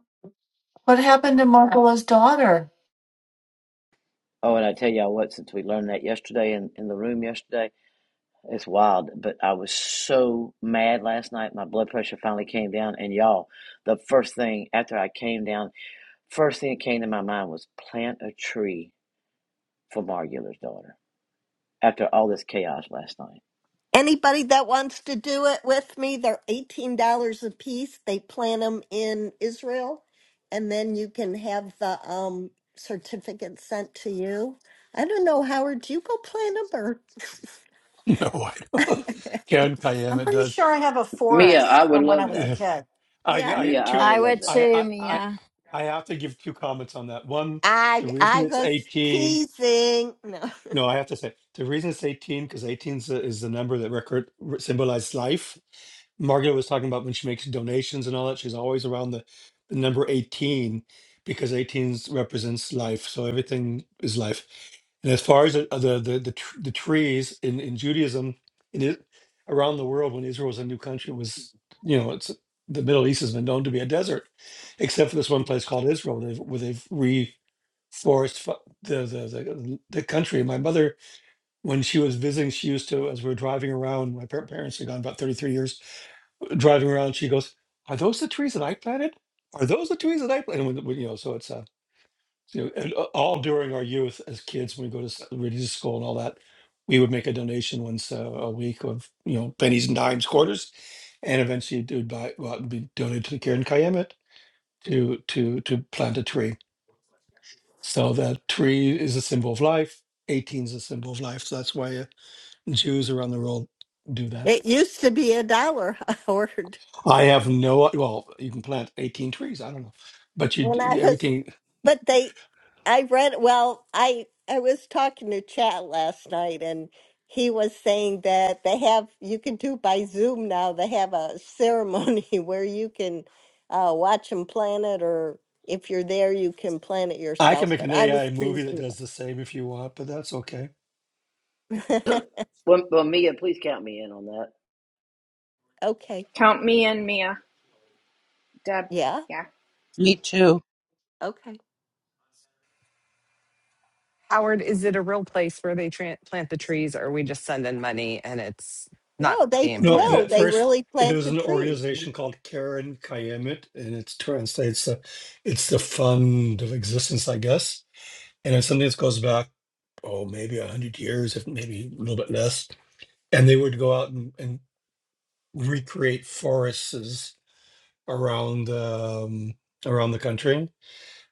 S15: What happened to Margola's daughter?
S19: Oh, and I tell y'all what, since we learned that yesterday in, in the room yesterday, it's wild. But I was so mad last night. My blood pressure finally came down. And y'all, the first thing after I came down, first thing that came to my mind was plant a tree for Margula's daughter after all this chaos last night.
S26: Anybody that wants to do it with me, they're eighteen dollars a piece. They plant them in Israel, and then you can have the um certificate sent to you. I don't know, Howard. Do you go plant them or?
S1: No, I don't.
S26: [LAUGHS]
S1: [LAUGHS] Karen Kayem,
S5: I'm
S1: it
S5: pretty
S1: does.
S5: sure I have a
S1: [LAUGHS]
S19: Mia, I
S5: forest
S19: would
S5: from when I
S19: love
S5: was a
S19: that.
S1: I,
S5: kid.
S26: yeah,
S1: I,
S19: Mia, I
S1: two,
S19: would
S11: I
S19: love
S11: would
S19: that.
S1: I,
S11: too,
S1: I, I,
S11: Mia.
S1: I have to give two comments on that. One,
S26: I
S1: the
S26: I
S1: reason it's
S26: was
S1: 18.
S26: teasing. No,
S1: No, I have to say the reason it's 18 because 18 is the, is the number that record re- symbolizes life. Margaret was talking about when she makes donations and all that, she's always around the, the number 18 because 18 's represents life. So everything is life. And as far as the the the, the, tr- the trees in, in Judaism, in it, around the world when Israel was a new country, it was you know it's the Middle East has been known to be a desert, except for this one place called Israel, they've, where they've reforested the the the, the country. My mother, when she was visiting, she used to, as we were driving around, my par- parents are gone about 33 years, driving around, she goes, "Are those the trees that I planted? Are those the trees that I planted?" And when, when, you know, so it's uh, you know, and, uh, all during our youth as kids, when we go to s- religious school and all that, we would make a donation once uh, a week of you know pennies and dimes, quarters, and eventually it would buy well, it'd be donated to the Karen Kayemet to to to plant a tree So that tree is a symbol of life. 18 is a symbol of life. So that's why uh, Jews around the world do
S26: [LAUGHS]
S1: that.
S26: it used to be a dollar, [LAUGHS] Howard,
S1: I have no, well, you can plant 18 trees. I don't know. But you,
S26: when I
S1: d-
S26: was
S1: everything,
S26: But they, I read, well, I, I was talking to Chat last night and he was saying that they have, you can do by Zoom now, they have a ceremony [LAUGHS] where you can uh, watch them plan it or if you're there, you can plan it
S1: I can
S26: yourself.
S1: make
S26: But
S1: an
S26: I was
S1: AI movie that
S26: choosing.
S1: does the same if you want, but that's okay.
S26: [LAUGHS]
S19: Well, well Mia, please count me in on that.
S26: okay.
S22: count me in mia deb
S26: Yeah.
S22: yeah
S27: Me too.
S26: Okay.
S28: Howard, is it a real place where they tran plant the trees, or are we just sending money and it's not
S26: No, they,
S28: being
S1: No, the
S26: no,
S28: planted?
S26: they
S1: first,
S26: really
S1: there
S26: plant
S1: was
S26: the
S1: an
S26: trees.
S1: organization called Karen Kayemet, and it translates, uh, it's the fund of existence, I guess. And it's something that goes back, oh, maybe 100 years, if maybe a little bit less and they would go out and, and recreate forests around um, around the country.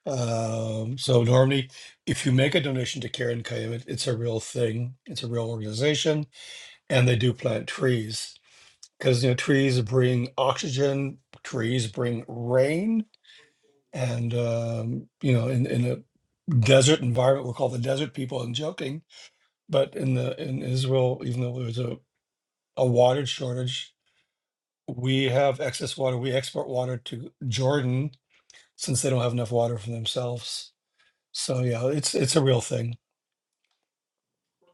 S1: Um, so normally, if you make a donation to Care and Coyote, it's a real thing. It's a real organization, and they do plant trees because you know trees bring oxygen, trees bring rain, and um, you know in, in a desert environment, we're called the desert people. and joking, but in the in Israel, even though there's a a water shortage We have excess water. We export water to Jordan since they don't have enough water for themselves. So yeah, it's it's a real thing.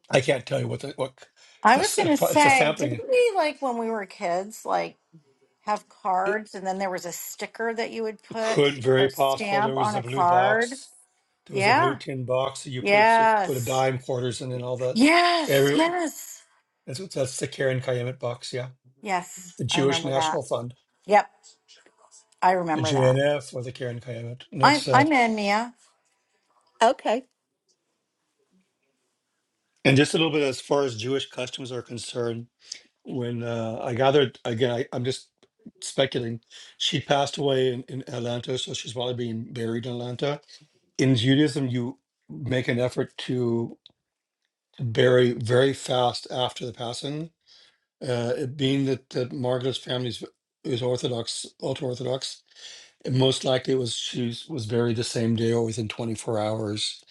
S1: I can't tell you what the what c-
S5: I was
S1: this it's
S5: gonna
S1: pro- it's a
S5: say, didn't
S1: sampling.
S5: we like when we were kids? like? have
S1: It
S5: cards, and then there was a sticker that you would put
S1: could very
S5: or
S1: possible there
S5: stamp
S1: was
S5: on
S1: a
S5: a
S1: blue
S5: card.
S1: box. There was a blue
S5: Yeah.
S1: tin box that you put s- put a
S5: Yes.
S1: dime quarters in and all that.
S5: Yes.
S1: Every
S5: Yes.
S1: that's, what- that's the Karen Kayemet box, yeah.
S5: Yes.
S1: The
S5: I
S1: Jewish
S5: remember that.
S1: National Fund,
S5: Yep. I
S1: the
S5: remember that.
S1: JNF or the Karen Kayemet. And
S5: I'm
S1: that's uh
S5: I'm in Mia.
S26: Okay.
S1: and just a little bit as far as Jewish customs are concerned. when uh, I gathered again, I, I'm just speculating. She passed away in, in Atlanta, so she's probably being buried in Atlanta. In Judaism, you make an effort to bury very fast after the passing. Uh, it being that, that Margaret's family is, is Orthodox, ultra Orthodox, and most likely it was she was buried the same day or within 24 hours.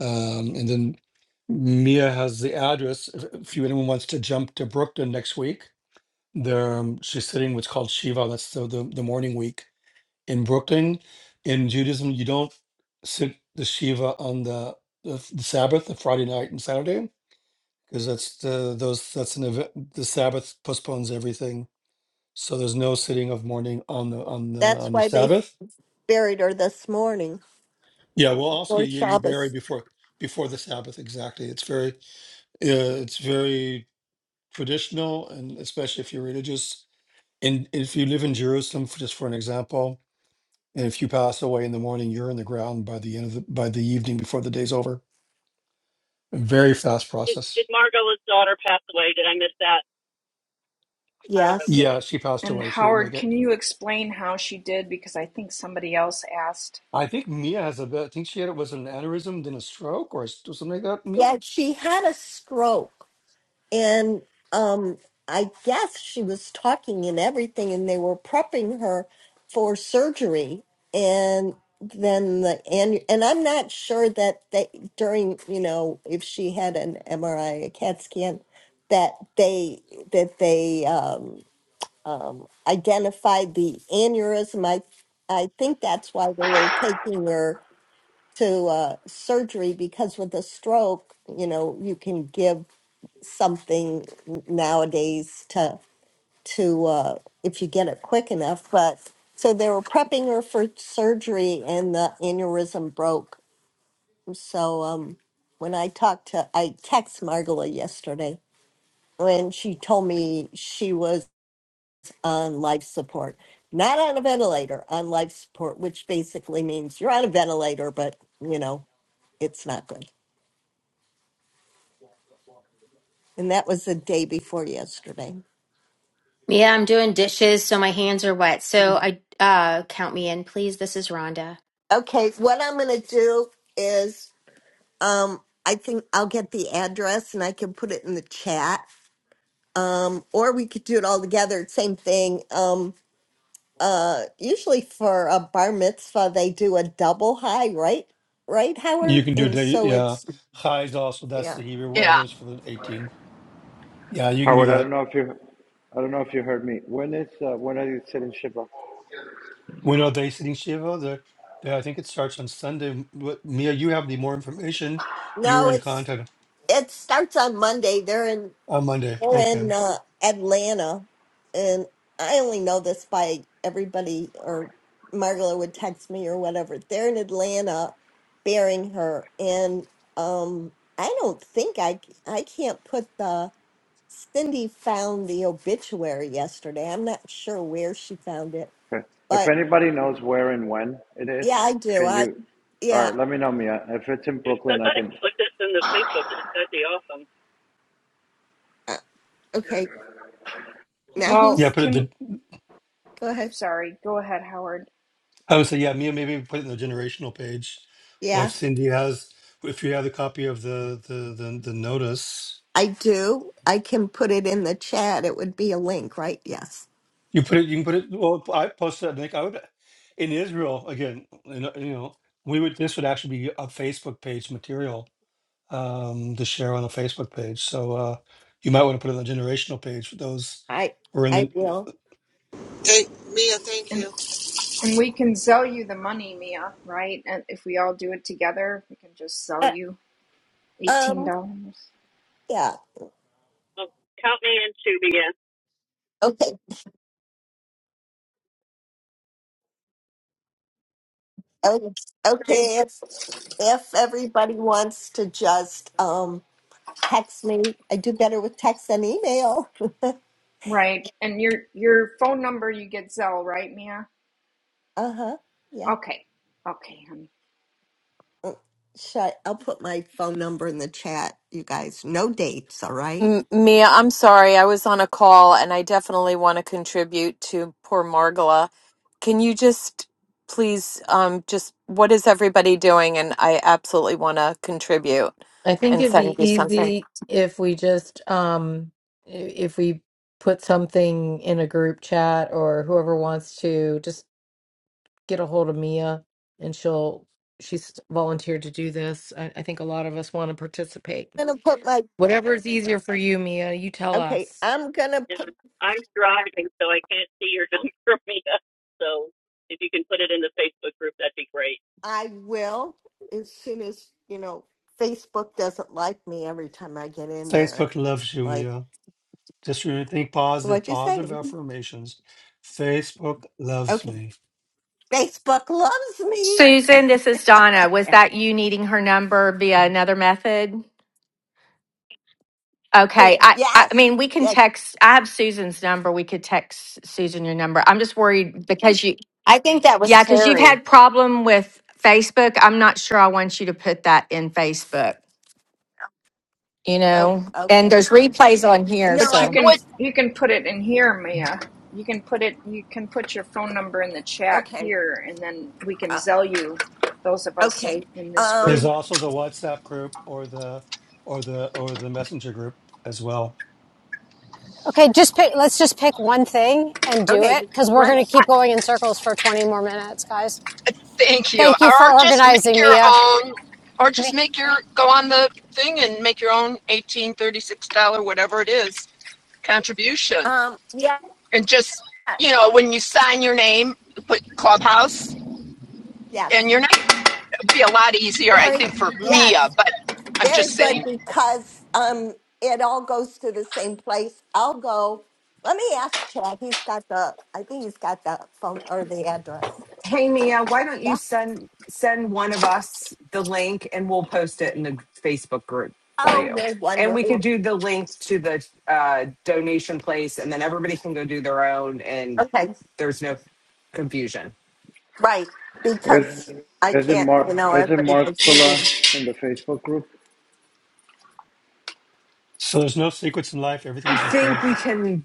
S1: Um, and then Mia has the address if, if anyone wants to jump to Brooklyn next week There, um, she's sitting what's called Shiva. That's the, the the morning week in Brooklyn. In Judaism, you don't sit the Shiva on the the, f- the Sabbath, the Friday night and Saturday, because that's the those that's an event. The Sabbath postpones everything, so there's no sitting of mourning on the on the
S26: That's
S1: on the
S26: why they
S1: Sabbath.
S26: buried her this morning
S1: Yeah, well, also
S26: for
S1: yeah, you, you bury
S26: Shabbos.
S1: before before the Sabbath exactly. It's very uh, it's very traditional, and especially if you're religious. And if you live in Jerusalem, f- just for an example And if you pass away in the morning, you're in the ground by the end of the, by the evening before the day's over. A very fast
S23: Did, did
S1: process.
S23: Margot's daughter pass away? Did I miss that?
S26: Yes.
S1: Yeah, she passed
S22: and
S1: away. She didn't make
S22: howard can
S1: it.
S22: you explain how she did because i think somebody else asked
S1: I think Mia has a bit. I think she had it was an aneurysm, then a stroke, or s- something like that. Mia.
S26: Yeah, she had a stroke, and um, I guess she was talking and everything, and they were prepping her for surgery. And then the and and I'm not sure that they during you know if she had an MRI, a CAT scan, that they that they um, um, identified the aneurysm. I I think that's why they were taking her to uh, surgery because with a stroke, you know, you can give something nowadays to to uh, if you get it quick enough. But so they were prepping her for surgery, and the aneurysm broke. So um, when I talked to, I text Margola yesterday when she told me she was on life support, not on a ventilator, on life support, which basically means you're on a ventilator, but you know, it's not good. And that was the day before yesterday.
S2: Yeah, I'm doing dishes, so my hands are wet. So I uh count me in, please. This is Rhonda.
S26: Okay, what I'm going to do is um, I think I'll get the address and I can put it in the chat. Um, or we could do it all together. Same thing. Um, uh, usually for a bar mitzvah, they do a double high, right? Right,
S1: You
S26: Howard?
S1: can do
S26: And
S1: day.
S26: so
S1: Yeah,
S26: it's,
S1: Chai is also that's
S26: yeah.
S1: the Hebrew word that
S29: Yeah.
S1: is for the eighteen. Yeah, you can do
S21: Howard, I don't
S1: that.
S21: know if you I don't know if you heard me. When is uh, when are you sitting Shiva?
S1: We know day sitting Shiva. The, the I think it starts on Sunday. What, Mia, you have the more information. You were
S26: No,
S1: in
S26: it's,
S1: contact
S26: it starts on Monday. They're in
S1: on Monday.
S26: They're in
S1: Okay.
S26: uh, Atlanta, and I only know this by everybody or Margola would text me or whatever. They're in Atlanta, burying her, and um, I don't think I I can't put the Cindy found the obituary yesterday. I'm not sure where she found it,
S21: Okay. If
S26: but
S21: anybody knows where and when it is,
S26: yeah, I do.
S21: can
S26: I
S21: you? All
S26: yeah.
S21: right, let me know, Mia. If it's in
S23: If
S21: Brooklyn, I
S23: somebody
S21: can.
S23: put this in the Facebook group, that'd be awesome.
S26: uh, Okay, now
S22: well
S1: Yeah,
S26: who's
S1: put it. the.
S22: can
S26: go ahead?
S22: sorry go ahead howard
S1: I would say, yeah, Mia, maybe put it in the generational page, or if
S26: Yeah,
S1: Cindy has, if you have the copy of the the the, the notice,
S26: I do. I can put it in the chat. It would be a link, right? Yes.
S1: you put it. You can put it. Well, I posted. I think I would in Israel again. You know, you know, we would. This would actually be a Facebook page material um, to share on a Facebook page. So uh, you might want to put it on the generational page for those
S26: I
S1: who are in
S26: I
S1: the
S26: will.
S17: Hey, Mia, thank
S22: and
S17: you.
S22: and we can sell you the money mia right and if we all do it together we can just sell
S26: Uh,
S22: you $18.
S26: um. Yeah.
S23: Well, count me in too, Mia.
S26: Okay. o- Okay. If if everybody wants to just um text me, I do better with text than email.
S22: Right. And your your phone number you get Zelle, right, Mia?
S26: Uh huh. Yeah.
S22: Okay. Okay, honey.
S26: Uh, Should I, I'll put my phone number in the chat, you guys. No dates, all right?
S8: there. Nubla, can you just please, um, just what is everybody doing? And I absolutely want to contribute
S3: I think
S8: and
S3: it'd
S8: send
S3: be
S8: you something.
S3: easy if we just um i- if we put something in a group chat or whoever wants to just get a hold of Mia and she'll she's volunteered to do this. I, I think a lot of us want to participate.
S26: I'm gonna put my
S3: Whatever is easier for you, Mia, you tell
S26: okay.
S3: us.
S26: I'm gonna. Put,
S23: And I'm driving, so I can't see your number, [LAUGHS] Mia. So if you can put it in the Facebook group, that'd be great.
S26: I will as soon as you know. Facebook doesn't like me every time I get in there.
S1: Facebook loves you,
S26: Like,
S1: Mia. Just really think positive,
S26: what'd you
S1: positive
S26: say?
S1: affirmations. Facebook loves
S26: Okay.
S1: me.
S26: Facebook loves me.
S30: Susan, this is
S26: [LAUGHS] How
S30: Donna.
S26: about
S30: Was
S26: that?
S30: that you needing her number via another method?
S26: Boom.
S30: Okay. I, I I
S26: yes,
S30: mean, we can
S26: yes.
S30: text. I have Susan's number. We could text Susan your number. I'm just worried because you,
S2: I think that was
S30: yeah, because you've
S2: Terry.
S30: had problem with Facebook. I'm not sure I want you to put that in Facebook, you
S26: Oh,
S30: know, and
S26: okay.
S30: there's replays on here.
S26: No,
S22: But you
S26: I
S30: so.
S29: What?
S22: can
S26: just
S22: you can put it in here, Mia. You can put it you can put your phone number in the chat
S26: okay.
S22: here and then we can
S26: Uh,
S22: Zelle you those of us in
S26: okay.
S22: in this
S1: There's
S22: group.
S26: Um.
S1: also the WhatsApp group or the or the or the messenger group as well.
S18: Okay, just pick. Let's just pick one thing and do it,
S26: Okay.
S18: because we're gonna
S26: Let's.
S18: keep going in circles for 20 more minutes, guys.
S29: Thank you.
S18: Thank you for
S29: Or just make
S18: organizing,
S29: your
S18: Mia.
S29: own, or just
S18: Me.
S29: make your go on the thing and make your own eighteen thirty six dollar whatever it is contribution,
S26: Um. Yeah.
S29: and just you know when you sign your name, put Clubhouse
S26: Yes.
S29: and your name. It'd be a lot easier, I
S26: Very.
S29: think, for Mia.
S26: Yes.
S29: But I'm
S26: Very
S29: just
S26: good
S29: saying.
S26: because um it all goes to the same place. I'll go. Let me ask Chad. He's got the. I think he's got the phone or the address.
S28: Hey Mia, why don't you
S26: Yeah.
S28: send send one of us the link and we'll post it in the Facebook group for
S26: Oh,
S28: you.
S26: you're
S28: And we could
S26: wonderful.
S28: do the link to the uh, donation place, and then everybody can go do their own, and
S26: Okay.
S28: there's no confusion.
S26: Right,
S21: Is
S26: because I
S21: is it
S26: can't. You
S21: Mar?
S26: know,
S21: Is it
S26: everybody goes.
S21: Marcola
S26: "Mhm."
S21: in the Facebook group?
S1: So there's no secrets in life.
S28: I
S1: Everything's okay.
S28: think we can.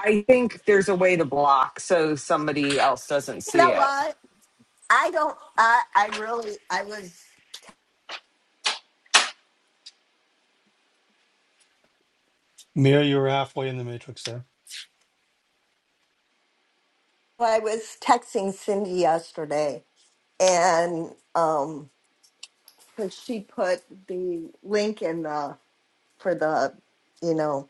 S28: I think there's a way to block so somebody else doesn't
S26: You
S28: see
S26: know
S28: it.
S26: what? I don't. I I really. I was.
S1: Mira, you're halfway in the matrix there.
S26: well, I was texting Cindy yesterday, and um, 'cause she put the link in the for the, you know,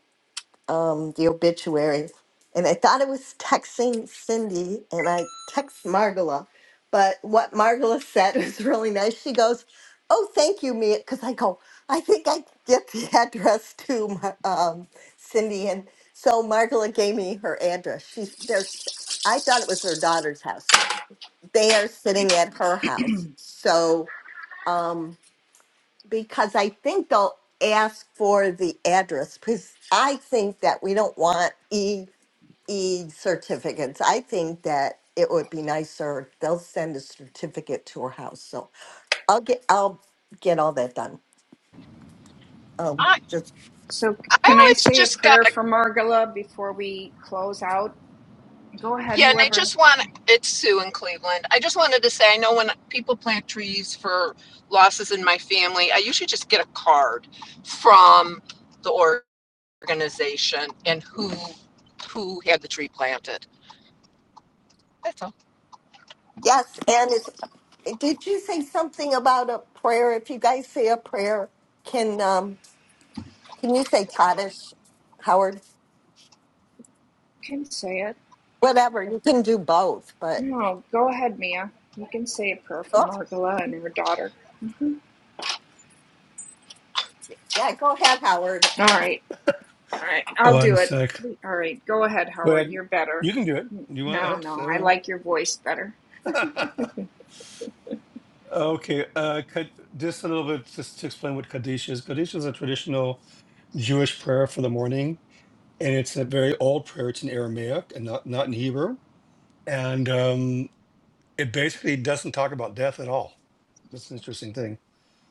S26: um, the obituary, and I thought I was texting Cindy, and I text Margola, but what Margola [LAUGHS] said was really nice. She goes, "Oh, thank you, Mia," because I go, "I think I get the [LAUGHS] address to Mar- um, Cindy," and so Margola gave me her address. She's there's, I thought it was her daughter's house. They are sitting at her house, so. Um, because I think they'll ask for the address because I think that we don't want e e certificates. I think that it would be nicer if they'll send a certificate to her house. So I'll get I'll get all that done. Um,
S29: I
S26: just
S22: So
S29: I
S22: can I
S29: always
S22: say a
S29: just got
S22: prayer
S29: a
S22: for Margala before we close out? Go ahead,
S29: Yeah, and I
S22: whoever
S29: just want, it's Sue in Cleveland. I just wanted to say, I know when people plant trees for losses in my family, I usually just get a card from the organization and who, who had the tree planted. That's all.
S26: yes, and it's, did you say something about a prayer? If you guys say a prayer, can um can you say Kaddish, Howard?
S22: can say it.
S26: Whatever you can do both, but
S22: No, go ahead, Mia. You can say a prayer for
S26: oh,
S22: Margala and her daughter. Mhm.
S26: yeah, go ahead, Howard.
S22: All right. All right, I'll do
S1: One
S22: it.
S1: sec.
S22: Please. All right, go ahead,
S1: Go
S22: Howard.
S1: ahead.
S22: You're better.
S1: You can do it. You
S22: No,
S1: want
S22: no, I
S1: it?
S22: like your voice better.
S1: Uh, [LAUGHS] okay. Uh, Kad- just a little bit just to explain what Kaddish is. Kaddish is a traditional Jewish prayer for the morning, and it's a very old prayer. It's in Aramaic and not not in Hebrew, and um, it basically doesn't talk about death at all. That's an interesting thing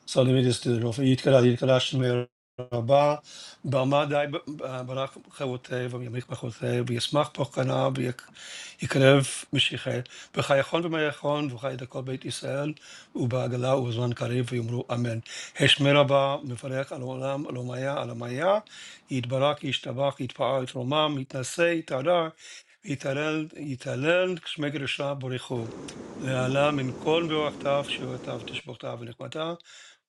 S1: So let me just do the roll for Yitkara, Yitkara Shemir Rabba, Barmadai, Barak Chavote, Vamyamich Bachote, Vyasmach Pochana, Vykrev Mishiche, Bechayachon Vmayachon, Vchai Dakol Beit Israel, Ubagala, Uzman Karev, Yumru Amen. Heshmer Rabba, Mefarech Al Olam, Al Omaya, Al Amaya, Yitbarak, Yishtabach, Yitpa'a, Yitromam, Yitnase, Yitarar, Yitarel, Yitalel, Shmeg Resha, Borechu. להעלה מן כל מבואכתיו, שיעורתיו ותשבוכתיו ונחמתיו,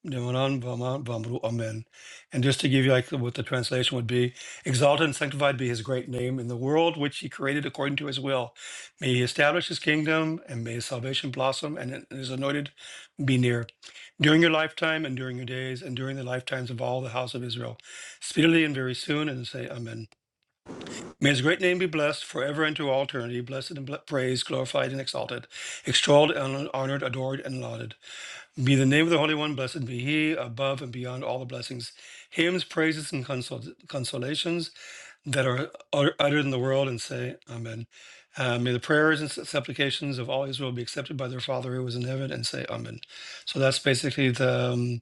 S1: Devaran Vama Vamru Amen. And just to give you like what the translation would be, exalted and sanctified be his great name in the world which he created according to his will. May he establish his kingdom and may his salvation blossom and his anointed be near. During your lifetime and during your days and during the lifetimes of all the house of Israel, speedily and very soon, and say Amen. May his great name be blessed forever and to all eternity, blessed and ble- praised, glorified and exalted, extolled and honored, adored and lauded. Be the name of the Holy One, blessed be He, above and beyond all the blessings, hymns, praises, and consol- consolations that are ut- uttered in the world, and say, Amen. Uh, may the prayers and supplications of all Israel be accepted by their Father who is in heaven, and say, Amen. So that's basically the um,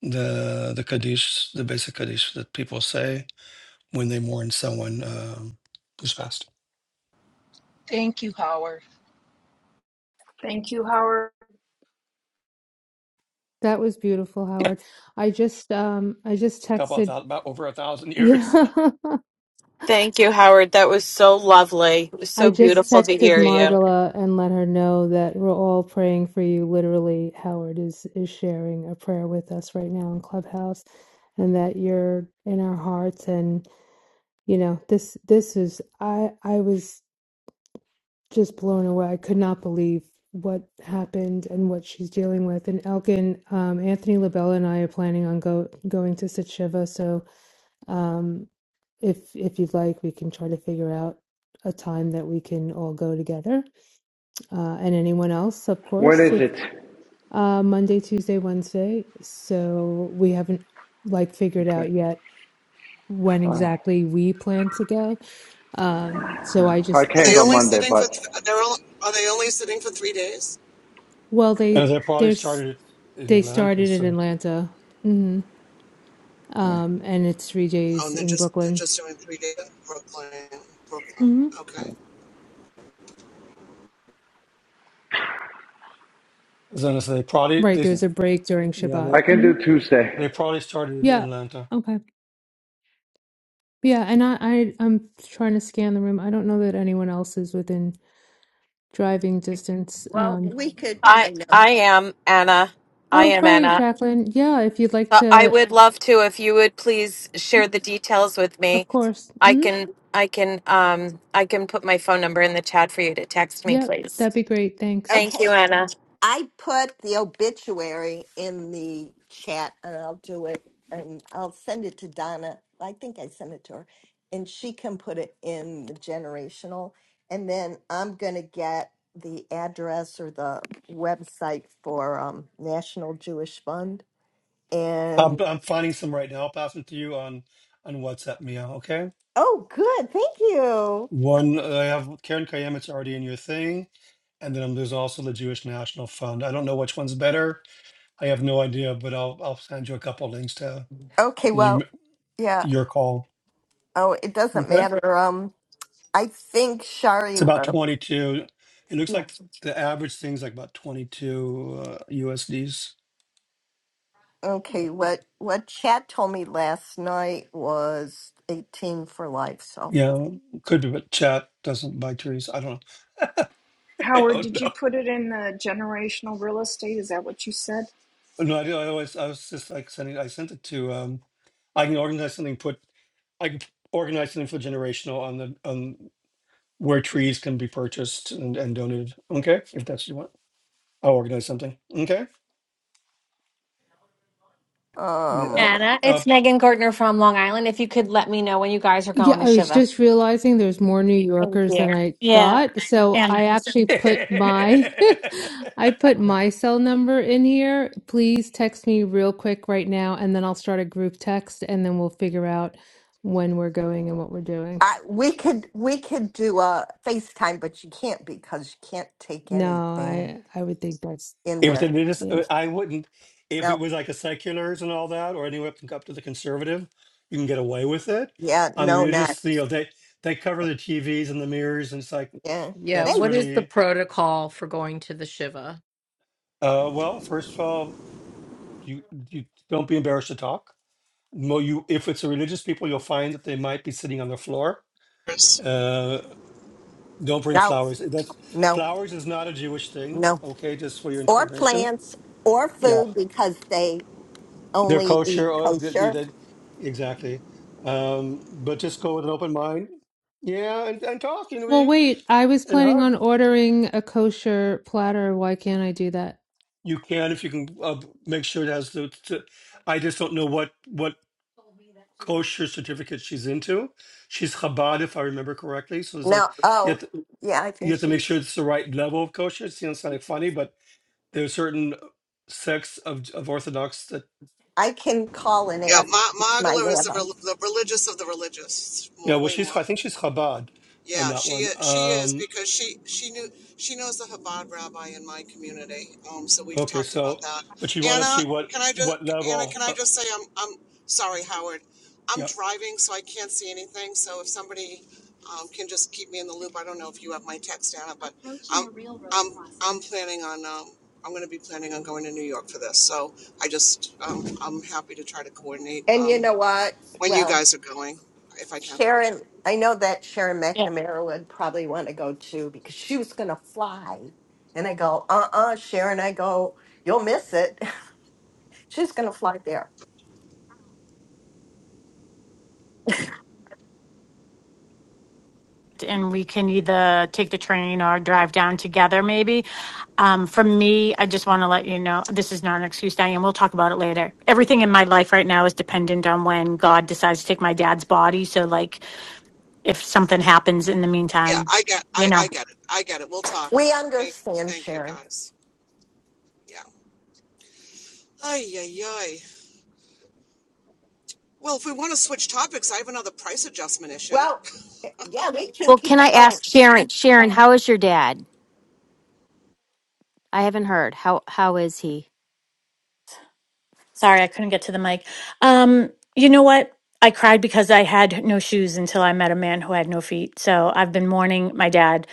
S1: the the kaddish, the basic kaddish that people say when they mourn someone um, who's passed.
S29: Thank you, Howard.
S22: Thank you, Howard.
S31: That was beautiful, Howard. I just um I just
S1: A couple of
S31: texted
S1: thousand, about over a thousand
S31: [LAUGHS]
S1: years.
S31: yeah.
S1: [LAUGHS]
S8: Thank you, Howard. That was so lovely. It was
S31: I
S8: so
S31: just
S8: beautiful to
S31: texted
S8: hear you.
S31: Margala and let her know that we're all praying for you. Literally, Howard is is sharing a prayer with us right now in Clubhouse and that you're in our hearts and you know, this this is I I was just blown away. I could not believe what happened and what she's dealing with. And Elkin, um, Anthony Labella and I are planning on go going to Sit Shiva, so Um, if if you'd like, we can try to figure out a time that we can all go together, uh, and anyone else, of course. If,
S21: It's,
S31: uh, Monday, Tuesday, Wednesday. So we haven't like figured out yet when exactly we plan to go. Um, so I
S21: I
S31: just
S17: Are
S21: can't
S17: they
S21: go
S17: only
S31: text.
S21: Monday,
S17: sitting for
S21: but
S17: th- they're all, are they only sitting for 3 days?
S31: Well,
S1: Uh,
S31: they
S1: they probably
S31: there's
S1: started it in
S31: they started
S1: Atlantis.
S31: in
S1: So,
S31: Atlanta, hmm um, and it's three
S17: Oh,
S31: days
S17: and they're
S31: in
S17: just they're
S31: Brooklyn.
S17: just doing 3 days Brooklyn. Brooklyn.
S31: hmm
S17: Okay.
S1: so they probably
S31: Right,
S1: they
S31: there's a break during
S1: yeah,
S31: Shabbat.
S1: they
S21: I can
S31: hmm
S21: do Tuesday.
S1: They probably started in
S31: Yeah.
S1: Atlanta.
S31: Okay. Yeah, and I, I I'm trying to scan the room. I don't know that anyone else is within driving distance.
S26: Well,
S31: Um,
S26: we could, I
S8: I
S26: know.
S8: I am Anna. I
S31: oh,
S8: am
S31: right,
S8: Anna.
S31: Jacqueline. Yeah, if you'd like
S8: So I
S31: to,
S8: would love to if you would please share the details with me.
S31: of course.
S8: I
S31: hmm
S8: can I can um I can put my phone number in the chat for you to text me,
S31: Yep,
S8: please.
S31: that'd be great. Thanks.
S8: Thank you,
S26: Okay,
S8: Anna.
S26: I put the obituary in the chat and I'll do it and I'll send it to Donna. I think I sent it to her and she can put it in the generational. And then I'm going to get the address or the website for um, National Jewish Fund.
S1: I'm,
S26: And
S1: I'm finding some right now. I'll pass them to you on on WhatsApp, Mia. Okay.
S26: oh, good. Thank you.
S1: One, uh, I have Karen Kayem. It's already in your thing, and then um, there's also the Jewish National Fund. I don't know which one's better. I have no idea, but I'll I'll send you a couple links to
S26: Okay, well,
S1: you,
S26: yeah.
S1: your call.
S26: Oh, it doesn't
S1: Okay.
S26: matter. Um, I think
S1: It's
S26: Shari.
S1: about
S26: uh,
S1: 22. It looks like the average thing's like about 22 uh, USDs.
S26: Okay, what what Chad told me last night was eighteen for life. So,
S1: Yeah, could be, but chat doesn't buy trees. I don't. [LAUGHS] I
S22: Howard,
S1: don't
S22: did you
S1: know.
S22: put it in the generational real estate? Is that what you said?
S1: No, I do. I always, I was just like sending, I sent it to, um, I can organize something, put, I can organize something for generational on the, on where trees can be purchased and, and donated. Okay. If that's what you want, I'll organize something. Okay. Yeah, uh,
S26: um,
S32: Anna,
S1: [LAUGHS]
S32: it's Megan Gardner from Long Island. If you could let me know when you guys are
S31: Yeah,
S32: going to
S31: I was
S32: Shiva.
S31: just realizing there's more New
S32: Thank
S31: Yorkers
S32: you.
S31: than I
S14: [LAUGHS] yeah,
S31: thought. So I
S14: and
S31: actually
S1: if
S31: put my [LAUGHS] I put my cell number in here. Please text me real quick right now, and then I'll start a group text, and then we'll figure out when we're going and what we're doing.
S26: I we could we could do a FaceTime, but you can't because you can't take
S31: No,
S26: anything
S31: I I would think that's
S26: in there.
S1: it is, uh,
S31: yeah.
S1: I wouldn't, if it
S26: No,
S1: was like a seculars and all that, or anywhere up to, up to the conservative, you can get away with it.
S26: yeah,
S1: On the
S26: no, not
S1: religious, you know, they, they cover the TVs and the mirrors and it's like,
S26: yeah.
S3: Yeah,
S26: They,
S1: that's
S3: what is the
S1: really
S3: protocol for going to the Shiva?
S1: Uh, well, first of all, you you don't be embarrassed to talk. Mo, you if it's a religious people, you'll find that they might be sitting on the floor.
S17: Chris.
S1: Uh, don't bring
S26: no,
S1: flowers. That's
S26: no,
S1: flowers is not a Jewish thing.
S26: no,
S1: Okay, just for your
S26: or
S1: information.
S26: plants or
S1: Yeah,
S26: food because they
S1: they're
S26: only eat
S1: kosher. Uh, they, they,
S26: kosher.
S1: they- exactly. Um, but just go with an open mind. Yeah, and, and talk and
S31: Well,
S1: we
S31: wait, I was
S1: and
S31: planning
S1: hug.
S31: on ordering a kosher platter. Why can't I do that?
S1: You can if you can uh, make sure it has the. To, I just don't know what what. kosher certificate she's into. She's Chabad, if I remember correctly. So there's a
S26: No,
S1: you have
S26: oh
S1: to,
S26: yeah, I
S1: you
S26: think
S1: have to make sure
S26: she's.
S1: it's the right level of kosher. It sounds kind of funny, but there are certain sects of of Orthodox that
S26: I can call and
S17: Yeah,
S26: ask
S17: Ma-
S26: my
S17: Magala is the,
S26: rabbi.
S17: rel- the religious of the religious,
S1: yeah.
S17: mo-
S1: Well,
S17: way more.
S1: she's I think she's Chabad on
S17: Yeah,
S1: that
S17: she
S1: one.
S17: i- she is
S1: Um,
S17: because she she knew she knows the Chabad rabbi in my community. Um, so we've
S1: okay,
S17: talked
S1: so
S17: about that.
S1: but you want to
S17: Anna,
S1: see what
S17: can I just
S1: what
S17: Anna, can
S1: level?
S17: I
S1: Uh,
S17: just say I'm I'm sorry, Howard. I'm
S1: yeah,
S17: driving, so I can't see anything. So if somebody um, can just keep me in the loop, I don't know if you have my text, Anna, but I'm I'm I'm planning on um, I'm going to be planning on going to New York for this. So I just um, I'm happy to try to coordinate.
S26: And you
S17: Um,
S26: know what?
S17: when you
S26: Well.
S17: guys are going, if I can.
S26: Sharon, I know that Sharon
S14: yeah.
S26: McNamara would probably want to go too because she was going to fly. And I go, uh uh Sharon, I go, you'll miss it. [LAUGHS] She's going to fly there.
S14: and we can either take the train or drive down together maybe. Um, for me, I just want to let you know this is not an excuse, Diane. We'll talk about it later. Everything in my life right now is dependent on when God decides to take my dad's body. So, like, if something happens in the
S17: Yeah,
S14: meantime,
S17: I get,
S14: you
S17: I,
S14: know.
S17: I get it. I get it. We'll talk.
S26: We
S17: Thank,
S26: understand,
S17: thank you
S26: Sharon.
S17: guys. Yeah. Ay, ay, ay. Well, if we want to switch topics, I have another price adjustment issue.
S26: Well, eh, yeah, we can
S2: Well,
S26: keep
S2: can I
S26: going.
S2: ask Sharon? Sharon, how is your dad? I haven't heard. How how is he?
S14: Sorry, I couldn't get to the mic. Um, you know what? I cried because I had no shoes until I met a man who had no feet. So I've been mourning my dad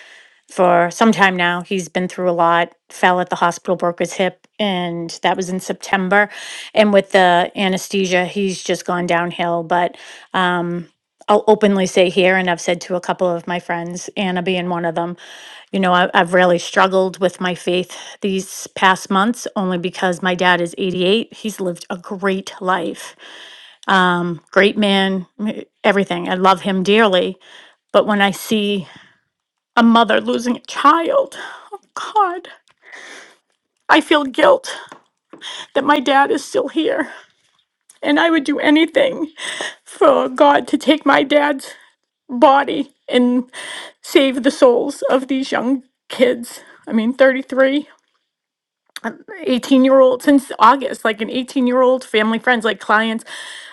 S14: for some time now. He's been through a lot, fell at the hospital, broke his hip, and that was in September. And with the anesthesia, he's just gone downhill. But um, I'll openly say here, and I've said to a couple of my friends, Anna being one of them, you know, I, I've really struggled with my faith these past months only because my dad is 88. He's lived a great life, um, great man, m- everything. I love him dearly. But when I see a mother losing a child, God, I feel guilt that my dad is still here. And I would do anything for God to take my dad's body and save the souls of these young kids. I mean, 33. 18 year old since August, like an 18 year old, family friends, like clients,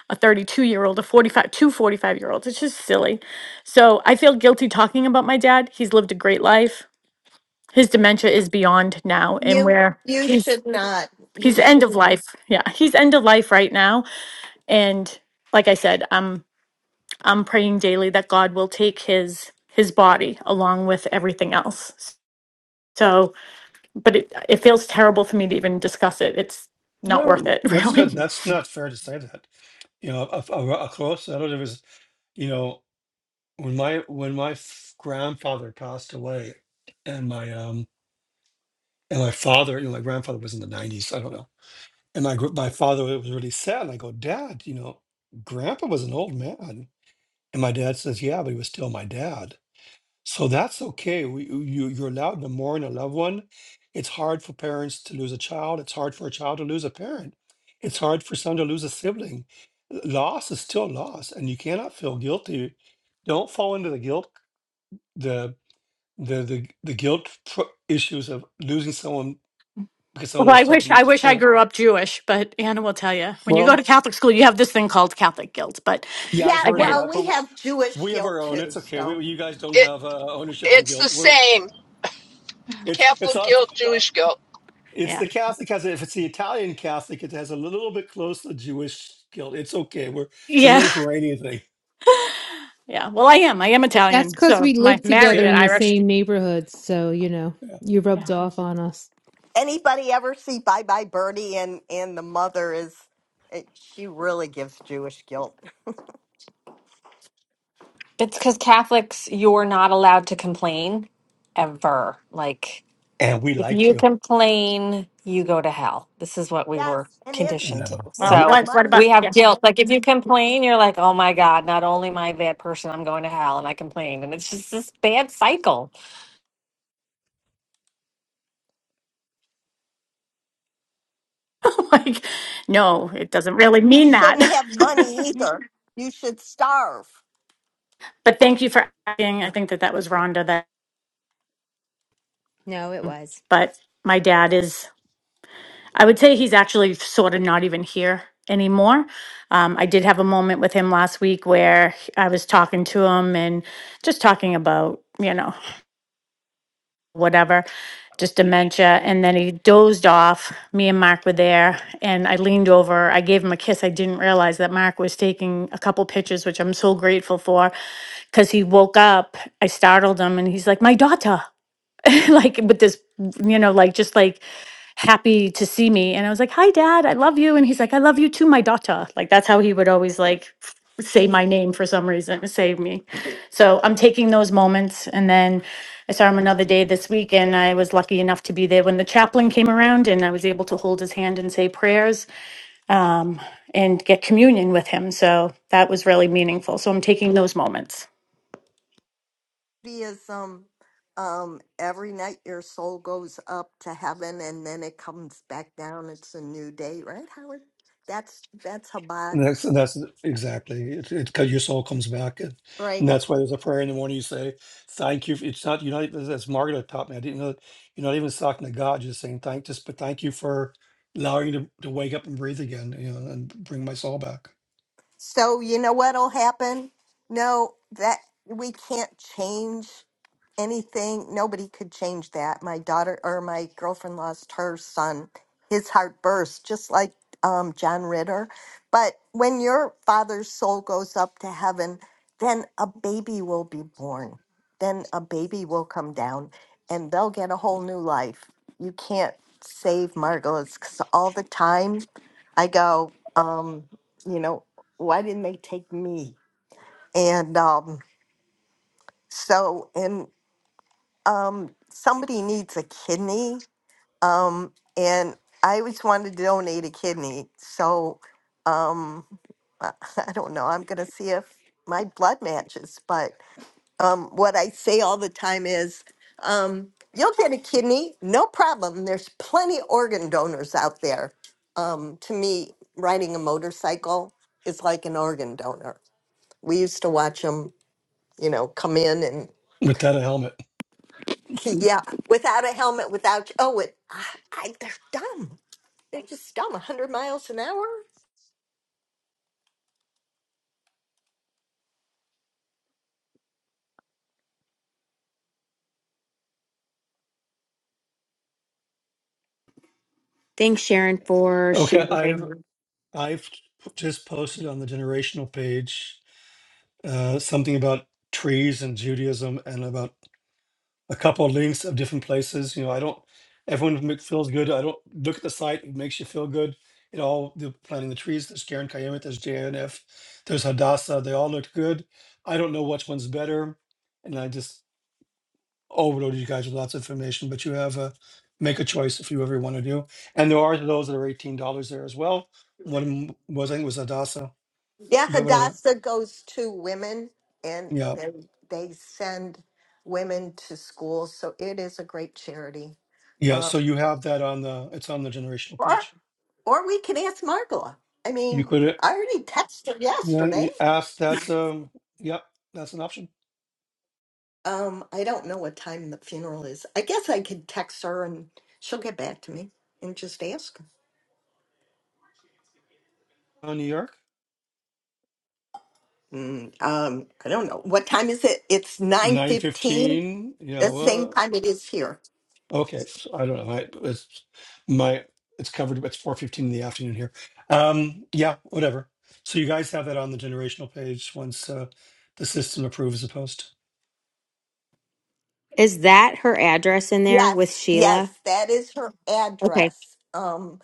S14: a 32 year old, a 45, two 45 year olds. It's just silly. So I feel guilty talking about my dad. He's lived a great life. His dementia is beyond now and
S26: You
S14: where
S26: you
S14: he's,
S26: should not. You
S14: he's end
S26: should.
S14: of life. Yeah. He's end of life right now. And like I said, I'm, I'm praying daily that God will take his, his body along with everything else. So, but it, it feels terrible for me to even discuss it. It's not worth
S1: no,
S14: it, [LAUGHS]
S1: that's
S14: really.
S1: not that's not fair to say that. You know, a, a, a close. I don't know if it's you know when my when my f- grandfather passed away, and my um And my father, you know, my grandfather was in the 90s. I don't know. And my gr- my father was really sad. And I go, Dad, you know, Grandpa was an old man. And my dad says, Yeah, but he was still my dad. So that's okay. We, you you're allowed to mourn a loved one. It's hard for parents to lose a child. It's hard for a child to lose a parent. It's hard for some to lose a sibling. Loss is still loss, and you cannot feel guilty. Don't fall into the guilt the the the, the guilt pro- issues of losing someone because someone
S14: Well,
S1: else
S14: I wish I
S1: didn't
S14: wish I grew up Jewish, but Anna will tell you when you go
S1: Well,
S14: to Catholic school, you have this thing called Catholic guilt. But
S1: yeah, I've
S26: Yeah,
S1: heard of
S14: again,
S26: well,
S1: that, but
S26: we
S1: w-
S26: have Jewish
S1: we have our
S26: guilt
S1: own.
S26: too.
S1: It's okay.
S26: So,
S1: We, you guys don't
S29: It,
S1: have uh, ownership on
S29: it's the
S1: guilt. We're
S29: same
S1: it's it's
S29: Catholic
S1: a
S29: guilt, Jewish guilt.
S1: it's
S14: yeah,
S1: the Catholic has if it's the Italian Catholic, it has a little bit close to Jewish guilt. It's okay. We're it's a
S14: yeah,
S1: Mediterranean thing.
S14: [LAUGHS] yeah. Well, I am. I am
S31: That's
S14: Italian,
S31: because
S14: so
S31: we
S14: my
S31: live
S14: married
S31: together
S1: See,
S14: an
S31: in the
S14: Irish.
S31: same neighborhood, so you know,
S1: yeah.
S31: you rubbed
S14: Yeah.
S31: off on us.
S26: anybody ever see Bye Bye Birdie and and the mother is it, she really gives Jewish guilt.
S32: It's because Catholics, you're not allowed to complain ever. Like,
S1: and we
S32: if
S1: like
S32: you
S1: to.
S32: complain, you go to hell. This is what we
S26: Yes,
S32: were
S26: and isn't
S32: conditioned to.
S26: isn't
S14: Well,
S1: No.
S14: what
S32: So
S14: what
S26: money?
S14: about
S32: we have
S14: yeah?
S26: is-
S32: guilt. Like, if you complain, you're like, oh my God, not only am I a bad person, I'm going to hell. And I complained. And it's just this bad cycle.
S14: [LAUGHS] like, no, it doesn't really
S26: You
S14: mean that.
S26: shouldn't
S14: [LAUGHS]
S26: have money either. You should starve.
S14: But thank you for asking. I think that that was Rhonda. That,
S2: No, it was.
S14: but my dad is. I would say he's actually sort of not even here anymore. Um, I did have a moment with him last week where I was talking to him and just talking about, you know, whatever, just dementia. And then he dozed off. Me and Mark were there, and I leaned over. I gave him a kiss. I didn't realize that Mark was taking a couple pictures, which I'm so grateful for because he woke up. I startled him, and he's like, My daughter. [LAUGHS] like with this, you know, like just like happy to see me. And I was like, Hi, dad, I love you. And he's like, I love you too, my daughter. Like that's how he would always like f- say my name for some reason, save me. So I'm taking those moments. And then I saw him another day this week, and I was lucky enough to be there when the chaplain came around and I was able to hold his hand and say prayers um, and get communion with him. So that was really meaningful. So I'm taking those moments.
S26: Because um, um, every night your soul goes up to heaven and then it comes back down. It's a new day, right, Howard? That's that's Habas,
S1: And That's that's exactly it. It Because your soul comes back, and,
S26: right?
S1: and that's why there's a prayer in the morning. You say, "Thank you." for-" It's not you're not. As as Margaret taught me, I didn't know that you're not even talking to God. Just saying thank, just but thank you for allowing you to, to wake up and breathe again, you know, and bring my soul back
S26: So you know what'll happen? No, that we can't change anything. Nobody could change that. My daughter or my girlfriend lost her son. His heart burst, just like um, John Ritter. But when your father's soul goes up to heaven, then a baby will be born. Then a baby will come down and they'll get a whole new life. You can't save Margolis because all the time I go, um, you know, why didn't they take me? And um, so, and um, somebody needs a kidney. Um, and I always wanted to donate a kidney. So um, I [LAUGHS] I don't know. I'm going to see if my blood matches. But um, what I say all the time is um, you'll get a kidney, no problem. There's plenty organ donors out there. Um, to me, riding a motorcycle is like an organ donor we used to watch them. you know, come in and
S1: without a helmet.
S26: [LAUGHS] yeah, without a helmet, without oh, it, I, I, they're dumb. They're just dumb. a hundred miles an hour.
S2: Thanks, Sharon, for
S1: Okay, I've
S2: sharing.
S1: I've just posted on the generational page uh, something about trees and Judaism and about a couple of links of different places. You know, I don't. Everyone make, feels good. I don't look at the site; it makes you feel good. It all the planting the trees. There's Karen Kayemet. There's JNF. There's Hadassah. They all looked good. I don't know which one's better, and I just overloaded you guys with lots of information. But you have a make a choice if you ever want to do. And there are those that are eighteen dollars there as well. One of 'em was I think was Hadassah,
S26: Yeah,
S1: but whatever.
S26: Hadassah goes to women, and
S1: Yeah,
S26: they they send women to school, so it is a great charity.
S1: yeah.
S26: Um,
S1: So you have that on the. It's on the generational
S26: or
S1: page.
S26: or we can ask Margola. I
S1: You
S26: mean,
S1: could.
S26: I already texted her
S1: Yeah,
S26: yesterday.
S1: you asked. That's um. Yep, that's an option.
S26: Um, I don't know what time the funeral is. I guess I could text her and she'll get back to me and just ask.
S1: On New York,
S26: Mm, um, I don't know. What time is it? It's
S1: nine
S26: 9:15,
S1: fifteen. Yeah.
S26: the same
S1: Well,
S26: time it is here.
S1: okay. So I don't know. I, it's my. It's covered. It's four fifteen in the afternoon here. Um. Yeah. Whatever. So you guys have that on the generational page once uh, the system approves the post.
S2: Is that her address in there with
S26: Yes, yes,
S2: Sheila?
S26: that is her
S2: Okay,
S26: address. Um,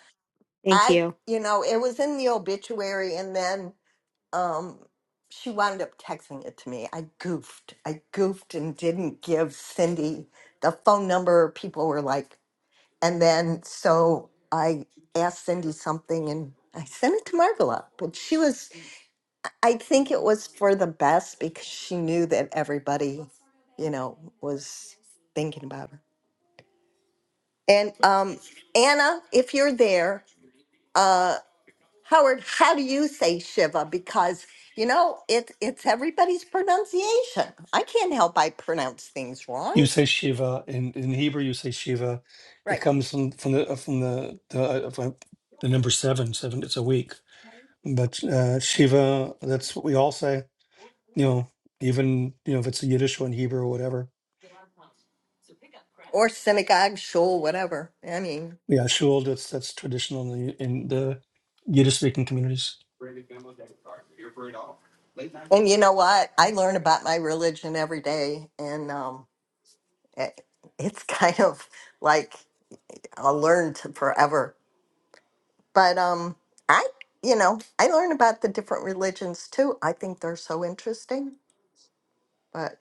S2: thank
S26: I,
S2: you.
S26: you know, it was in the obituary and then um she wound up texting it to me. I goofed. I goofed and didn't give Cindy the phone number. People were like, and then so I asked Cindy something and I sent it to Margola, but she was I think it was for the best because she knew that everybody, you know, was thinking about her. And um, Anna, if you're there, uh, Howard, how do you say Shiva? Because you know, it it's everybody's pronunciation. I can't help I pronounce things wrong,
S1: You say Shiva in, in Hebrew. You say Shiva. It
S26: right?
S1: comes from from the uh, from the the, uh, from the number seven. Seven. It's a week. But uh, Shiva. That's what we all say. you know, even you know if it's a Yiddish or in Hebrew or whatever.
S26: Or synagogue, shul, whatever. I mean,
S1: Yeah, shul. That's that's traditional in the, in the Yiddish speaking communities.
S26: and you know what? I learn about my religion every day, and um, it, it's [LAUGHS] kind of like. I'll learn to forever. But um, I, you know, I learn about the different religions too. I think they're so interesting. But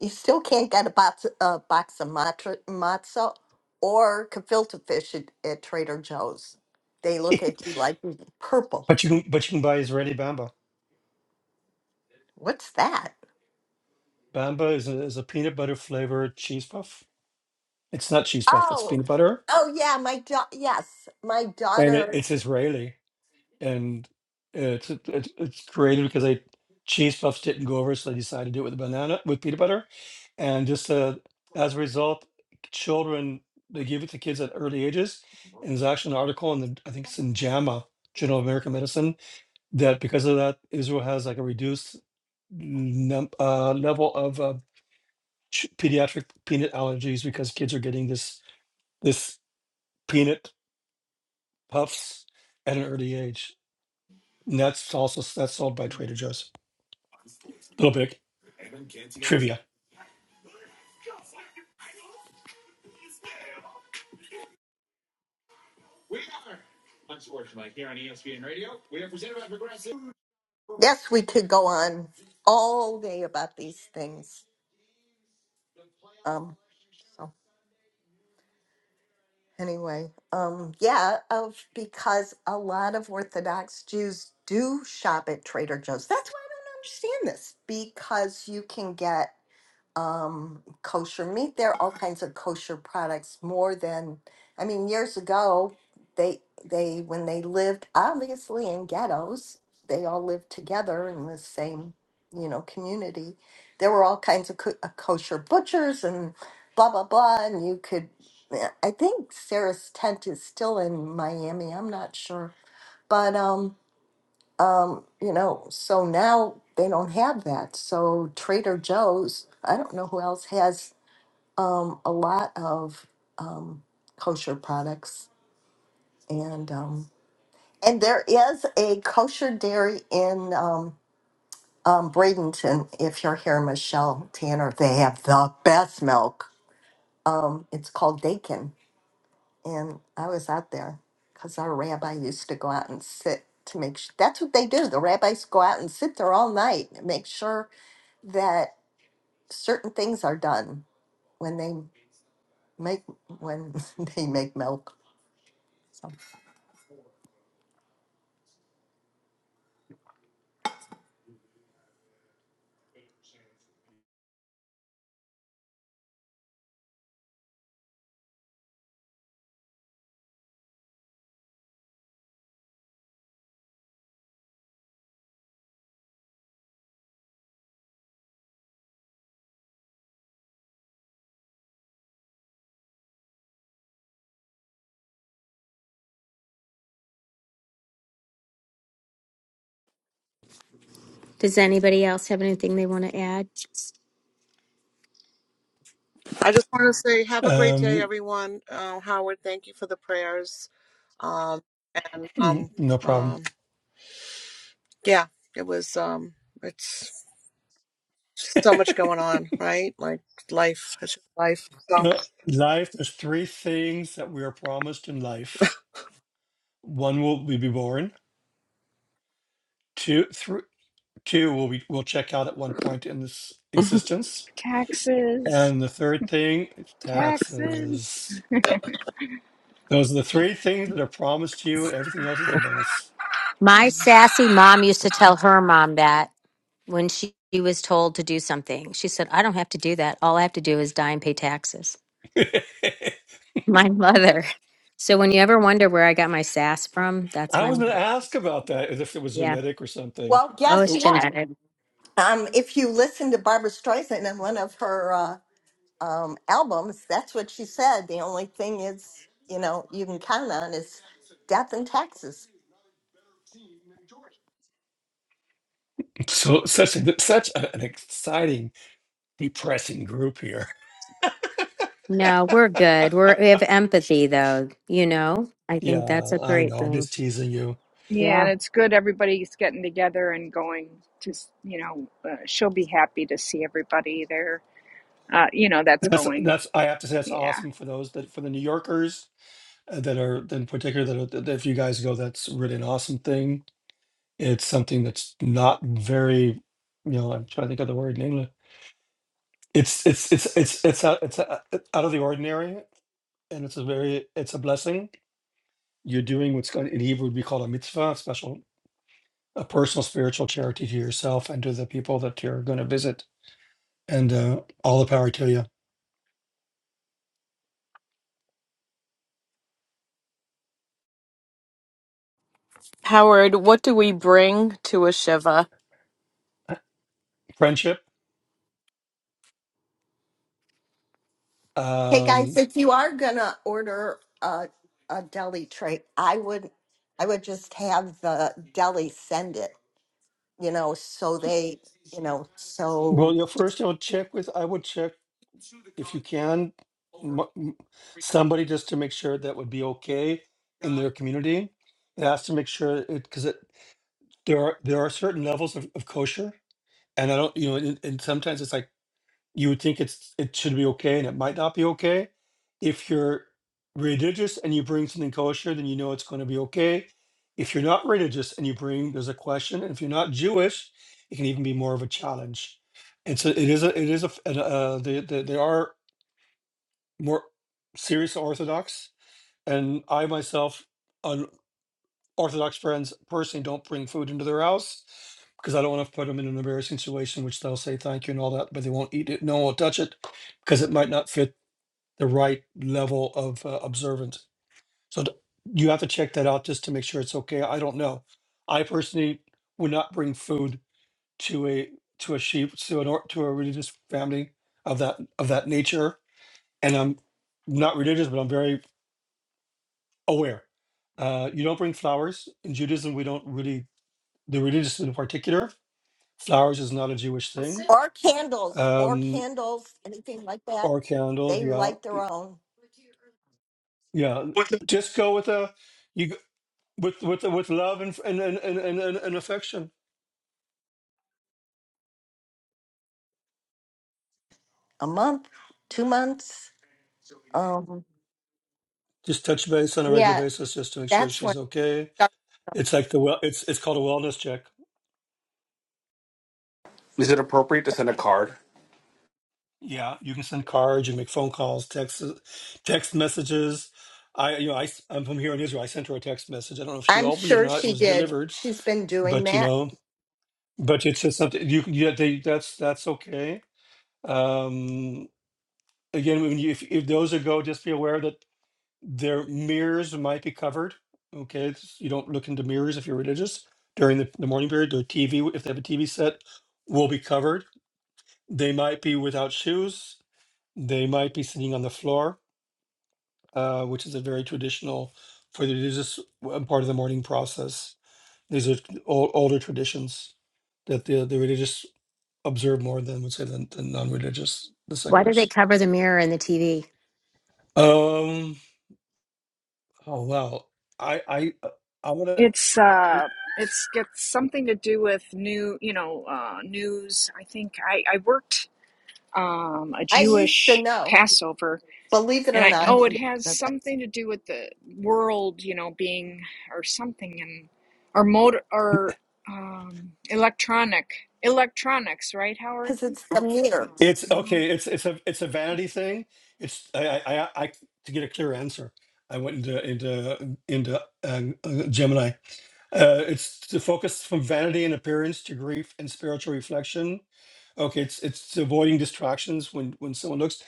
S26: you still can't get a box, a box of matzo, matzo or gefilte fish at, at Trader Joe's. They
S1: [LAUGHS]
S26: look at
S1: but
S26: you like "Mm, purple.
S1: you can but you can buy Israeli bamba.
S26: What's that?
S1: Bamba is a, is a peanut butter flavored cheese puff. It's not cheese puff. It's
S26: Oh,
S1: peanut butter,
S26: oh yeah, my daughter. yes, my
S1: and it,
S26: daughter.
S1: it's Israeli. and it's it's it's created because I cheese puffs didn't go over, so I decided to do it with a banana with peanut butter, and just uh, as a result, children they give it to kids at early ages, and there's actually an article in the I think it's in JAMA Journal of American Medicine that because of that Israel has like a reduced num- uh, level of uh, ch- pediatric peanut allergies because kids are getting this this peanut puffs at an early age. And that's also that's sold by Trader Joe's. little bit trivia.
S26: Yes, we could go on all day about these things. Um, so. Anyway, um, yeah, of because a lot of Orthodox Jews do shop at Trader Joe's. That's why I don't understand this because you can get um, kosher meat there, all kinds of kosher products. More than, I mean, years ago, they they when they lived obviously in ghettos, they all lived together in the same you know community. There were all kinds of co- uh, kosher butchers and blah blah blah, and you could. I think Sarah's tent is still in Miami. I'm not sure, but um, um, you know, so now they don't have that. So Trader Joe's, I don't know who else has um, a lot of um, kosher products, and um, and there is a kosher dairy in um, um, Bradenton. If you're here, Michelle Tanner, they have the best milk. Um, it's called Dakin And I was out there because our rabbi used to go out and sit to make sure. That's what they do. The rabbis go out and sit there all night and make sure that certain things are done when they make when [LAUGHS] they make milk. So.
S2: Does anybody else have anything they want to add?
S17: I just want to say, have a great day,
S1: Um,
S17: everyone. Uh, Howard, thank you for the prayers. Um, um,
S1: [CLEARS THROAT] no problem.
S17: um, yeah, it was, um, it's so
S1: [LAUGHS]
S17: much going on, right? Like life, it's just life. So
S1: Uh, life, there's three things that we are promised in life. One will we be born. Two, thr- two will we will check out at one point in this existence.
S22: Taxes,
S1: And the third thing is
S22: taxes.
S1: taxes. Those are the three things that are promised to you. Everything else is a bonus.
S2: My sassy mom used to tell her mom that when she was told to do something. She said, "I don't have to do that. All I have to do is die and pay taxes."
S1: [LAUGHS] I
S2: [LAUGHS] My mother. So when you ever wonder where I got my sass from, that's my
S1: was going to
S2: mom.
S1: ask about that as if it was
S2: Yeah.
S1: genetic or something.
S26: Well,
S2: Oh,
S26: guess
S2: it's
S1: Oh,
S26: what?
S2: genetic.
S26: Um, if you listen to Barbara Streisand in one of her uh, um, albums, that's what she said. The only thing is, you know, you can count on is death and taxes.
S1: So such a, such a- an exciting, depressing group here.
S2: No, we're good. We're, we have empathy, though. You know, I think that's
S1: Yeah,
S2: a
S1: I
S2: great
S1: know. I'm
S2: thing.
S1: just teasing you.
S22: Yeah,
S2: Yeah.
S22: and it's good everybody's getting together and going to, you know, uh, she'll be happy to see everybody there. Uh, you know, that's
S1: That's
S22: going.
S1: that's. I have to say that's
S22: Yeah.
S1: awesome for those that for the New Yorkers uh, that are in particular that, are, that if you guys go, that's really an awesome thing. It's something that's not very, you know. I'm trying to think of the word in English. It's it's it's it's it's out, it's out out of the ordinary, and it's a very it's a blessing. You're doing what's going in Hebrew would be called a mitzvah, a special, a personal spiritual charity to yourself and to the people that you're going to visit. And uh, all the power to you.
S8: Howard, what do we bring to?
S1: Friendship
S26: Hey guys,
S1: Um,
S26: if you are gonna order a a deli tray, I would I would just have the deli send it, you know, so they, you know,
S1: well,
S26: so
S1: you know, first, you know, check with, I would check if you can, m- m- somebody just to make sure that would be okay in their community. It has to make sure it, because it, there are, there are certain levels of, of kosher. And I don't, you know, and, and sometimes it's like, you would think it's it should be okay and it might not be okay. If you're religious and you bring something kosher, then you know it's going to be okay. If you're not religious and you bring, there's a question. And if you're not Jewish, it can even be more of a challenge. And so it is a it is a f- an, uh, the the there are more serious Orthodox, and I myself. Orthodox friends personally don't bring food into their house because I don't want to put them in an embarrassing situation, which they'll say thank you and all that, but they won't eat it. No one will touch it because it might not fit the right level of uh, observance. So d- you have to check that out just to make sure it's okay. I don't know. I personally would not bring food to a to a sheep to an or, to a religious family of that of that nature. And I'm not religious, but I'm very aware. Uh, you don't bring flowers in Judaism. We don't really the religious in particular. Flowers is not a Jewish thing.
S26: or candles or
S1: Um,
S26: candles, anything like that.
S1: or candles,
S26: They
S1: yeah,
S26: like their own.
S1: yeah. Just go with a you g- with with with love and and and and, and, and and affection.
S26: A month, two months. Um
S1: Just touch base on a regular
S26: yeah,
S1: basis, just to make sure
S26: that's when
S1: she's okay. It's like the well, it's it's called a wellness check.
S16: Is it appropriate to send a card?
S1: Yeah, you can send cards, you make phone calls, text text messages. I you know I am from here in Israel. I sent her a text message. I don't know if she
S26: I'm
S1: opened it or
S26: sure
S1: not. It
S26: she
S1: was
S26: did.
S1: delivered,
S26: She's been doing
S1: but you
S26: that.
S1: know, but it's just something you can. Yeah, they, that's that's okay Um, again, when you, if, if those are go, just be aware that their mirrors might be covered. Okay, it's- you don't look into mirrors if you're religious during the, the morning period. Their TV, if they have a TV set, will be covered. They might be without shoes. They might be sitting on the floor, uh, which is a very traditional for the religious w- part of the morning process. These are old, older traditions that the, the religious observe more than would say than, than non-religious, the
S2: Why do they
S1: seculars.
S2: cover the mirror in the TV?
S1: Um, Oh well, I I uh, I'm gonna.
S22: It's, uh, it's got something to do with new, you know, uh, news. I think I, I worked um, a
S26: I used to
S22: Jewish
S26: know,
S22: Passover.
S26: believe it
S22: And
S26: or
S22: I,
S26: not,
S22: oh, it has
S26: because
S22: something to do with the world, you know, being, or something, and, or motor, or um, electronic, electronics, right, Howard?
S26: it's the meters.
S1: It's
S22: No.
S1: okay. It's it's a it's a vanity thing. It's I I I, I to get a clear answer. I went into into into uh, uh, Gemini. Uh, it's to focus from vanity and appearance to grief and spiritual reflection. Okay, it's it's avoiding distractions when when someone looks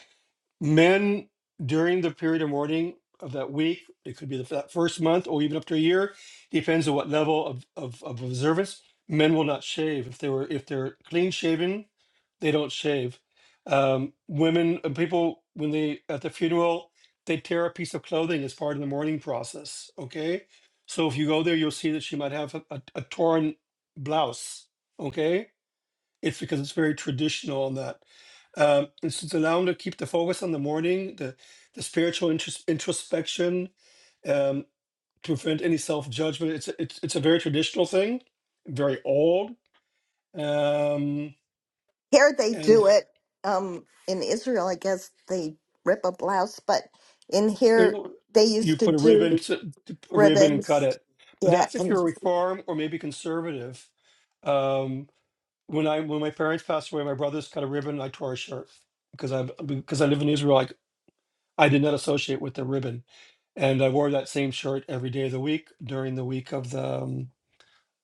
S1: men during the period of mourning of that week, it could be the, that first month or even up to a year, depends on what level of, of, of observance. Men will not shave if they were if they're clean shaven, they don't shave. Um, women and people when they at the funeral, they tear a piece of clothing as part of the mourning process. Okay, so if you go there, you'll see that she might have a, a, a torn blouse. Okay, it's because it's very traditional on that. Um, and so it's allowing to keep the focus on the morning, the the spiritual intros- introspection, um, to prevent any self judgment. It's a- it's it's a very traditional thing, very old. Um,
S26: Here they do
S1: and
S26: it. Um, in Israel, I guess they rip a blouse, but in here
S1: it'll-
S26: they
S1: you
S26: used to
S1: put a ribbon
S26: do
S1: to, to a ribbon and cut
S26: ribbons.
S1: it. But
S26: Yeah,
S1: that's if you're
S26: and
S1: a reform or maybe conservative. Um, when I when my parents passed away, my brothers cut a ribbon. and I tore a shirt because I because I live in Israel. I I did not associate with the ribbon, and I wore that same shirt every day of the week during the week of the um,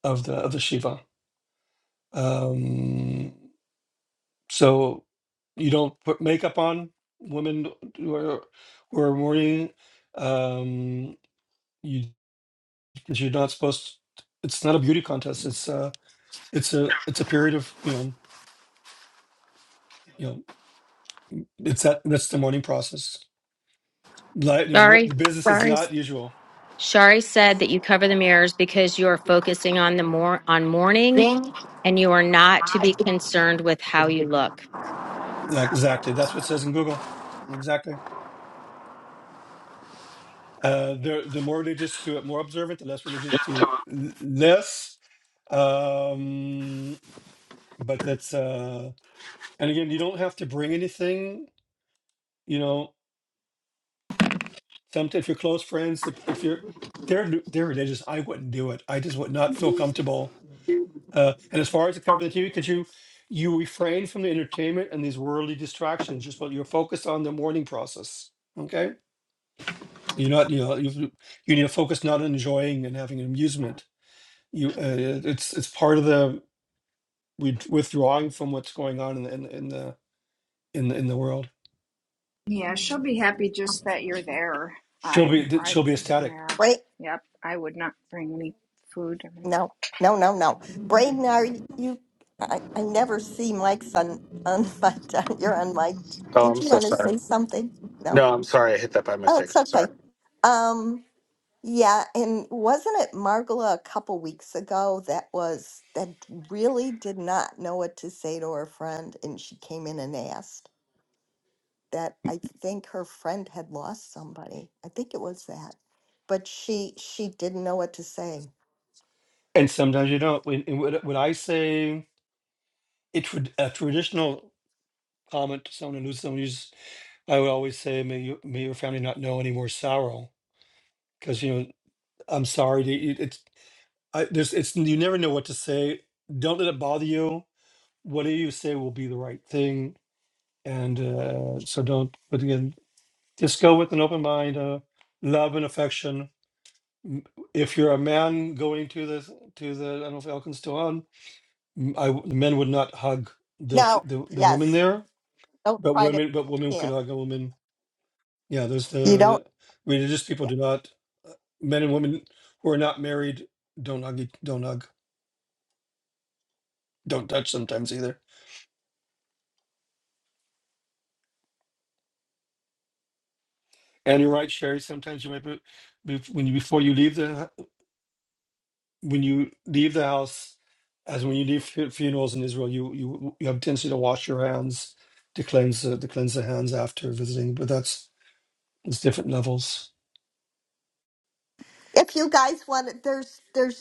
S1: of the of the Shiva. Um, so you don't put makeup on women who are who are mourning. Um, you 'cause you're not supposed. It's not a beauty contest. It's uh it's a it's a period of you know you know it's that that's the mourning process. Like you know more,
S2: Sorry,
S1: the business is
S2: sorry.
S1: not usual.
S2: Shari said that you cover the mirrors because you are focusing on the more on mourning,
S16: Ding,
S2: and you are not to be
S16: hot.
S2: concerned with how you look.
S1: Yeah, Exactly. That's what it says in Google. Exactly. Uh, the the more religious to it, more observant, the less religious to l- less. Um, but that's uh, and again, you don't have to bring anything. You know, sometimes if you're close friends, if, if you're they're lu- they're religious, I wouldn't do it. I just would not feel comfortable. Uh, and as far as the cover of the TV, because you you refrain from the entertainment and these worldly distractions, just what you're focused on the mourning process. Okay, you're not you know you you need to focus not on enjoying and having amusement you uh, it's it's part of the we withdrawing from what's going on in the in, the- in the in the in the world
S22: Yeah, she'll be happy just that you're there.
S1: she'll
S22: I,
S1: be th-
S22: I,
S1: she'll be ecstatic
S22: yeah,
S26: braid.
S22: yep, I would not bring any food. I mean,
S26: No, no, no, no. Braden, are you? I, I never see Mike's on on [LAUGHS] my. You're on my.
S16: Oh,
S26: Did
S16: I'm
S26: you
S16: so
S26: want to
S16: sorry.
S26: say something? No.
S16: No, I'm sorry. I hit that by
S26: Oh,
S16: mistake.
S26: it's
S16: I'm
S26: okay.
S16: Sorry.
S26: Um. Yeah, and wasn't it Margola a couple weeks ago that was that really did not know what to say to her friend and she came in and asked that I think her friend had lost somebody. I think it was that. But she she didn't know what to say.
S1: and sometimes you don't when and when, when i say a, trad- a traditional comment to someone who loses someone who's i would always say may, you, may your family not know any more sorrow because you know i'm sorry to, it, it's I, there's it's you never know what to say don't let it bother you whatever you say will be the right thing and uh, so don't but again just go with an open mind, uh, love and affection. M- If you're a man going to the to the, I don't know if Elkin's still on. m- I w- men would not hug the
S26: No,
S1: f- the, the women
S26: yes.
S1: there,
S26: Don't
S1: but
S26: try to
S1: women but women can
S26: yeah.
S1: hug a woman. Yeah, there's
S26: You don't
S1: the religious people
S26: yeah.
S1: do not. uh, Men and women who are not married don't hug. each- Don't hug. Don't touch sometimes either. And you're right, Sherry. Sometimes you might be, be when you before you leave the when you leave the house, as when you leave fu- funerals in Israel, you you you have tendency to wash your hands to cleanse the, to cleanse the hands after visiting. But that's it's different levels.
S26: If you guys want it, there's there's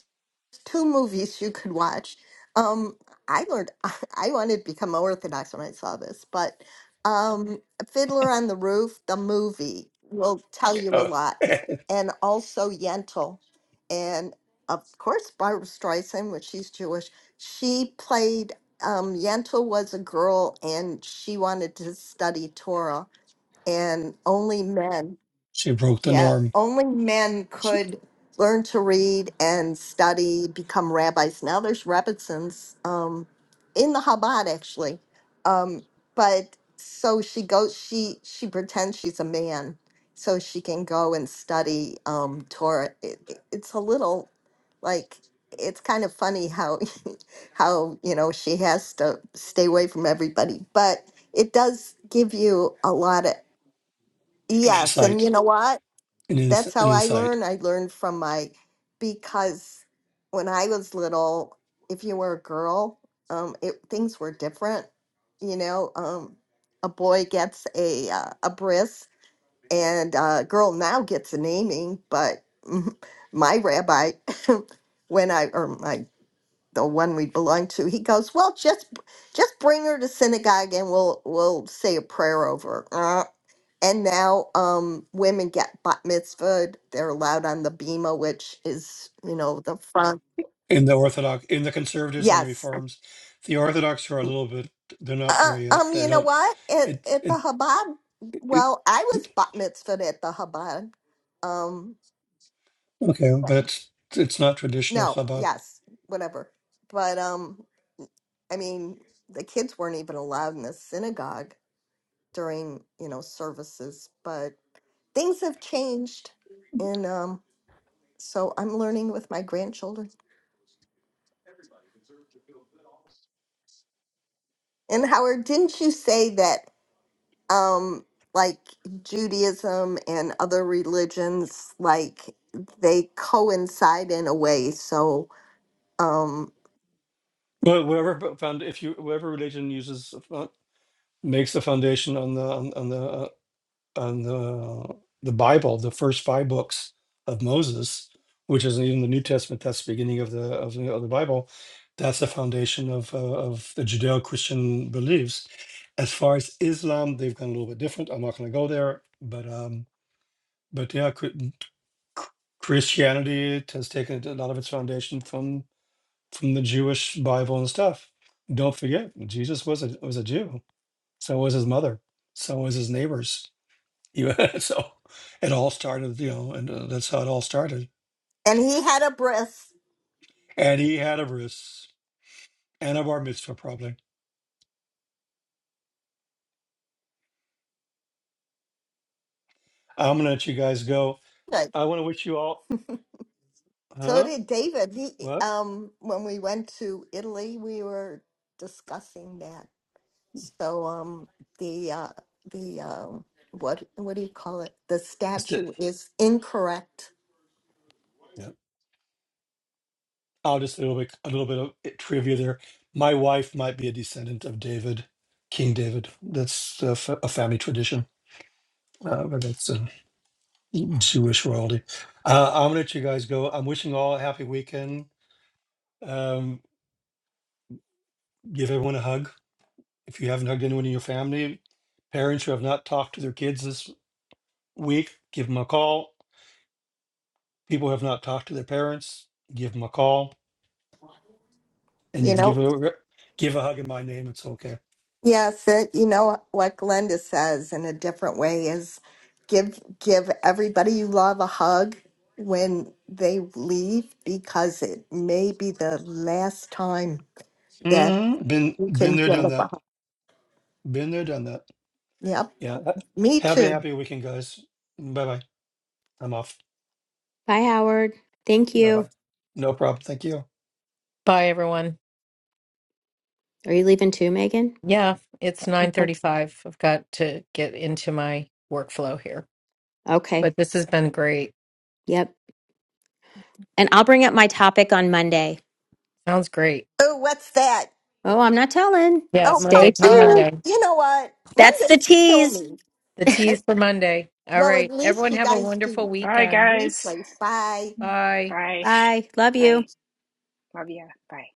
S26: two movies you could watch. Um, I learned [LAUGHS] I wanted to become Orthodox when I saw this, but um, Fiddler on the Roof, the movie, will tell you a
S1: Oh.
S26: lot,
S1: [LAUGHS]
S26: and also Yentl, and of course Barbara Streisand, which she's Jewish. She played um, Yentl was a girl, and she wanted to study Torah, and only men.
S1: she broke the
S26: Yeah,
S1: norm.
S26: only men
S1: She,
S26: could learn to read and study, become rabbis. Now there's Rebbitzins um, in the Chabad, actually. Um, but so she goes. She she pretends she's a man, so she can go and study um, Torah. It, it- it's a little like it's kind of funny how [LAUGHS] how you know she has to stay away from everybody, but it does give you a lot of
S1: an
S26: yes. And
S1: insight,
S26: you know what?
S1: an, ins,
S26: that's
S1: an
S26: how I
S1: insight
S26: learn. I learned from my because when I was little, if you were a girl, um, it things were different. You know, um, a boy gets a uh, a bris, and a girl now gets a naming. But [LAUGHS] my rabbi, [LAUGHS] when I or my the one we belong to, he goes, "Well, just just bring her to synagogue and we'll we'll say a prayer over." her." Uh, and now um, women get bat mitzvahed. They're allowed on the bima, which is you know the front.
S1: in the Orthodox, in the conservatives and the
S26: Yes.
S1: reforms. The Orthodox are a little bit. They're not
S26: Uh,
S1: there yet.
S26: um.
S1: They
S26: You know
S1: don't.
S26: what? At
S1: It
S26: at the
S1: it
S26: Chabad,
S1: it. it
S26: well, I was bat mitzvahed at the Chabad. Um.
S1: okay, but it's, it's not traditional
S26: No.
S1: Chabad.
S26: Yes. Whatever. But um. I mean, the kids weren't even allowed in the synagogue during you know services but things have changed and um so i'm learning with my grandchildren and howard didn't you say that um like judaism and other religions like they coincide in a way so um
S1: Well, whatever b- found if you whatever religion uses makes the foundation on the on, on the on the the Bible, the first five books of Moses, which isn't even the New Testament. That's the beginning of the of the, of the Bible. That's the foundation of uh, of the Judeo-Christian beliefs. As far as Islam, they've gone a little bit different. I'm not going to go there, but um, but yeah, cr- Christianity has taken a lot of its foundation from from the Jewish Bible and stuff. Don't forget, Jesus was a was a Jew so was his mother. So was his neighbors. [LAUGHS] You know, so it all started, you know, and uh, that's how it all started.
S26: and he had a breast
S1: And he had a bris and a bar mitzvah, probably. I'm gonna let you guys go.
S26: good
S1: I want to wish you all,
S26: so
S1: huh?
S26: did david he
S1: What?
S26: um when we went to italy we were discussing that So um the uh the um what what do you call it? The
S1: Just it.
S26: statute is incorrect.
S1: Yeah. I'll just a little bit, a little bit of i- trivia there. My wife might be a descendant of David, King David. That's a, fa- a family tradition. Uh, but that's a Jewish royalty. Uh, I'm gonna let you guys go. I'm wishing you all a happy weekend. Um, give everyone a hug. If you haven't hugged anyone in your family, parents who have not talked to their kids this week, give them a call. People who have not talked to their parents, give them a call, and you
S26: You
S1: can give
S26: know,
S1: a give a hug in my name. It's okay.
S26: yes, it, you know what Glenda says in a different way is give give everybody you love a hug when they leave because it may be the last time that
S1: Mhm. Been
S26: you can
S1: been there,
S26: give
S1: done
S26: them a
S1: that.
S26: hug.
S1: Been there, done that.
S26: Yep,
S1: Yeah.
S26: me
S1: Have a
S26: too.
S1: happy weekend, guys. Bye bye. I'm off.
S2: Bye, Howard. Thank
S1: Bye
S2: you.
S1: bye. No problem. Thank you.
S3: Bye everyone.
S2: Are you leaving too, Megan?
S3: Yeah, it's
S2: I hope
S3: 9:35. I've got to get into my workflow here.
S2: so. Okay.
S3: But this has been great.
S2: Yep. And I'll bring up my topic on Monday.
S3: Sounds great.
S26: Oh, what's that?
S2: Oh, I'm not telling.
S3: Yeah,
S26: Oh, come
S2: Stay
S3: Monday. Come
S26: on.
S2: tuned.
S3: Monday.
S26: You know what?
S2: That's the
S26: Mondays kill
S2: tease.
S26: me.
S3: The tease for Monday. All
S26: Well, at
S3: right.
S26: least
S3: Everyone
S26: you
S3: have a
S26: guys do
S3: wonderful
S22: bye,
S3: weekend.
S22: guys.
S26: replays. Bye.
S3: Bye.
S22: Bye.
S2: Bye. Love you.
S22: Bye. Love ya. Bye.